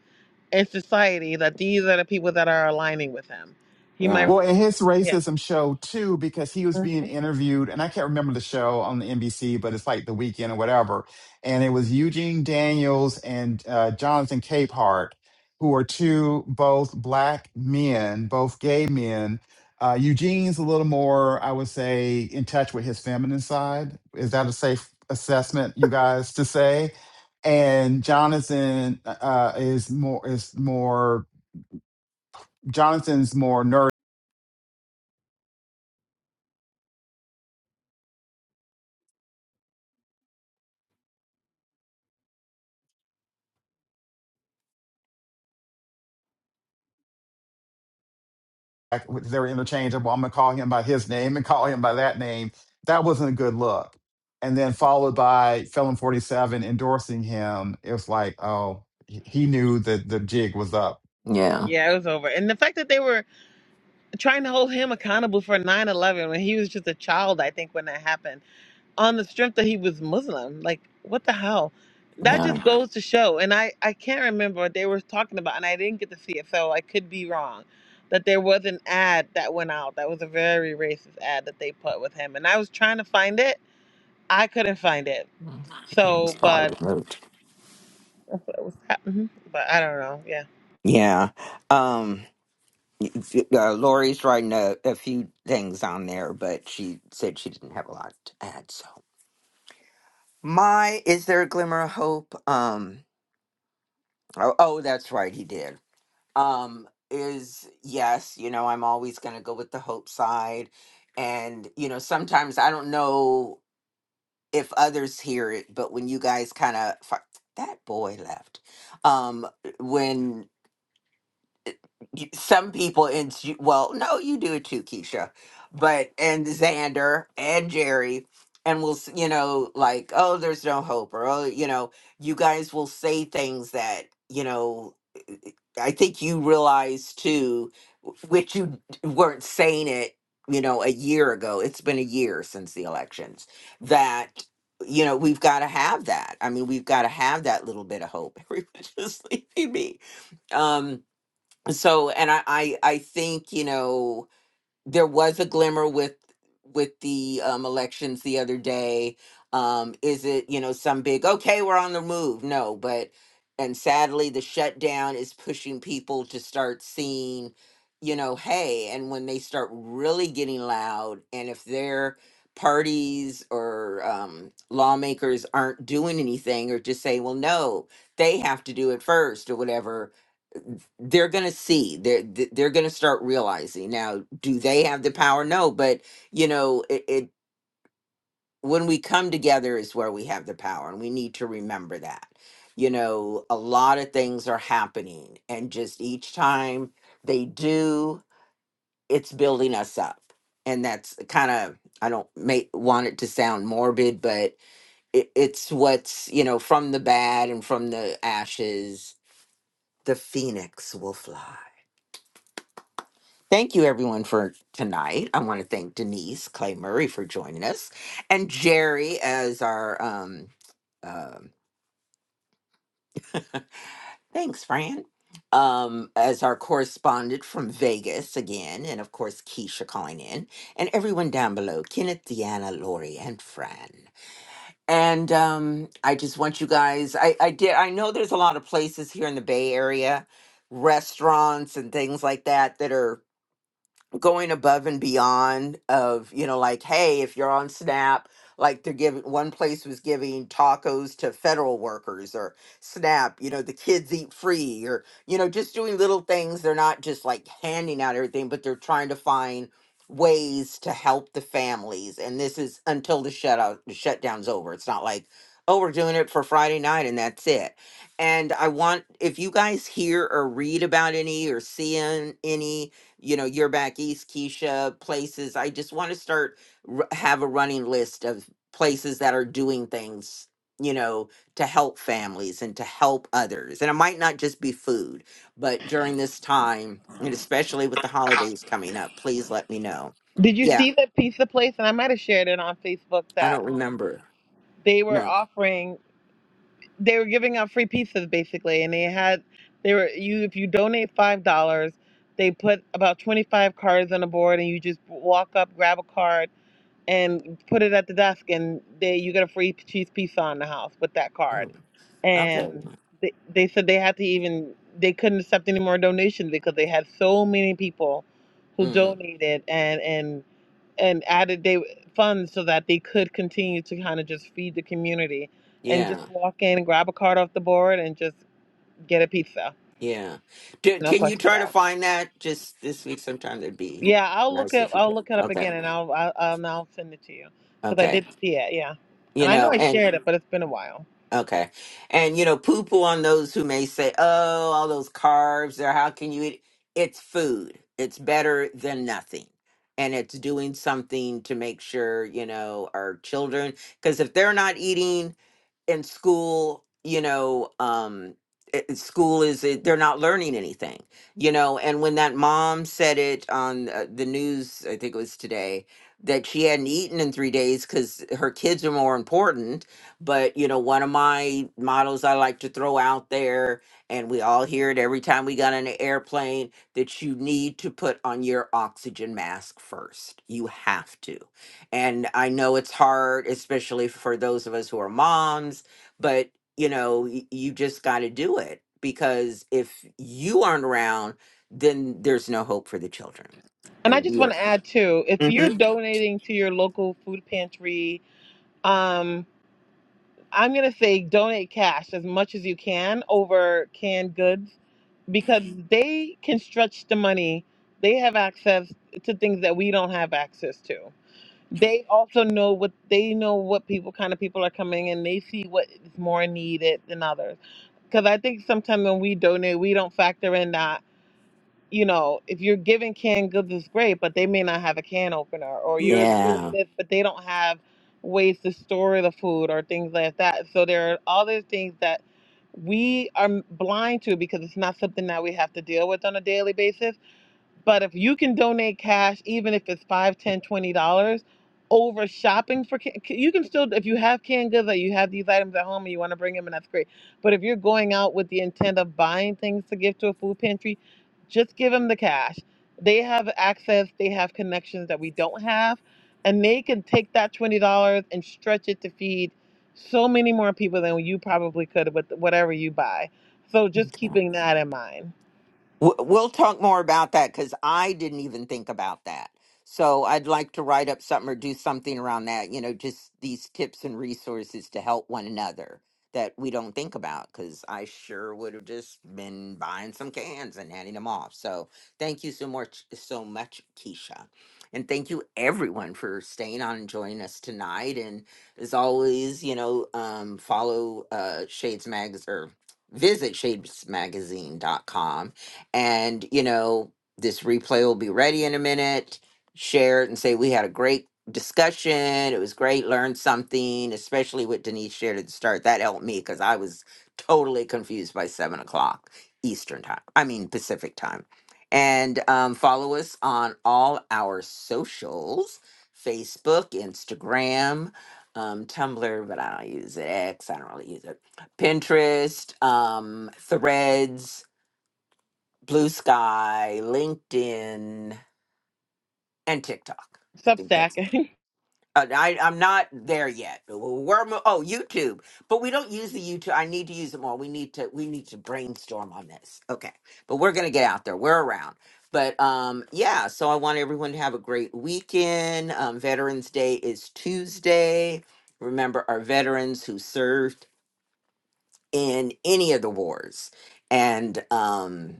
D: in society. That these are the people that are aligning with him. He
A: yeah,
D: might,
C: Well, and his
D: yeah,
C: racism showed too because he was being
D: Mhm.
C: interviewed, and I can't remember the show on the NBC, but it's like the weekend or whatever. And it was Eugene Daniels and uh, Jonathan Capehart, who are two both black men, both gay men. Uh, Eugene's a little more, I would say, in touch with his feminine side. Is that a safe assessment, you guys, to say? And Jonathan uh, is more is more Jonathan's more like, they're interchangeable. I'm gonna call him by his name and call him by that name. That wasn't a good look. And then followed by Felon 47 endorsing him. It was like, oh, he he knew that the jig was up
A: yeah,
D: yeah. It was over, and the fact that they were trying to hold him accountable for nine eleven when he was just a child i think when that happened on the strength that he was muslim like what the hell that
A: yeah.
D: just goes to show and i i can't remember what they were talking about and i didn't get to see it so i could be wrong that there was an ad that went out that was a very racist ad that they put with him and i was trying to find it i couldn't find it
A: Mm,
D: so
A: It's
D: but
A: probably removed.
D: it was mhm, but i don't know yeah
A: Yeah. Um, y- uh, Lori's writing a, a few things on there, but she said she didn't have a lot to add. So. My is there a glimmer of hope? Um oh, oh that's right, he did. Um is yes, you know, I'm always going to go with the hope side and you know, sometimes I don't know if others hear it, but when you guys kind of that boy left. Um when you- some people in you- well no you do it too keisha but and xander and jerry and we'll s- you know like oh there's no hope or oh you know you guys will say things that you know i think you realize too w- which you d- weren't saying it you know a year ago it's been a year since the elections that you know we've got to have that i mean we've got to have that little bit of hope <laughs> everyone just leaving me Um, so and I, I i think you know there was a glimmer with with the um elections the other day um is it you know some big okay we're on the move no but and sadly the shutdown is pushing people to start seeing you know hey and when they start really getting loud and if their parties or um, lawmakers aren't doing anything or just saying well no they have to do it first or whatever they're going to see they're th- they're going to start realizing now do they have the power no but you know it, it when we come together is where we have the power and we need to remember that you know a lot of things are happening and just each time they do it's building us up and that's kind of i don't make want it to sound morbid but it, it's what's you know from the bad and from the ashes the phoenix will fly Thank you, everyone, for tonight. I want to thank Denise Clay Murray for joining us, and Jerry as our um, um, thanks, Fran, um, as our correspondent from Vegas again, and of course Keisha calling in, and everyone down below, Kenneth, Deanna, Lori, and Fran. And um, I just want you guys. I I did. I know there's a lot of places here in the Bay Area, restaurants and things like that that are going above and beyond of you know like hey if you're on snap like they're giving one place was giving tacos to federal workers or snap you know the kids eat free or you know just doing little things they're not just like handing out everything but they're trying to find ways to help the families and this is until the shutout the shutdown's over it's not like oh we're doing it for friday night and that's it and i want if you guys hear or read about any or see an- any you know, you're back east, Keisha, places. I just want to start r- have a running list of places that are doing things, you know, to help families and to help others. And it might not just be food, but during this time, and especially with the holidays coming up, please let me know.
D: did you
A: Yeah,
D: see the pizza place and i might have shared it on facebook
A: I
D: that
A: don't
D: um
A: remember.
D: they were
A: No.
D: offering they were giving out free pizzas basically and they had they were you if you donate five dollars they put about 25 cards on the board and you just walk up grab a card and put it at the desk and they you get a free cheese pizza on the house with that
A: Oh,
D: card and
A: okay.
D: they, they said they had to even they couldn't accept any more donations because they had so many people who
A: hmm
D: donated and and and added they funds so that they could continue to kind of just feed the community and just
A: Yeah.
D: walk in and grab a card off the board and just get a pizza.
A: Yeah. Do,
D: No
A: can you
D: questions
A: try to
D: asked.
A: find that just this week sometime? That'd be
D: Yeah, I'll look
A: nice
D: up.
A: if you
D: I'll
A: could.
D: look it up
A: Okay.
D: again and I'll I'll, I'll, I'll send it to you because I
A: Okay.
D: did see it. Yeah, and
A: You
D: I know
A: know,
D: I
A: and.
D: shared it, but it's been a while.
A: Okay. And you know, poo poo on those who may say, "Oh, all those carbs, or how can you eat?" It's food. It's better than nothing. And it's doing something to make sure, you know, our children, because if they're not eating in school you know um i- school is it, they're not learning anything you know and when that mom said it on uh, the news i think it was today that she hadn't eaten in three days because her kids are more important but you know one of my models i like to throw out there and we all hear it every time we got on an airplane that you need to put on your oxygen mask first you have to and I know it's hard, especially for those of us who are moms, but you know, y- you just got to do it because if you aren't around, then there's no hope for the children.
D: And I
A: And
D: just
A: we
D: want
A: are.
D: to add too, if you're
A: Mhm.
D: donating to your local food pantry, um, I'm gonna say donate cash as much as you can over canned goods because they can stretch the money. They have access to things that we don't have access to. They also know what they know what people kind of people are coming and they see what is more needed than others. Because I think sometimes when we donate, we don't factor in that you know, if you're giving canned goods it's great, but they may not have a can opener, or you're doing
A: Yeah.
D: this, but they don't have ways to store the food or things like that. So there are all these things that we are blind to because it's not something that we have to deal with on a daily basis but if you can donate cash, even if it's five, ten, twenty dollars, over shopping for, ca- you can still if you have canned goods, or you have these items at home, and you want to bring them, and that's great. But if you're going out with the intent of buying things to give to a food pantry, just give them the cash. They have access, they have connections that we don't have, and they can take that twenty dollars and stretch it to feed so many more people than you probably could with whatever you buy. So just keeping that in mind.
A: W- We'll talk more about that because I didn't even think about that. So I'd like to write up something or do something around that, you know, just these tips and resources to help one another that we don't think about because I sure would have just been buying some cans and handing them off. So thank you so much, so much, Keisha. And thank you everyone for staying on and joining us tonight. And as always, you know, um, follow uh, Shades Mags or visit Shades Magazine dot com. And, you know, this replay will be ready in a minute. Share it and say, we had a great discussion. It was great. Learned something, especially what Denise shared at the start. That helped me because I was totally confused by seven o'clock Eastern time. I mean, Pacific time. And um, follow us on all our socials Facebook, Instagram, um, Tumblr, but I don't use it. X, I don't really use it. Pinterest, um, Threads Blue Sky, LinkedIn, and TikTok. I think that's.
D: Substack. <laughs>
A: uh, I, I'm not there yet. We're mo- oh YouTube, but we don't use the YouTube. I need to use it more. We need to we need to brainstorm on this. Okay, but we're gonna get out there. We're around. But um, yeah. So I want everyone to have a great weekend. Um, Veterans Day is Tuesday. Remember our veterans who served in any of the wars, and um,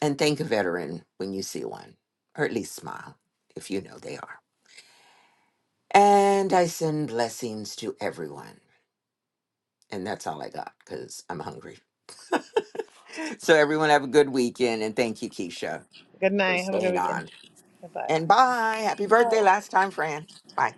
A: and thank a veteran when you see one, or at least smile if you know they are. And I send blessings to everyone. And that's all I got because I'm hungry. <laughs> So, everyone, have a good weekend. And thank you, Keisha, for
D: Good night. Have a good
A: staying
D: weekend.
A: on.
D: Bye
A: And bye. Happy
D: bye.
A: birthday last time, Fran. Bye.